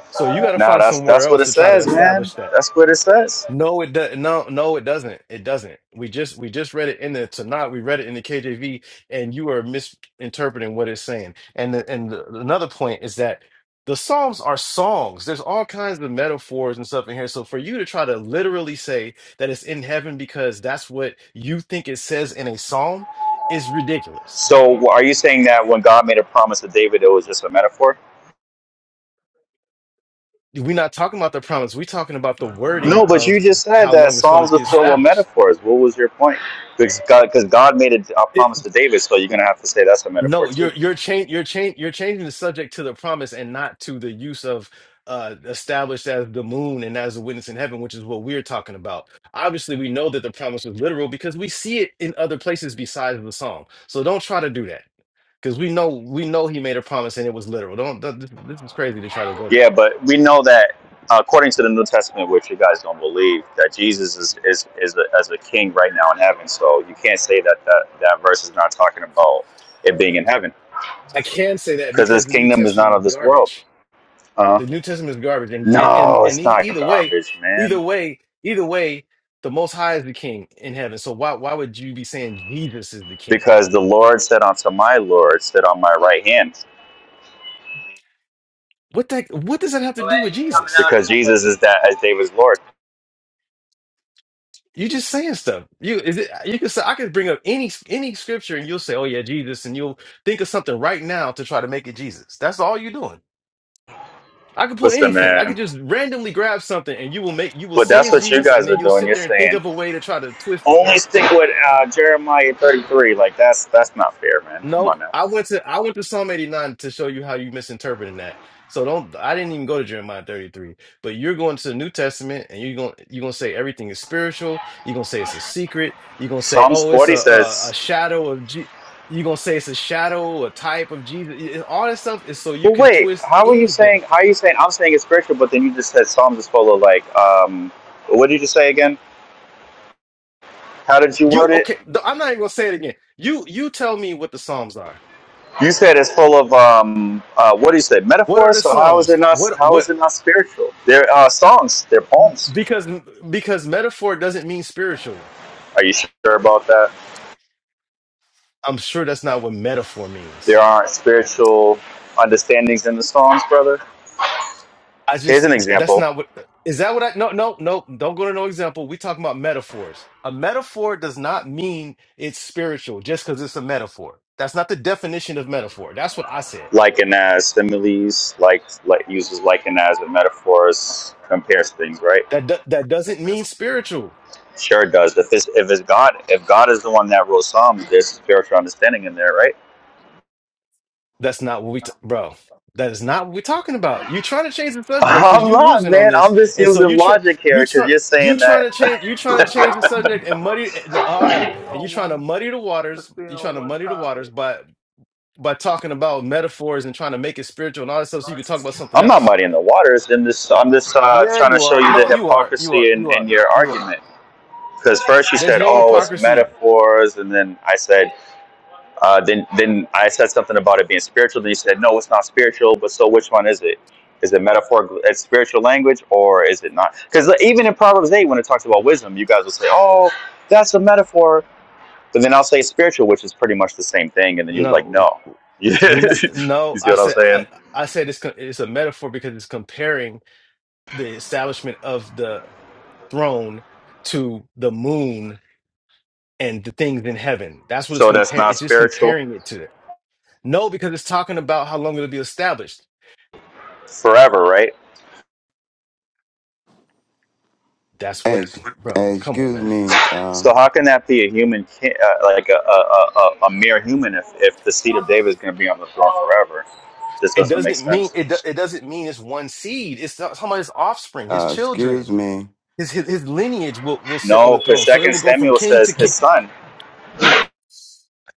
I: So you got to
M: No,
I: find
M: that's
I: somewhere
M: that's what
I: else
M: it
I: to try to
M: says, man.
I: establish that.
M: That's what it says.
I: No, it does. No, no, it doesn't. It doesn't. We just we just read it in the Tanakh. We read it in the KJV, and you are misinterpreting what it's saying. And the, and the, another point is that the Psalms are songs. There's all kinds of metaphors and stuff in here. So for you to try to literally say that it's in heaven because that's what you think it says in a psalm is ridiculous
M: So, are you saying that when God made a promise to David, it was just a metaphor?
I: we're not talking about the promise. We're talking about the wording
M: No, but you
I: of
M: just said
I: how
M: that
I: long it's going to
M: Psalms are
I: be
M: filled with
I: established.
M: metaphors. What was your point? Because God, because God made a, a
I: It,
M: promise to David, so you're gonna have to say that's a metaphor
I: no,
M: too.
I: you're you're changing you're changing you're changing the subject to the promise and not to the use of uh established as the moon and as a witness in heaven, which is what we're talking about. Obviously, we know that the promise was literal because we see it in other places besides the psalm. So don't try to do that because we know we know he made a promise and it was literal. Don't th- this this is crazy to try to go there.
M: Yeah, but we know that according to the New Testament, which you guys don't believe, that Jesus is is is a, as a king right now in heaven. So you can't say that that that verse is not talking about it being in heaven,
I: I can say that
M: because
I: because
M: his
I: the New
M: kingdom is not
I: Testament is
M: of this world.
I: garbage.
M: Uh.
I: The New Testament is garbage, and and
M: No,
I: and
M: it's
I: e-
M: not
I: either way,
M: garbage, man.
I: either way, either way, the Most High is the King in heaven. So why why would you be saying Jesus is the King?
M: Because the Lord said unto my Lord, sit on my right hand.
I: What that what does that have to do with Jesus?
M: Because Jesus is that as David's Lord.
I: You just saying stuff. You is it? You can say I could bring up any any scripture, and you'll say, "Oh yeah, Jesus," and you'll think of something right now to try to make it Jesus. That's all you're doing. I could pull
M: Listen,
I: anything. I
M: man.
I: could just randomly grab something, and you will make you will
M: But
I: say
M: that's
I: it's
M: what you
I: Jesus, and
M: guys
I: then
M: are
I: you'll
M: doing.
I: sit
M: You're
I: there and think
M: saying
I: of a way to try to twist it.
M: only stick with uh, Jeremiah 33. Like that's that's not fair, man. Come
I: No,
M: on now.
I: I went to I went to Psalm 89 to show you how you misinterpreting that. So don't I didn't even go to Jeremiah 33. But you're going to the New Testament and you're going you're going to say everything is spiritual. You're going to say it's a secret. You're going to say
M: Psalms
I: oh it's
M: 40
I: a a, a
M: says.
I: shadow of G you're going to say it's a shadow, a type of Jesus. Y- and All that stuff is so you
M: Well,
I: can
M: wait.
I: twist
M: How are you saying?
I: anything.
M: How are you saying? I'm saying it's spiritual, but then you just said Psalms is full of like. Um, what did you just say again? How did you
I: You
M: word it?
I: okay, th- I'm not even going to say it again. You you tell me what the Psalms are.
M: You said it's full of um, uh, what do you say,
I: What are
M: metaphors?
I: the
M: So how is
I: Psalms?
M: it not?
I: What
M: How
I: what
M: is it not spiritual? They're uh, songs. They're poems.
I: because because metaphor doesn't mean spiritual
M: Are you sure about that?
I: I'm sure that's not what metaphor
M: There
I: means.
M: aren't spiritual understandings in the songs, brother.
I: I
M: Here's an
I: just that's
M: example:
I: not what is that what I no no no don't go to no example. We talking about metaphors. A metaphor does not mean it's spiritual just because it's a metaphor. That's not the definition of metaphor. That's what I said.
M: liken as similes, like like uses liken as and metaphors, compares things, right?
I: That do- that doesn't mean spiritual.
M: Sure does. If it's if it's God, if God is the one that wrote Psalms, there's spiritual understanding in there, right?
I: That's not what we t- bro. That is not what we're talking about. You trying to change the subject because
M: I'm
I: you
M: not,
I: losing on
M: man.
I: this,
M: I'm just
I: and so
M: using
I: you try
M: logic
I: you
M: here because
I: try
M: you're
I: you
M: saying
I: trying
M: that
I: to change you trying to change the subject and muddy and,
C: Let's
I: all right,
C: stay
I: and you
C: on
I: trying to
C: one.
I: muddy the
C: Let's
I: waters.
C: stay
I: You trying
C: on
I: to
C: one
I: muddy the waters
C: topic.
I: by talking about metaphors and trying to make it spiritual and all that stuff so you can talk about something
M: I'm not
I: else.
M: muddying the waters. In this, I'm just uh,
I: Yeah,
M: trying to
I: you
M: show
I: are.
M: you the
I: No, you are. You are.
M: hypocrisy in,
I: You are.
M: in your
I: You are.
M: argument. Because first you
I: There's
M: said,
I: no
M: "Oh, it's
I: hypocrisy.
M: metaphors," and then I said, uh, "Then then I said something about it being spiritual." Then you said, "No, it's not spiritual." But so, which one is it? Is it metaphor? It's spiritual language, or is it not? Because even in Proverbs eight, when it talks about wisdom, you guys will say, "Oh, that's a metaphor," but then I'll say spiritual, which is pretty much the same thing, and then you're like,
I: No,
M: "No," you
I: we
M: see
I: not. No, I
M: what I'm
I: said. I,
M: saying?
I: I said it's co- it's a metaphor because it's comparing the establishment of the throne to the moon and the things in heaven. That's what it's
M: So that's
I: comparing.
M: not
I: It's just
M: spiritual
I: comparing it to. No, because it's talking about how long it'll be established.
M: forever, right?
I: That's what,
R: Ex-
I: bro. Come on,
R: excuse
I: man.
R: me.
M: So
R: Um,
M: how can that be a human, uh, like a, a, a, a mere human, if, if the seed of David is going to be on the throne forever? This
I: It
M: doesn't make
I: doesn't mean
M: sense.
I: it. do- It doesn't mean it's one seed. It's not- talking about his offspring, his
R: uh, excuse
I: children,
R: me.
I: his his, his lineage will, will sit on
M: No,
I: the
M: because
I: throne. So it
M: Second
I: will go from
M: Samuel
I: king
M: says
I: to king.
M: his son.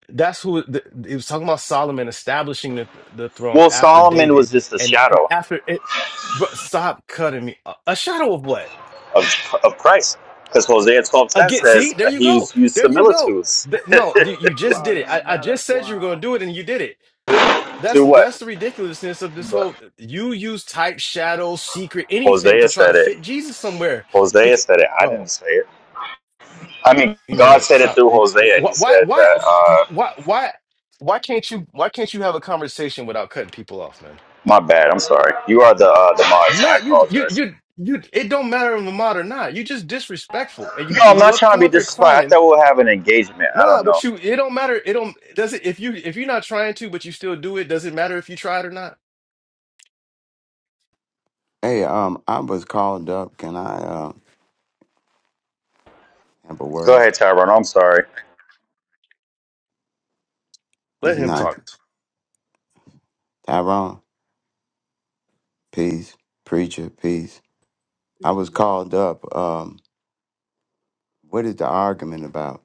I: That's who the, it was talking about. Solomon establishing the the throne
M: Well,
I: after
M: Solomon
I: David,
M: was just a
I: and and
M: shadow
I: after it. But stop cutting me. A, a shadow of what?
M: of, of Christ, because Hosea twelve ten
I: Again, see,
M: says
I: there
M: uh,
I: you
M: he
I: go.
M: used, used
I: There you go.
M: similitudes
I: Th- no, you you just
C: Wow,
I: did it.
C: now,
I: I, I
C: now
I: just
C: that's
I: said you were going to
C: wild.
I: do it, and you did it. That's
M: to what
I: that's the ridiculousness of this whole. You use type, shadow, secret, anything to
M: Hosea
I: try to
M: said it.
I: fit Jesus somewhere.
M: Hosea
I: Because,
M: said it. I
I: bro,
M: didn't say it. I mean,
I: you know
M: God
I: what?
M: said it
I: Stop.
M: through
I: Wh-
M: Hosea. He
I: Why?
M: said
I: Why?
M: that. Uh,
I: Why? Why? Why can't you? Why can't you have a conversation without cutting people off, man?
M: my bad. I'm sorry. You are the uh, the mods.
I: No,
M: I
I: you, you,
M: apologize.
I: you, you. It don't matter if I'm out or not. You just disrespectful, and you,
M: No, I'm
I: and you
M: not
I: up
M: trying to
I: come
M: be
I: up here
M: disrespectful. I
I: clowning.
M: thought we'll have an engagement. I don't
I: Nah, but
M: know.
I: you. It don't matter. It don't. Does it? If you, if you're not trying to, but you still do it, does it matter if you tried or not?
R: Hey, um, I was called up. Can I uh, have a
M: Go
R: word?
M: ahead, Tyrone. I'm sorry.
I: Let
R: It's
I: him
R: not
I: talk.
R: Tyrone. Peace, preacher. Peace. I
C: Peace
R: was
C: and blessings.
R: called up. Um, what is the argument about?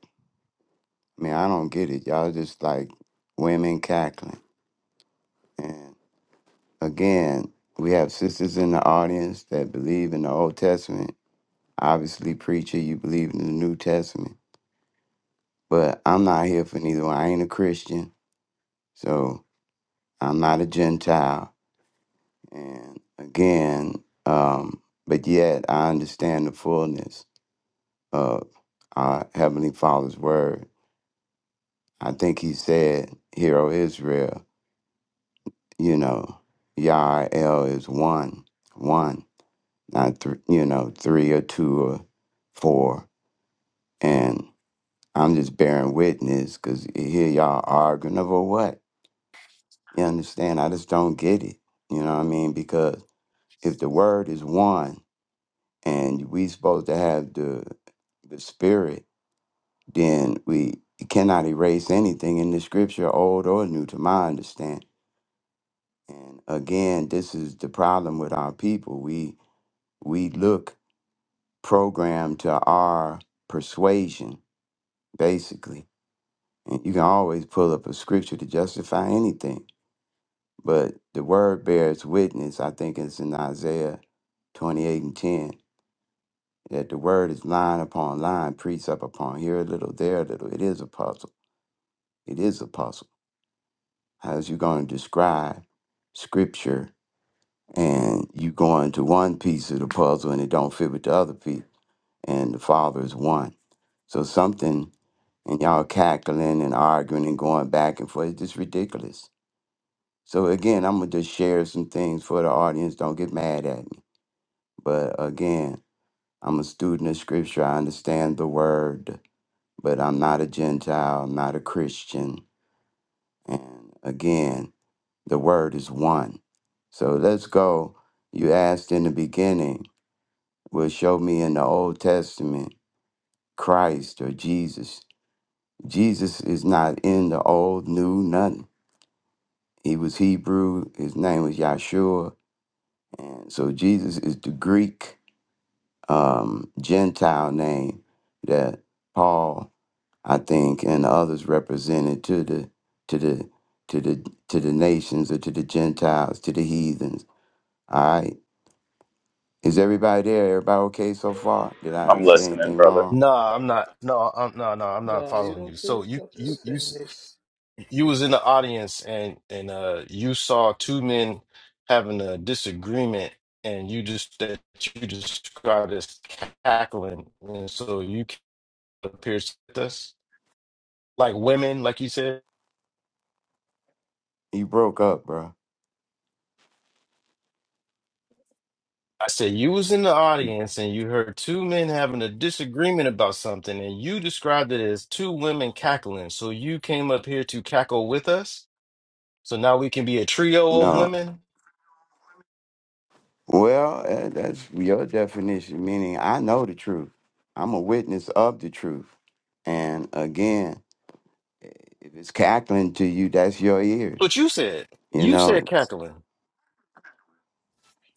R: I mean, I don't get it. Y'all just like women cackling. And again, we have sisters in the audience that believe in the Old Testament. Obviously, preacher, you believe in the New Testament. But I'm not here for neither one. I ain't a Christian. So I'm not a Gentile. And again, um, but yet I understand the fullness of our Heavenly Father's word. I think he said, Hear, O Israel, you know, Yah El is one, one, not three, you know, three or two or four." And I'm just bearing witness because here y'all arguing over what? You understand? I just don't get it. You know what I mean? Because if the word is one, and we supposed to have the the spirit, then we cannot erase anything in the scripture, old or new, to my understanding. And again, this is the problem with our people. We we look programmed to our persuasion, basically. And you can always pull up a scripture to justify anything. But the word bears witness, I think it's in Isaiah 28 and 10. that the word is line upon line, precept upon here a little, there a little. It is a puzzle. It is a puzzle. How's you going to describe scripture and you go into one piece of the puzzle and it don't fit with the other piece and the father is one. So something and y'all cackling and arguing and going back and forth. It's just ridiculous. So again, I'm gonna just share some things for the audience. Don't get mad at me. But again, I'm a student of scripture. I understand the word. but I'm not a Gentile, not a Christian. And again, the word is one. So let's go. You asked in the beginning, will show me in the Old Testament Christ or Jesus. Jesus is not in the old, new, nothing. He was Hebrew, his name was Yahshua. And so Jesus is the Greek um, Gentile name that Paul I think, and others represented to the to the to the to the nations or to the Gentiles, to the heathens. All right. Is everybody there? Everybody okay so far? Did I
M: I'm
R: say
M: listening,
R: anything
M: brother.
R: wrong?
I: No, I'm not. No, I'm no, no, I'm not
C: No, you
I: following
C: don't
I: you.
C: say
I: So you
C: stuff to
I: you you
C: offend me.
I: s- you was in the audience and and uh you saw two men having a disagreement and you just that you described as cackling and so you appears to us like women like you said
R: You broke up, bro.
I: I said you was in the audience and you heard two men having a disagreement about something, and you described it as two women cackling. So you came up here to cackle with us. So now we can be a trio of
R: No.
I: women.
R: Well, eh, that's your definition, meaning I know the truth. I'm a witness of the truth. And again, eh, if it's cackling to you, that's your ears,
I: What you said.
R: you
I: You
R: know.
I: said cackling.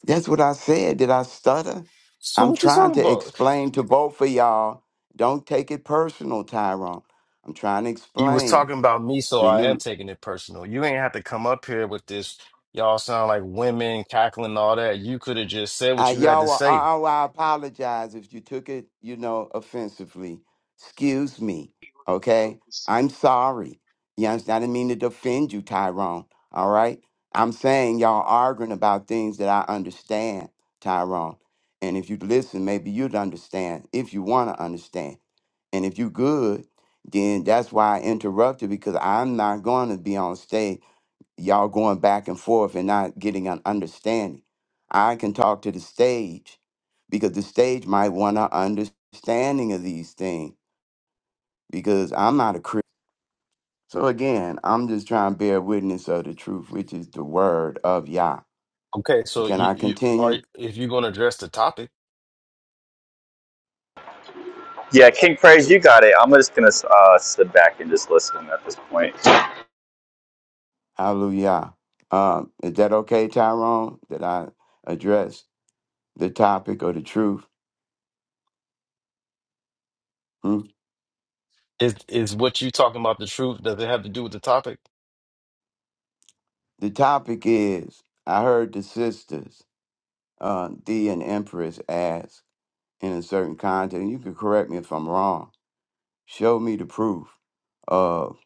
R: That's what I said. Did I stutter?
I: So
R: I'm
I: what you
R: trying
I: talking
R: to
I: about?
R: explain to both of y'all. Don't take it personal, Tyrone. I'm trying to
I: You was
R: explain
I: talking about me, so
R: the
I: I am
R: new
I: taking it personal. You ain't have to come up here with this. Y'all sound like women cackling and all that. You could have just said
R: I
I: what you had to
R: y'all are,
I: say.
R: I, I I apologize if you took it, you know, offensively. Excuse me. Okay? I'm sorry. You understand? I didn't mean to defend you, Tyrone. All right? I'm saying y'all arguing about things that I understand, Tyrone. And if you'd listen, maybe you'd understand if you want to understand. And if you good, then that's why I interrupted because I'm not going to be on stage y'all going back and forth and not getting an understanding. I can talk to the stage because the stage might want an understanding of these things because I'm not a Christian. So again, I'm just trying to bear witness of the truth, which is the word of Yah.
I: Okay, so
R: Can
I: you,
R: I
I: you are
R: continue?
I: if you're gonna address the topic,
M: Yeah, King Praise, you got it. I'm just gonna uh, sit back and just listen at this point.
R: Hallelujah. Um, is that okay, Tyrone? That I address the topic or the truth? Hmm?
I: is is what you talking about the truth? Does it have to do with the topic?
R: The topic is I heard the sisters, uh, D and Empress, ask in a certain context. and You can correct me if I'm wrong. Show me the proof of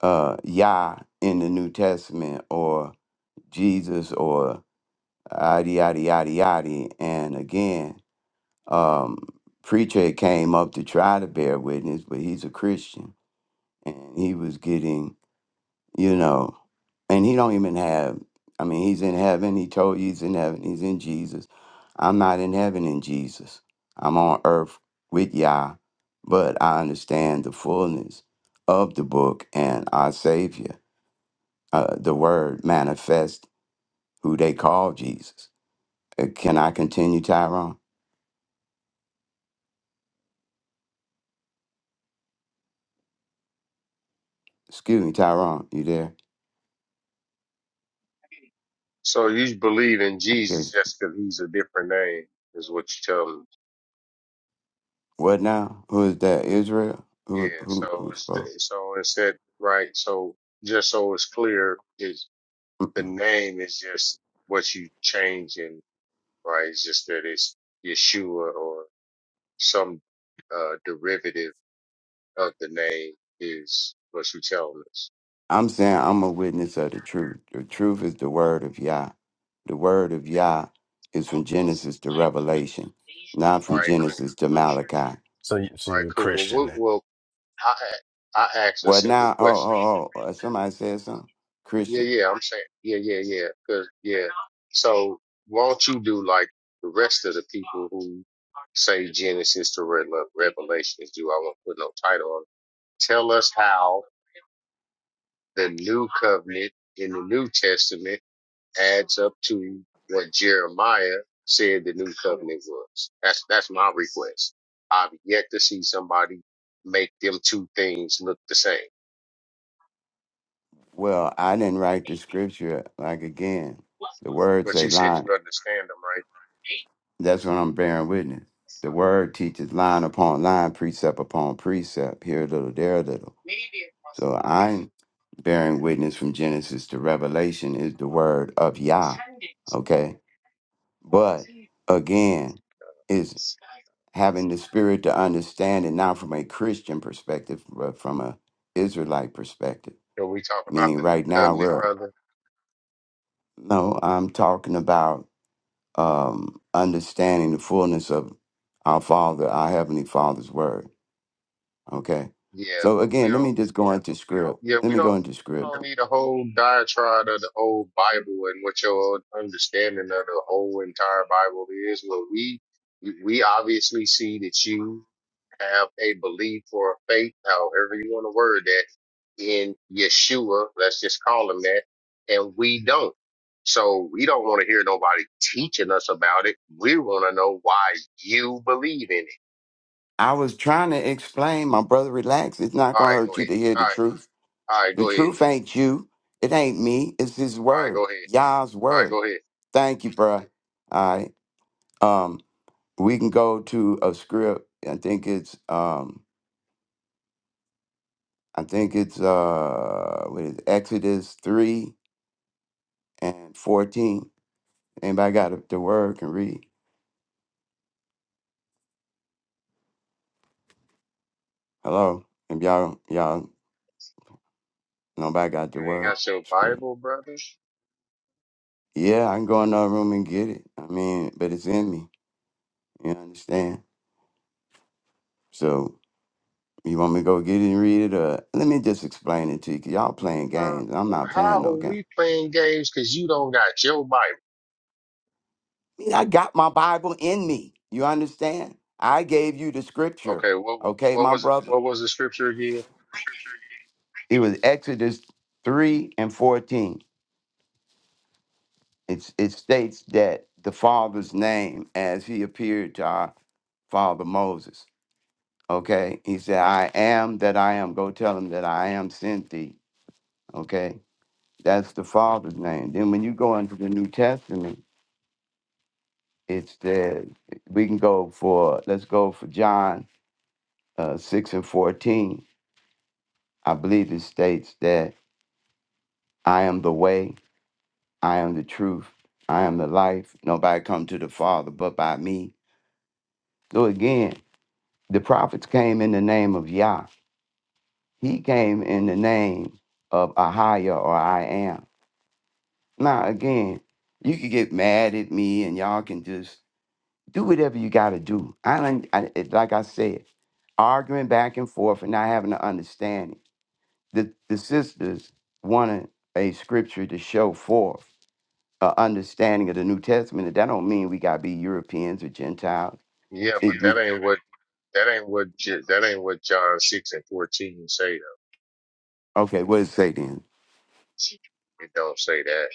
R: uh, Yah in the New Testament or Jesus or yada yada yada yada. And again, um, preacher came up to try to bear witness, but he's a Christian and he was getting you know and he don't even have i mean he's in heaven he told you he's in heaven he's in jesus i'm not in heaven in jesus i'm on earth with yah but i understand the fullness of the book and our savior uh, the word manifest who they call jesus uh, can i continue tyrone excuse me tyrone you there
F: So you believe in
R: okay
F: Jesus just because he's a different name is what you tell me.
R: what now who is that israel
F: Yeah,
R: who who,
F: so
R: who
F: it's
R: spoke
F: so it said right. So just so it's clear, is the name is just what you changing, right? It's just that it's Yeshua or some uh derivative of the name is what you telling us.
R: I'm saying I'm a witness of the truth. The truth is the word of Yah. The word of Yah is from Genesis to Revelation, not
F: All
R: from
F: right, cool.
R: Genesis to Malachi.
I: So, you, so
F: All right,
I: you're a
F: cool.
I: Christian
F: Well, we,
I: then.
F: well, I I asked a
R: Well,
F: simple
R: now, oh,
F: question.
R: oh, oh, uh, somebody said something?
F: Yeah,
R: Christian.
F: yeah, I'm saying, yeah, yeah, yeah, 'cause- yeah. So, won't you do like the rest of the people who say Genesis to Re- Revelations do? I won't put no title on. it. Tell us how the new covenant in the New Testament adds up to what Jeremiah said the new covenant was. That's that's my request. I've yet to see somebody make them two things look the same.
R: Well, I didn't write the scripture. Like, again, the word
F: But
R: say
F: you said
R: line.
F: you understand them, right?
R: That's what I'm bearing witness. The word teaches line upon line, precept upon precept, here a little, there a little. So I'm bearing witness from Genesis to Revelation is the word of Yah Okay. But again, is having the spirit to understand it not from a Christian perspective, but from a Israelite perspective.
F: Can we talk about
R: Meaning
F: the new
R: right now
F: covenant,
R: we're
F: brother?
R: no, I'm talking about um understanding the fullness of our Father, our Heavenly Father's word. Okay.
F: Yeah,
R: So
F: but we
R: again, let
F: don't.
R: me just go into script.
F: Yeah,
R: Let
F: we
R: me go
F: don't.
R: into
F: We
R: script.
F: don't need a whole diatribe of the old Bible and what your understanding of the whole entire Bible is. Well, we we obviously see that you have a belief or a faith, however you want to word that, in Yeshua. Let's just call him that, and we don't. So we don't want to hear nobody teaching us about it. We want to know why you believe in it.
R: I was trying to explain, my brother, relax. It's not
F: All
R: gonna
F: right, go
R: hurt you
F: ahead.
R: to hear
F: All
R: the
F: right,
R: truth.
F: all right,
R: The
F: go ahead.
R: truth ain't you. It ain't me. It's his
F: All right, go
R: word.
F: ahead.
R: Yah's
F: All right,
R: word.
F: go ahead.
R: Thank you, bruh. All right. Um, we can go to a script. I think it's um I think it's uh what is it? Exodus three and fourteen. Anybody got the the word can read? Hello? If y'all y'all nobody got
F: You
R: the
F: ain't
R: word
F: got your
R: script.
F: Bible, brother?
R: Yeah, I can go in another room and get it. I mean, but it's in me. You understand? So You want me to go get it and read it, or let me just explain it to you? you y'all
F: Yeah.
R: playing games. and I'm not playing
F: How
R: no
F: are
R: game.
F: we playing games because you don't got your Bible?
R: I mean, I got my Bible in me. You understand? I gave you the scripture,
F: Okay, what wa-
R: okay,
F: what
R: my
F: was it,
R: brother.
F: what was the scripture again?
R: It was Exodus three and fourteen. It's it states that the Father's name, as He appeared to our father Moses. Okay, He said, "I am that I am." Go tell him that I am sent thee. Okay, that's the Father's name. Then when you go into the New Testament. It's that we can go for let's go for John uh, six and fourteen. I believe it states that I am the way, I am the truth, I am the life. Nobody come to the Father but by me. So again, the prophets came in the name of Yah. He came in the name of Ahia or I am. Now again, you could get mad at me and y'all can just do whatever you gotta do. I don't I, it- like I said. arguing back and forth and not having an understanding. The the sisters wanted a scripture to show forth an understanding of the New Testament. And that don't mean we gotta be Europeans or Gentiles.
F: Yeah, but
R: It just,
F: that ain't what that ain't what J- that ain't what John six and fourteen say though.
R: okay, what does it say then?
F: It don't say that.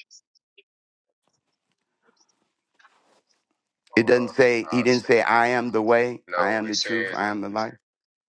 R: It
F: Hold
R: doesn't
F: on,
R: say he
F: I'll
R: didn't
F: say,
R: say I am the way, I
F: no.
R: am
F: It
R: the truth,
F: says
R: I am the life.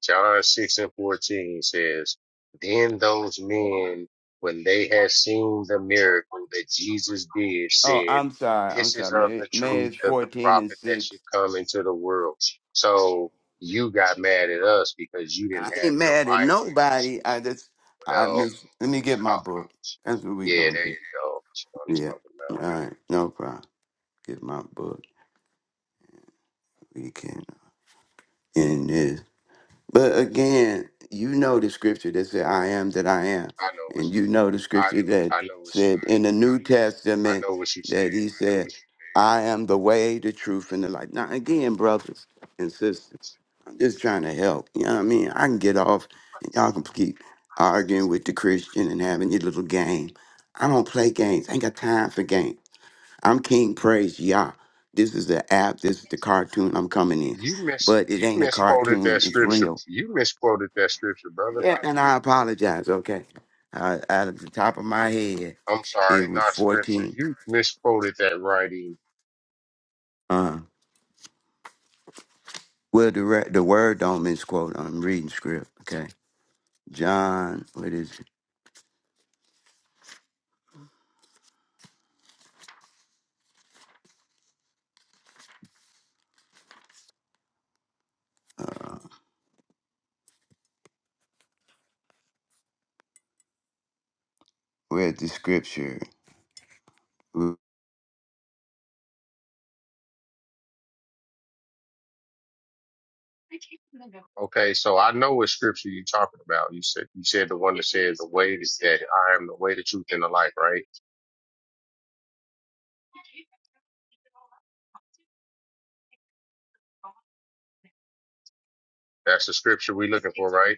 F: John 6 and 14 says, Then those men, when they had seen the miracle that Jesus did,
R: Oh,
F: said,
R: I'm sorry,
F: 'This
R: I'm
F: is
R: sorry.
F: of
R: May
F: the
R: May
F: truth
R: is
F: of the
R: fourteen and
F: prophet that
R: six.
F: should come into the world. So you got mad at us because you didn't
R: I
F: have
R: ain't
F: your
R: mad at
F: Bible.
R: nobody. I just I
F: Well,
R: miss let me
F: you
R: get my
F: caught.
R: book. That's what we
F: Yeah,
R: gonna
F: there
R: do.
F: you go. That's what I'm
R: Yeah.
F: talking
R: All
F: about.
R: right, no problem. get my book. We can end this. But again, you know the scripture that said, I am that I am.
F: I know what
R: And you know the scripture that
F: I I know what
R: said in the New
F: I
R: Testament
F: know what you
R: that
F: said.
R: he said, I am the way, the truth, and the life. Now, again, brothers and sisters, I'm just trying to help. You know what I mean? I can get off and y'all can keep arguing with the Christian and having your little game. I don't play games. I ain't got time for games. I'm King Praise Yah. This is the app. This is the cartoon I'm coming in.
F: You mis
R: But it
F: you
R: ain't a
F: misquoted
R: cartoon.
F: that
R: It's
F: scripture.
R: real.
F: You misquoted that scripture, brother.
R: Yeah,
F: Not
R: and
F: me.
R: I apologize, okay? Uh, out of the top of my head,
F: I'm sorry,
R: it was
F: not scripture.
R: 14.
F: You misquoted that writing.
R: Uh, well, the, re- the word don't misquote. I'm reading script, okay? John, what is it? Uh, read the scripture.
F: Okay, so I know what scripture you're talking about. You said you said the one that says the way is that I am the way, the truth, and the life, right? That's the scripture we're looking for, right?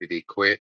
F: Did he quit?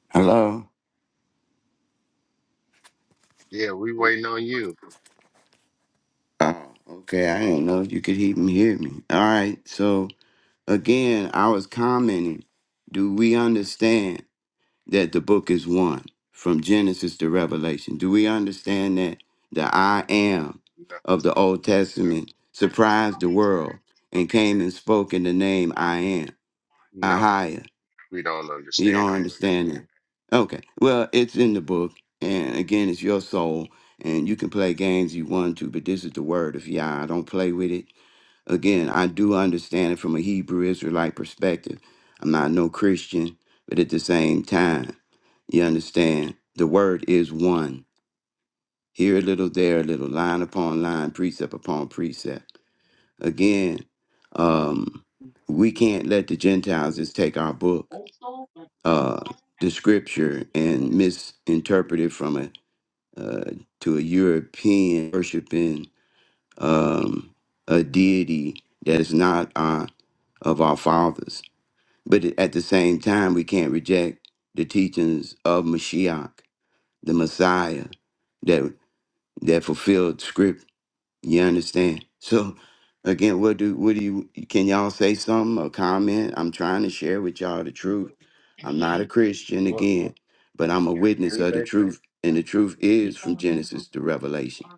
R: Hello?
F: Yeah, we waiting on you.
R: Oh, okay. I didn't know if you could even hear me. All right. So, again, I was commenting. Do we understand? that the book is one from Genesis to Revelation. Do we understand that? The I am
F: No,
R: of the Old Testament surprised the world and came and spoke in the name I am,
F: no,
R: Ahia.
F: we don't
R: You
F: understand
R: don't
F: that.
R: understand that? Okay. Well, it's in the book. And again, it's your soul. And you can play games you want to, but this is the word of Yah. I don't play with it. Again, I do understand it from a Hebrew Israelite perspective. I'm not no Christian, but at the same time, you understand the word is one. Here a little, there a little, line upon line, precept upon precept. Again, um, we can't let the Gentiles just take our book, uh, the scripture, and misinterpret it from a uh, to a European worshiping um, a deity that is not our of our fathers. But at the same time, we can't reject the teachings of Mashiach, the Messiah, that that fulfilled script. You understand? So again, what do what do you can y'all say something or comment? I'm trying to share with y'all the truth. I'm not a Christian
F: What
R: again, but I'm a witness
F: we
R: of the
F: they
R: truth. And the truth is from Genesis to Revelation.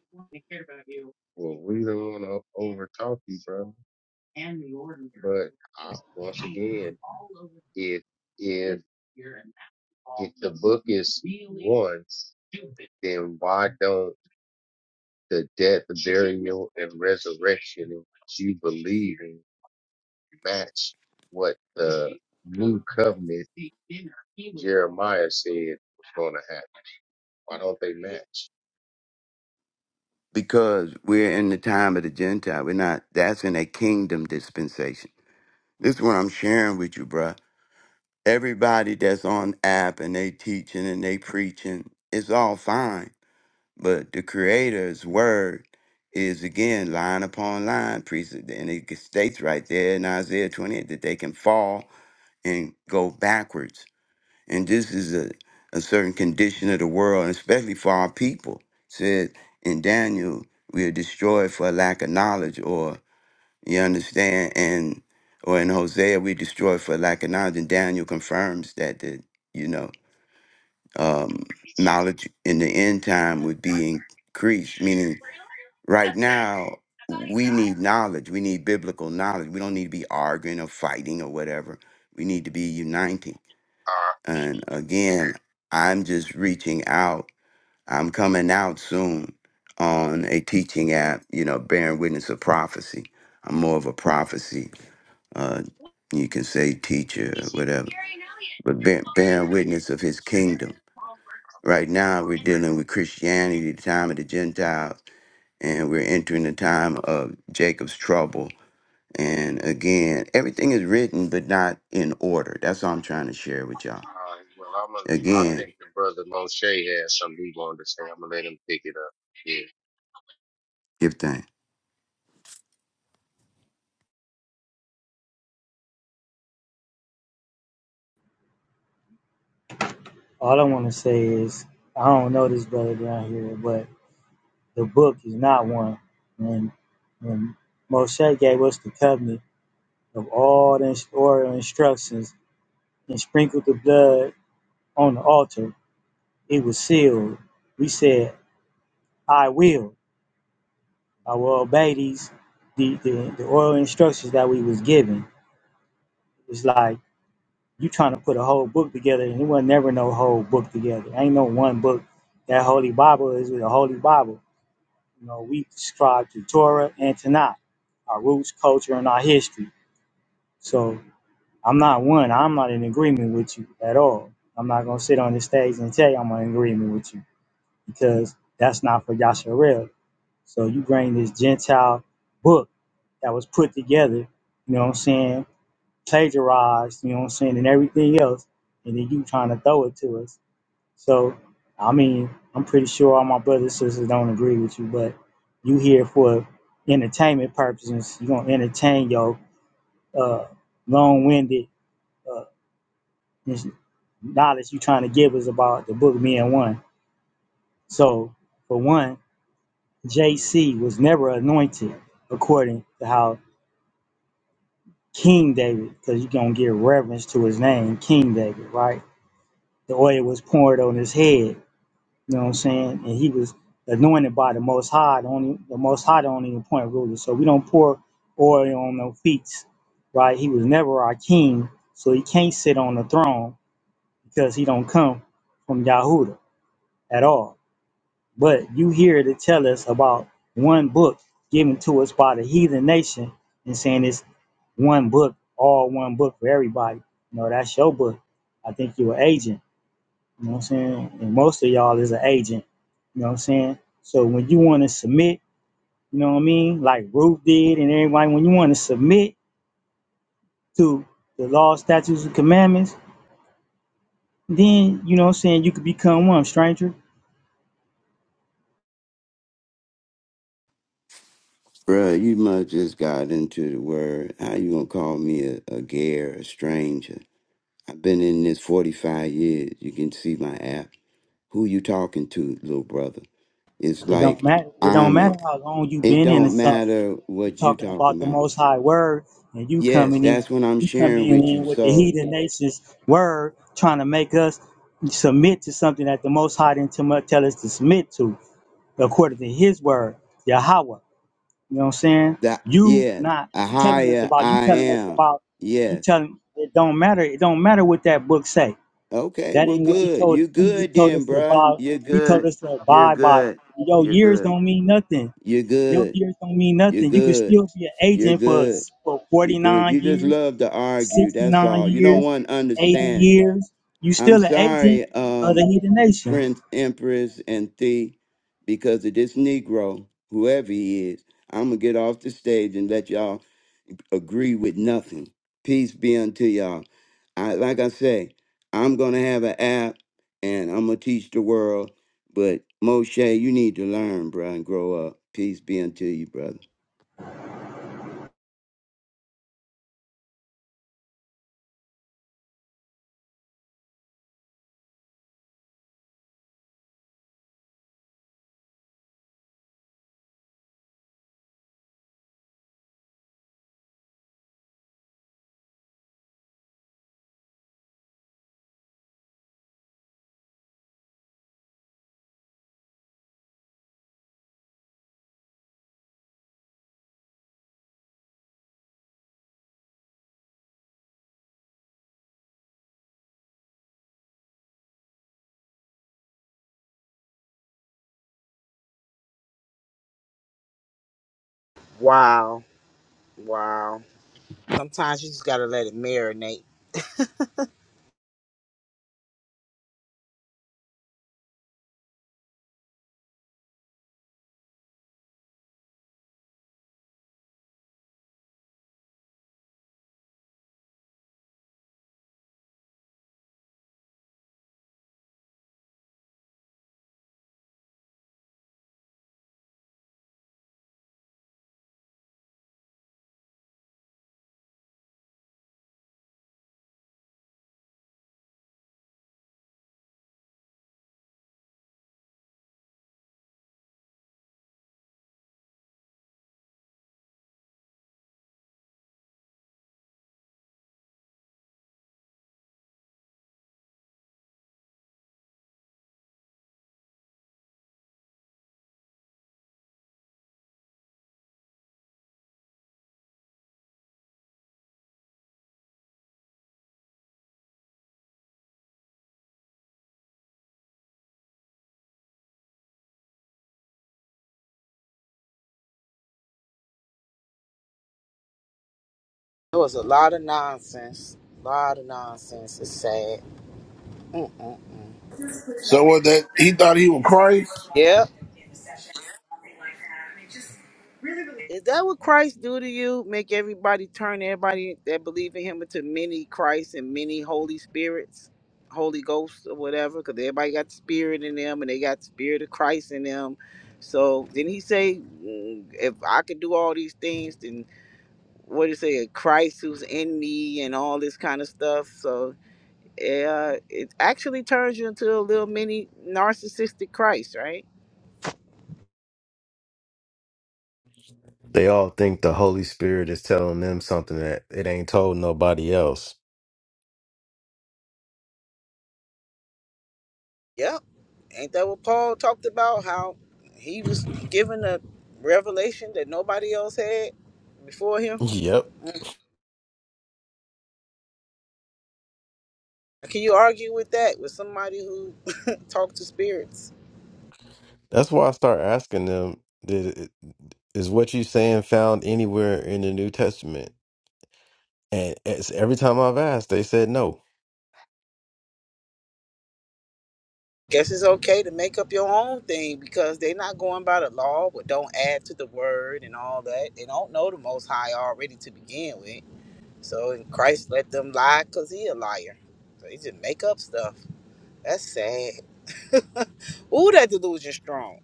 F: well, we don't want to overtalk you, bro. But uh, once again, if if if the book is one, then why don't the death, burial, and resurrection in which you believe and match what the new covenant Jeremiah said was going to happen. Why don't they match?
R: Because we're in the time of the Gentile. We're not that's in a kingdom dispensation. This is what I'm sharing with you, bruh everybody that's on app and they teaching and they preaching it's all fine but the creator's word is again line upon line precept and it states right there in isaiah 28 that they can fall and go backwards and this is a, a certain condition of the world and especially for our people said in daniel we are destroyed for lack of knowledge or. You understand? And or in Hosea we destroy for lack of knowledge. And Daniel confirms that the you know um, knowledge in the end time would be increased. Meaning, right now we need knowledge. We need biblical knowledge. We don't need to be arguing or fighting or whatever. We need to be uniting.
F: Uh,
R: And again, I'm just reaching out I'm coming out soon on a teaching app, you know, bearing witness of prophecy. I'm more of a prophecy, uh, you can say teacher, whatever, but bear, bearing witness of his kingdom. Right now, we're dealing with Christianity, the time of the Gentiles, and we're entering the time of Jacob's trouble. And again, everything is written, but not in order. That's all I'm trying to share with y'all.
F: uh, well, I'm a, I
R: Again,
F: think the brother Moshe has something he wanted to say. I'm going to let him pick it up. Yeah.
R: give thanks.
Q: All I want to say is I don't know this brother down here, but the book is not one. When when Moshe gave us the covenant of all the oral instructions and sprinkled the blood on the altar, it was sealed. We said, "I will, I will obey these the the, the oral instructions that we was given." It's like you trying to put a whole book together, and it was never no whole book together. Ain't no one book. That Holy Bible is a Holy Bible You know, we subscribe to Torah and Tanakh, our roots, culture, and our history. So I'm not one. I'm not in agreement with you at all. I'm not gonna sit on the stage and tell you I'm in agreement with you because that's not for Yasharel. So you bring this Gentile book that was put together, you know what I'm saying, plagiarized, you know what I'm saying, and everything else, and then you trying to throw it to us so, I mean, I'm pretty sure all my brothers and sisters don't agree with you, but you here for entertainment purposes. You're going to entertain your uh, long winded uh, knowledge you're trying to give us about the book being one. So, for one, JC was never anointed according to how King David, because you're going to give reverence to his name, King David, right? The oil was poured on his head You know what I'm saying? And he was anointed by the Most High, the only the Most High, the only appointed ruler. So we don't pour oil on no feet, right? He was never our king, so he can't sit on the throne because he don't come from Yahuda at all. But you here to tell us about one book given to us by the heathen nation and saying it's one book, all one book for everybody. No, that's your book. I think you're an agent. You know what I'm saying? And most of y'all is an agent. You know what I'm saying? So when you want to submit, you know what I mean? Like Ruth did and everybody, when you want to submit to the law, statutes, and commandments, then you know what I'm saying, you could become one, stranger.
R: Bruh, you must just got into the word. How you gonna call me a, a gay or a stranger? I've been in this 45 years. You can see my app. Who you talking to, little brother? It's
Q: It don't
R: like
Q: matter. It don't
R: I'm a,
Q: matter how long you
R: it
Q: been in or
R: don't
Q: something.
R: matter
Q: You
R: what you
Q: talking about
R: talking
Q: the
R: about.
Q: most high word and you
R: Yes,
Q: coming in,
R: that's what I'm
Q: you
R: sharing
Q: coming
R: with you.
Q: in with the
R: So
Q: heathen nations word, trying to make us submit to something that the most high didn't tell us to submit to. according to his word, Yahweh. You know what I'm saying?
R: that
Q: You
R: yeah,
Q: not
R: a
Q: telling us
R: higher
Q: about you
R: I
Q: telling us
R: am.
Q: about you
R: Yes.
Q: telling it don't matter, it don't matter what that book say.
R: Okay,
Q: That
R: well
Q: ain't what he
R: good.
Q: told
R: You
Q: he, he
R: good
Q: told us
R: then,
Q: to
R: bruh.
Q: abide,
R: You're
Q: he told
R: good.
Q: us to
R: You're
Q: abide by.
R: good.
Q: Your
R: You're
Q: years
R: good.
Q: don't mean nothing.
R: You're
Q: Your
R: good.
Q: years don't mean
R: You're
Q: nothing. You can
R: good.
Q: still be an
R: You're
Q: agent for
R: good.
Q: for
R: You're good.
Q: 49
R: You just
Q: years,
R: love to argue. That's
Q: 69
R: all. You don't
Q: years,
R: want to
Q: 80
R: understand.
Q: years. You
R: I'm
Q: still an agent
R: sorry,
Q: of the
R: um,
Q: heathen nation.
R: Prince, Empress, and Thee, because of this Negro, whoever he is. I'm going to get off the stage and let y'all agree with nothing. Peace be unto y'all. I, like I say, I'm going to have an app and I'm going to teach the world. But Moshe, you need to learn, bro, and grow up. Peace be unto you, brother.
J: Wow. Wow. Sometimes you just gotta let it marinate. There was a lot of nonsense. A lot of nonsense. It's sad. Mm.
B: So what? That he thought he was Christ.
J: Yep. Is that what Christ do to you? Make everybody turn everybody that believe in him into many Christ and many Holy Spirits, Holy Ghosts or whatever, because everybody got the spirit in them and they got the spirit of Christ in them. So then he say, mm, if I could do all these things, then what do you say, Christ who's in me and all this kind of stuff. So uh, it actually turns you into a little mini narcissistic Christ, right?
I: They all think the Holy Spirit is telling them something that it ain't told nobody else.
J: Yep. Ain't that what Paul talked about? How he was given a revelation that nobody else had before him?
I: Yep.
J: Can you argue with that with somebody who talked to spirits?
I: That's why I start asking them, did it, is what you saying found anywhere in the New Testament? And it's, every time I've asked, they said no.
J: Guess it's okay to make up your own thing because they're not going by the law, but don't add to the word and all that. They don't know the Most High already to begin with. So, and Christ let them lie because he a liar. So they just make up stuff. That's sad. Ooh, that delusion strong.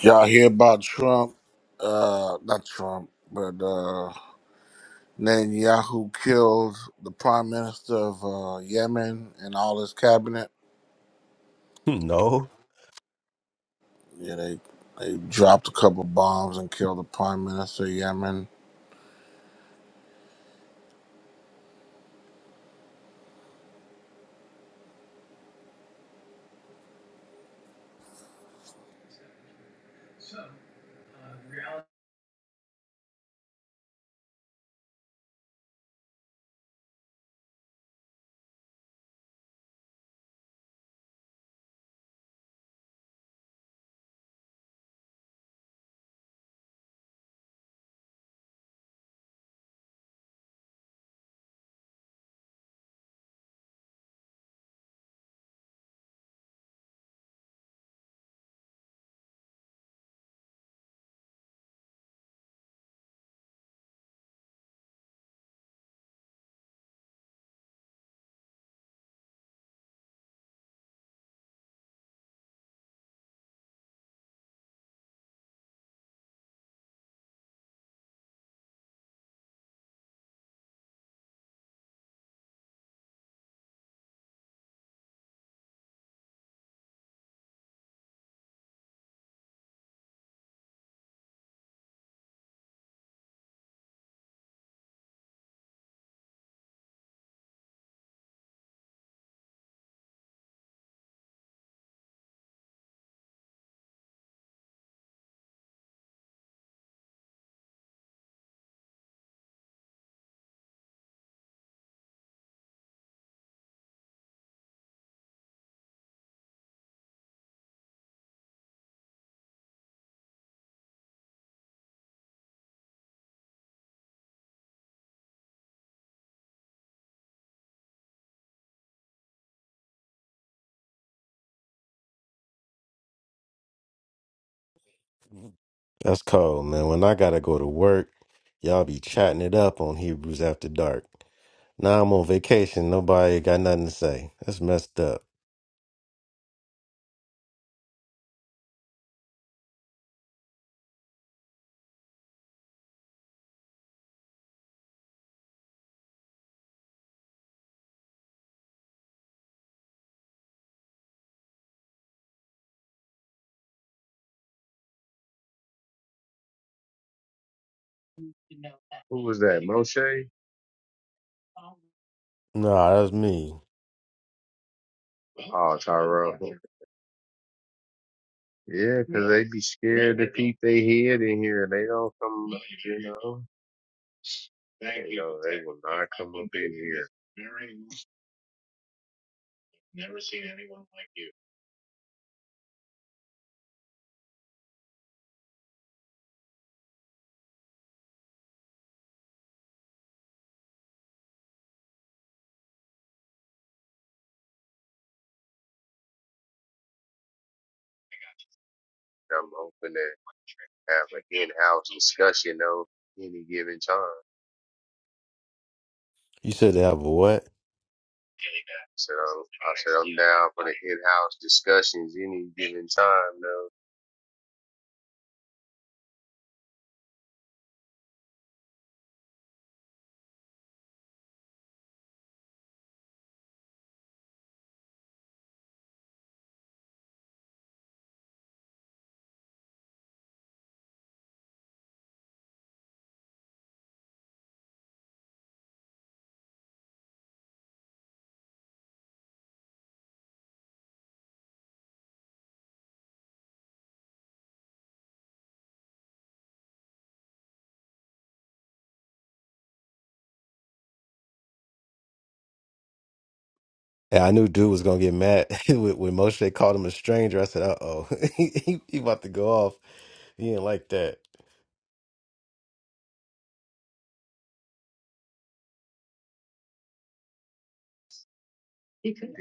B: Y'all hear about Trump? Uh, not Trump, but uh, Netanyahu killed the prime minister of uh, Yemen and all his cabinet.
I: No,
B: Yeah, they they dropped a couple bombs and killed the prime minister of Yemen.
I: that's cold, man. When I gotta go to work, y'all be chatting it up on Hebrews After Dark. Now I'm on vacation. Nobody got nothing to say. That's messed up.
F: Who was that, Moshe?
I: Nah, that's me.
F: Oh, Tyrell. Yeah, 'cause they be scared to keep their head in here. They don't come, you know. You know, they will not come up in here. Never seen anyone like you. I'm open to have an in-house discussion though any given time.
I: You said they have a what?
F: So I said I'm down for the in-house discussions any given time though.
I: And I knew dude was gonna get mad when when Moshe called him a stranger. I said, "Uh oh, he, he about to go off. He didn't like that."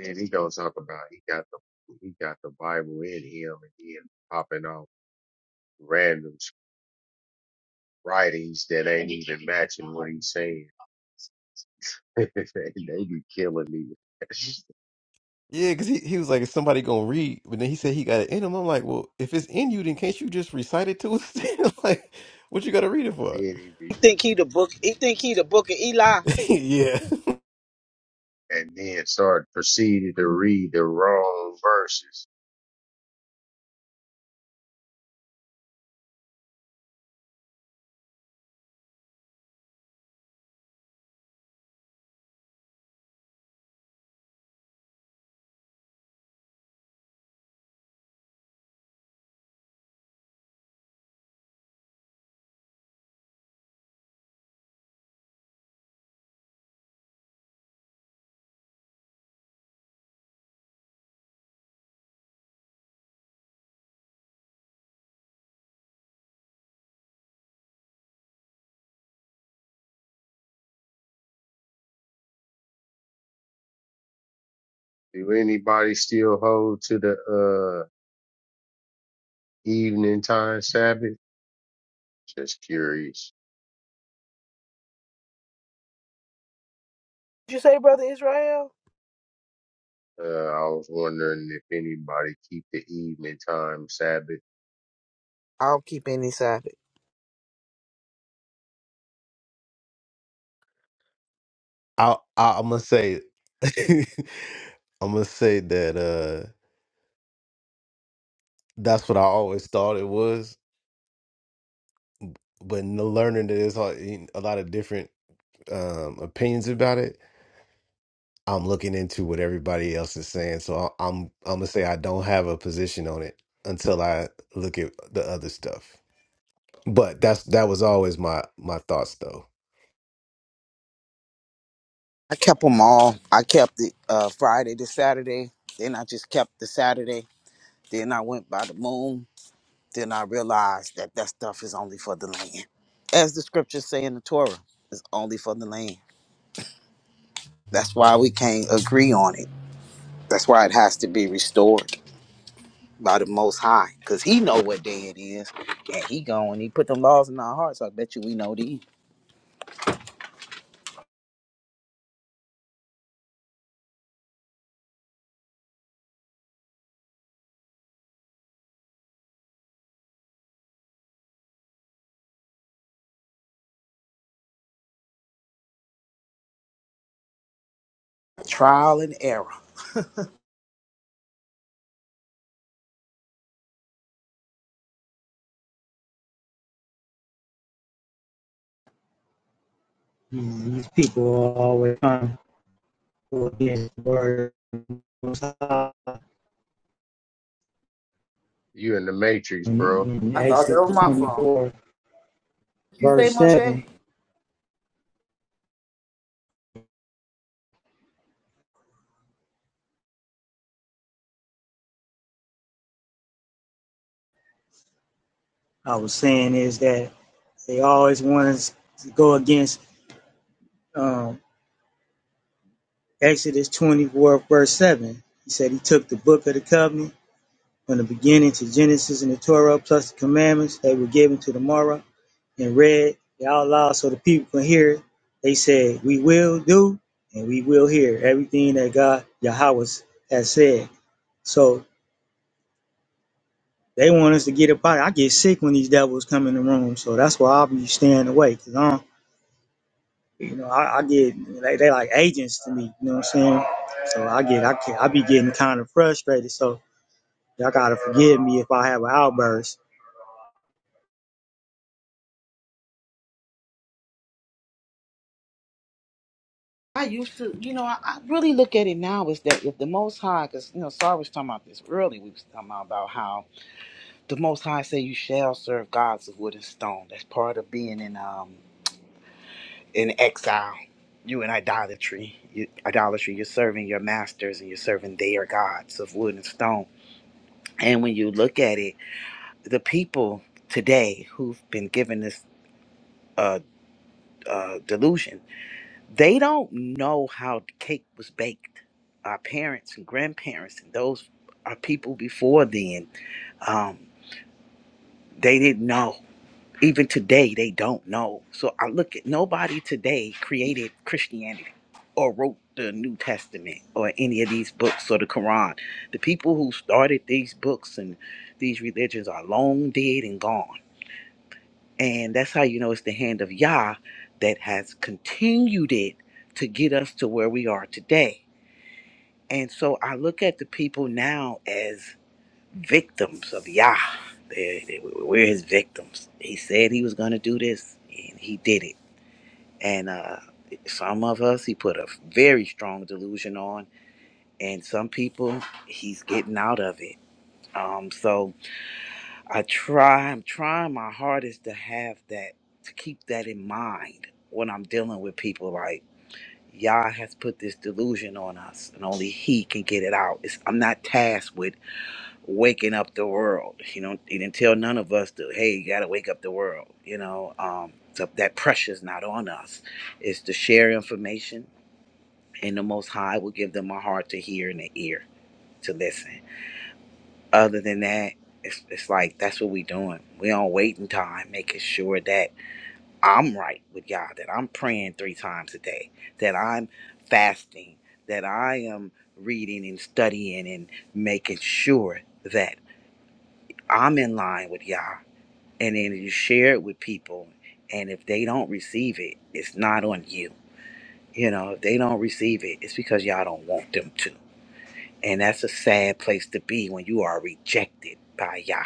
F: Then he gonna talk about he got the he got the Bible in him and he is popping off random writings that ain't even matching what he's saying. And they be killing me.
I: Yeah, because he, he was like, is somebody gonna read? But then he said he got it in him. I'm like, well, if it's in you, then can't you just recite it to us? Then? like, what you gotta read it
F: then
I: for?
F: he
J: He
F: be
J: think he the book. He think he the book of Eli.
I: yeah,
F: and then start proceeded to read the wrong verses. Do anybody still hold to the uh evening time Sabbath? Just curious.
J: Did you say, Brother Israel?
F: Uh, I was wondering if anybody keep the evening time Sabbath.
J: I don't keep any Sabbath.
I: I, I I'm gonna say, I'm gonna say that uh, that's what I always thought it was. But in the learning that there's a a lot of different um, opinions about it, I'm looking into what everybody else is saying. So I, I'm I'm gonna say I don't have a position on it until I look at the other stuff. But that's that was always my my thoughts though.
J: I kept them all. I kept it uh, Friday to Saturday. Then I just kept the Saturday. Then I went by the moon. Then I realized that that stuff is only for the land. As the scriptures say in the Torah, it's only for the land. That's why we can't agree on it. That's why it has to be restored. by the Most High, cause He know what day it is, and He going. He put them laws in our hearts. I bet you we know these trial and error.
Q: These people are always trying this word Most
F: You in the Matrix, bro.
J: I thought that was
Q: Exodus
J: my phone.
Q: 24,
J: You say
Q: verse
J: Moshe?
Q: 7, I was saying is that they always want us to go against um, Exodus 24, verse 7. He said he took the book of the covenant from the beginning to Genesis and the Torah, plus the commandments that were given to the Torah and read it out loud so the people could hear it. They said, We will do and we will hear everything that God, Yahweh, has said. So They want us to get up out. I get sick when these devils come in the room, so that's why I'll be staying away. Cause I, do you know, I, I get they, they like agents to me. You know what I'm saying? So I get I can, I be getting kind of frustrated. So y'all gotta forgive me if I have an outburst.
J: I used to, you know, I, I really look at it now is that if the Most High, because you know, sorry, was talking about this early. We was talking about how the Most High say you shall serve gods of wood and stone. That's part of being in um in exile. You in idolatry, you, idolatry. You're serving your masters and you're serving their gods of wood and stone. And when you look at it. the people today who've been given this uh, uh, delusion, they don't know how the cake was baked. Our parents and grandparents and those are people before then, um, they didn't know. Even today, they don't know. So I look at nobody today created Christianity or wrote the New Testament or any of these books or the Quran. The people who started these books and these religions are long dead and gone And that's how you know it's the hand of Yah that has continued it to get us to where we are today. And so I look at the people now as victims of Yah. They, they, we're his victims. He said he was going to do this, and he did it. And uh, some of us, he put a very strong delusion on, and some people, he's getting out of it. Um, so I try, I'm trying my hardest to have that, to keep that in mind when I'm dealing with people like, Yah has put this delusion on us and only He can get it out. It's, I'm not tasked with waking up the world. You know, He didn't tell none of us to, hey, you got to wake up the world. You know, um, so that pressure's not on us. It's to share information, and the Most High will give them a heart to hear and an ear to listen. Other than that, it's, it's like that's what we doing. We on waiting time, making sure that I'm right with God, that I'm praying three times a day, that I'm fasting, that I am reading and studying and making sure that I'm in line with Yah. And then you share it with people, and if they don't receive it, it's not on you. You know, if they don't receive it, it's because y'all don't want them to. And that's a sad place to be when you are rejected by Yah.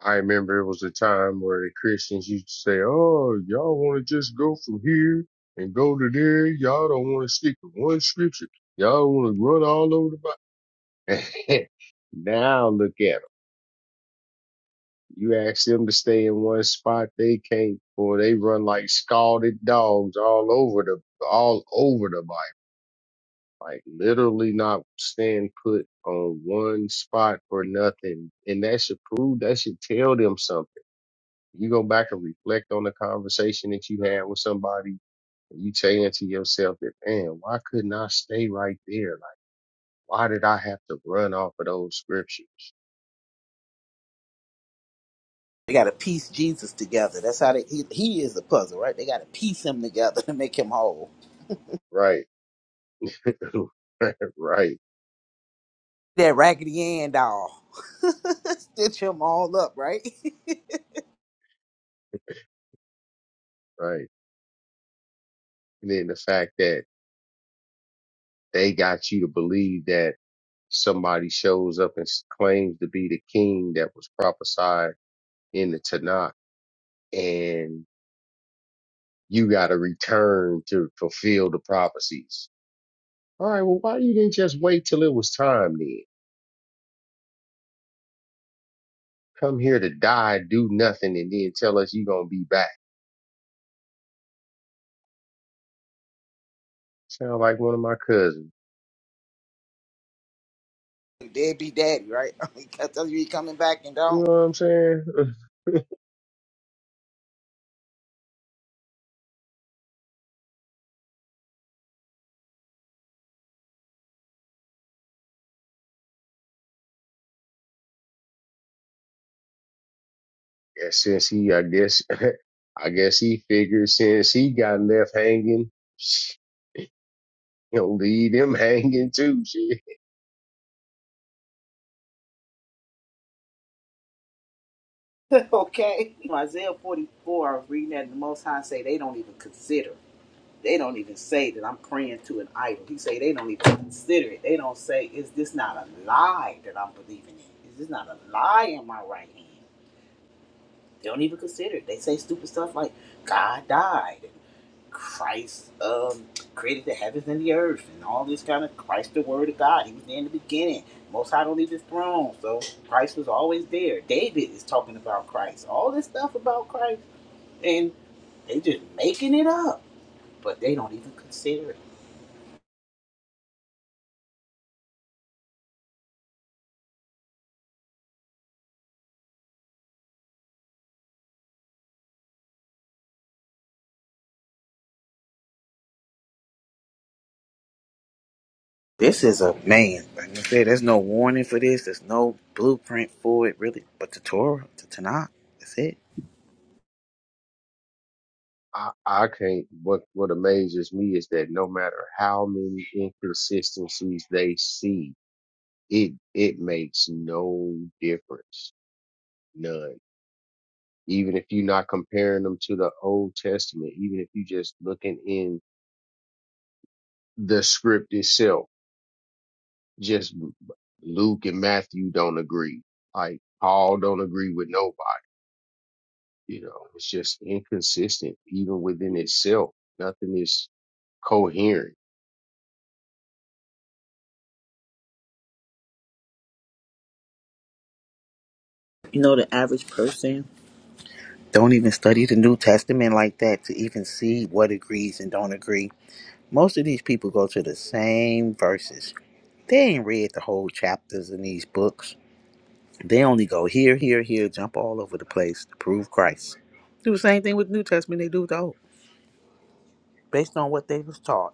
F: I remember it was a time where the Christians used to say, "Oh, y'all want to just go from here and go to there. Y'all don't want to stick to one scripture. Y'all want to run all over the Bible." now look at 'em. You ask them to stay in one spot, they can't, or they run like scalded dogs all over the all over the Bible, like literally not staying put on one spot for nothing. And that should prove that should tell them something. You go back and reflect on the conversation that you had with somebody, and you saying to yourself that, man, why couldn't I stay right there? Like, why did I have to run off of those scriptures?
J: They got to piece Jesus together. That's how they, he, he is the puzzle, right? They got to piece him together to make him whole.
F: Right, right,
J: That raggedy end doll. Stitch him all up, right?
F: right. And then the fact that. They got you to believe that somebody shows up and s- claims to be the king that was prophesied in the Tanakh, and you got to return to fulfill the prophecies. All right, well, why you didn't just wait till it was time then? Come here to die, do nothing, and then tell us you're gonna be back. Sound like one of my cousins.
J: Deadbeat daddy, right? I tell you, he coming back and
F: You know
J: don't.
F: what I'm saying? Yeah, since he, I guess, I guess he figured since he got left hanging. you know, leave them hanging too. Shit.
J: okay. Isaiah 44, I was reading that, and the Most High say they don't even consider. They don't even say that I'm praying to an idol. He say they don't even consider it. They don't say, is this not a lie that I'm believing in? Is this not a lie in my right hand? They don't even consider it. They say stupid stuff like God died and Christ um, created the heavens and the earth and all this kind of Christ the word of God. He was there in the beginning. Most High don't leave his throne, so Christ was always there. David is talking about Christ. All this stuff about Christ, and they just making it up, but they don't even consider it. This is a man. Like I said, there's no warning for this. There's no blueprint for it, really. But the Torah, the Tanakh, that's it.
F: I, I can't. What What amazes me is that no matter how many inconsistencies they see, it it makes no difference, none. Even if you're not comparing them to the Old Testament, even if you're just looking in the script itself, just Luke and Matthew don't agree. Like Paul don't agree with nobody. You know, it's just inconsistent, even within itself. Nothing is coherent
J: You know, the average person. Don't even study the New Testament like that to even see what agrees and don't agree. Most of these people go to the same verses. They ain't read the whole chapters in these books. They only go here, here, here, jump all over the place to prove Christ. Do the same thing with the New Testament they do with the Old, based on what they was taught.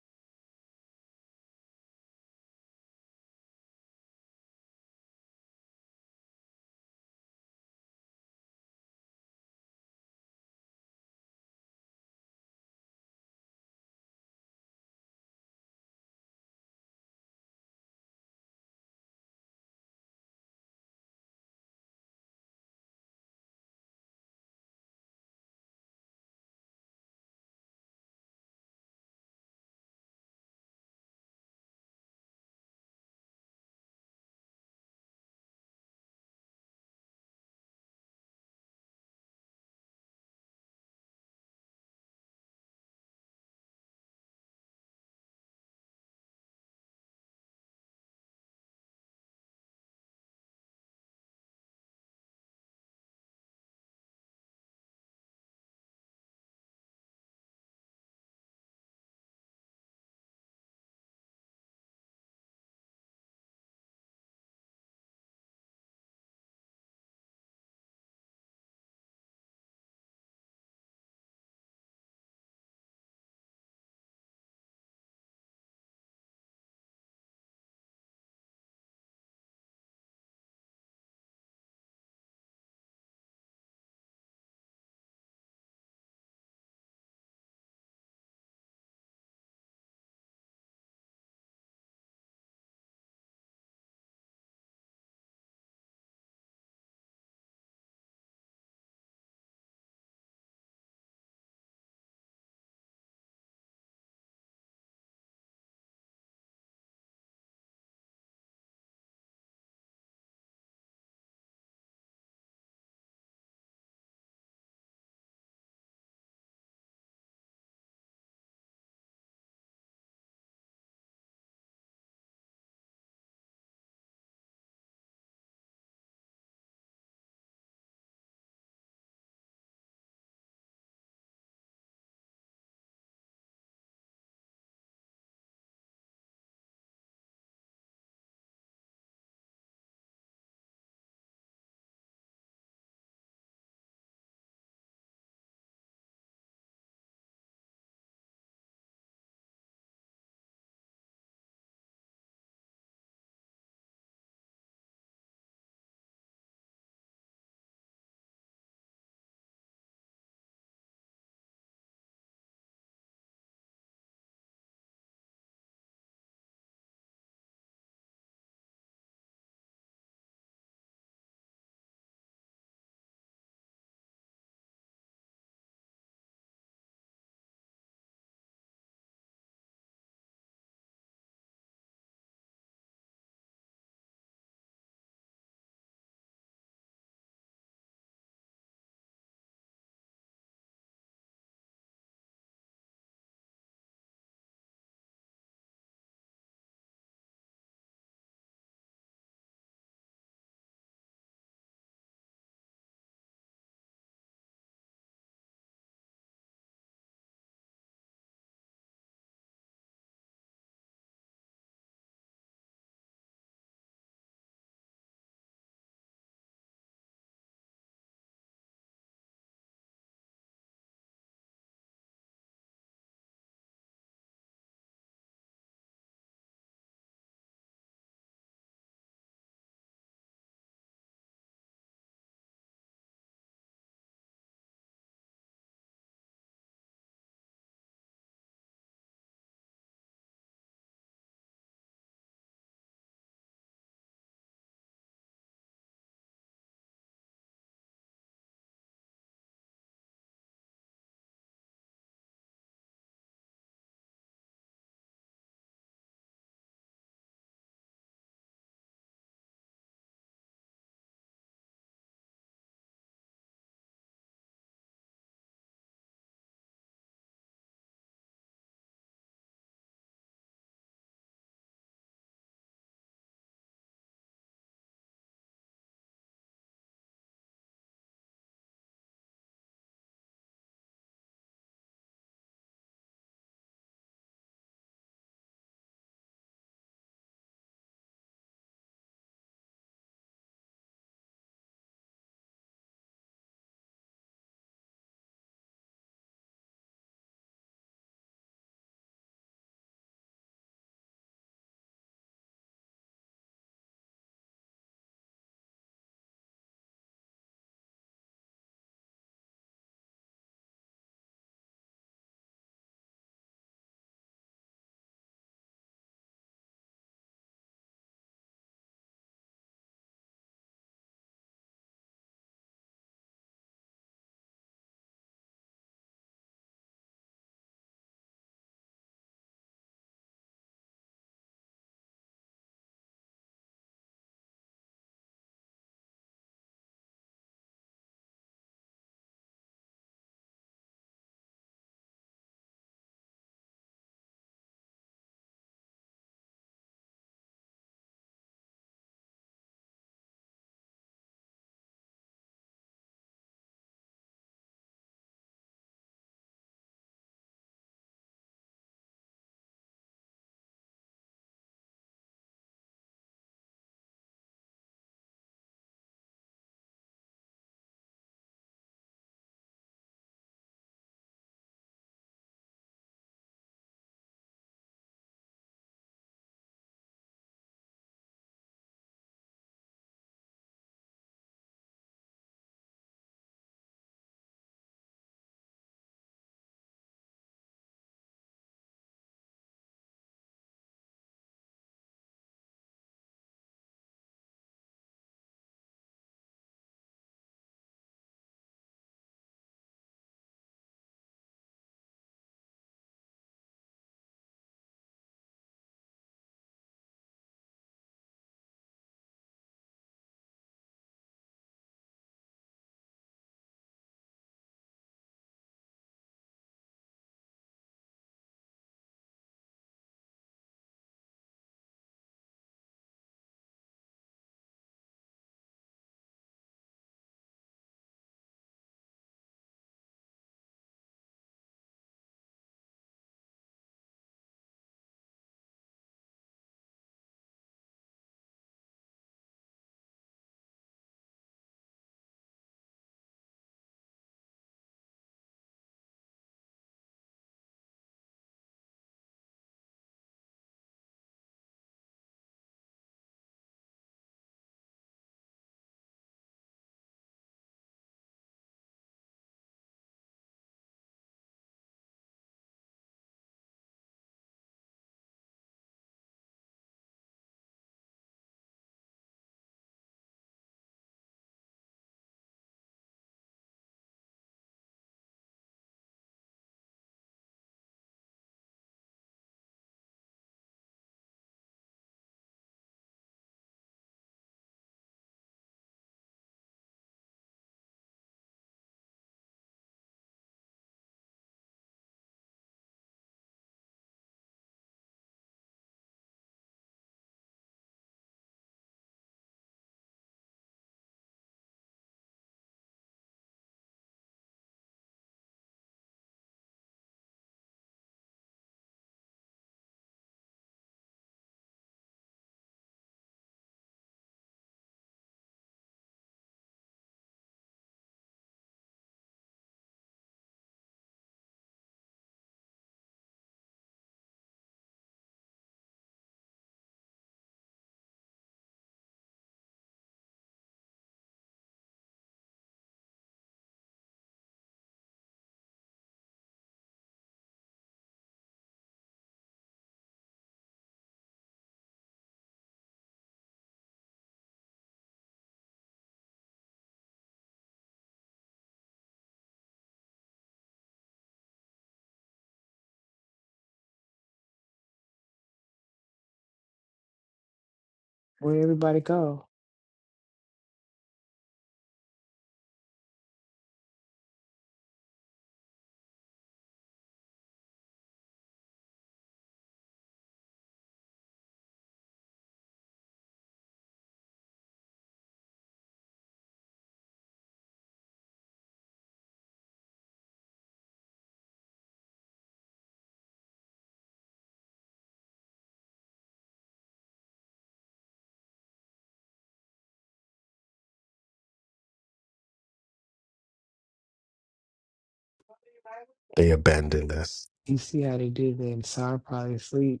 I: They abandoned us.
G: You see how they did that? So I probably sleep.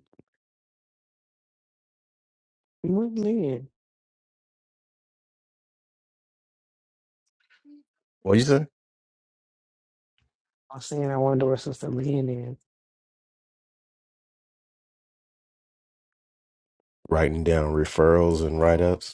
G: What man?
I: What you say?
G: I was saying I wanted to wrestle some man in.
I: Writing down referrals and write ups.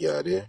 H: Got it.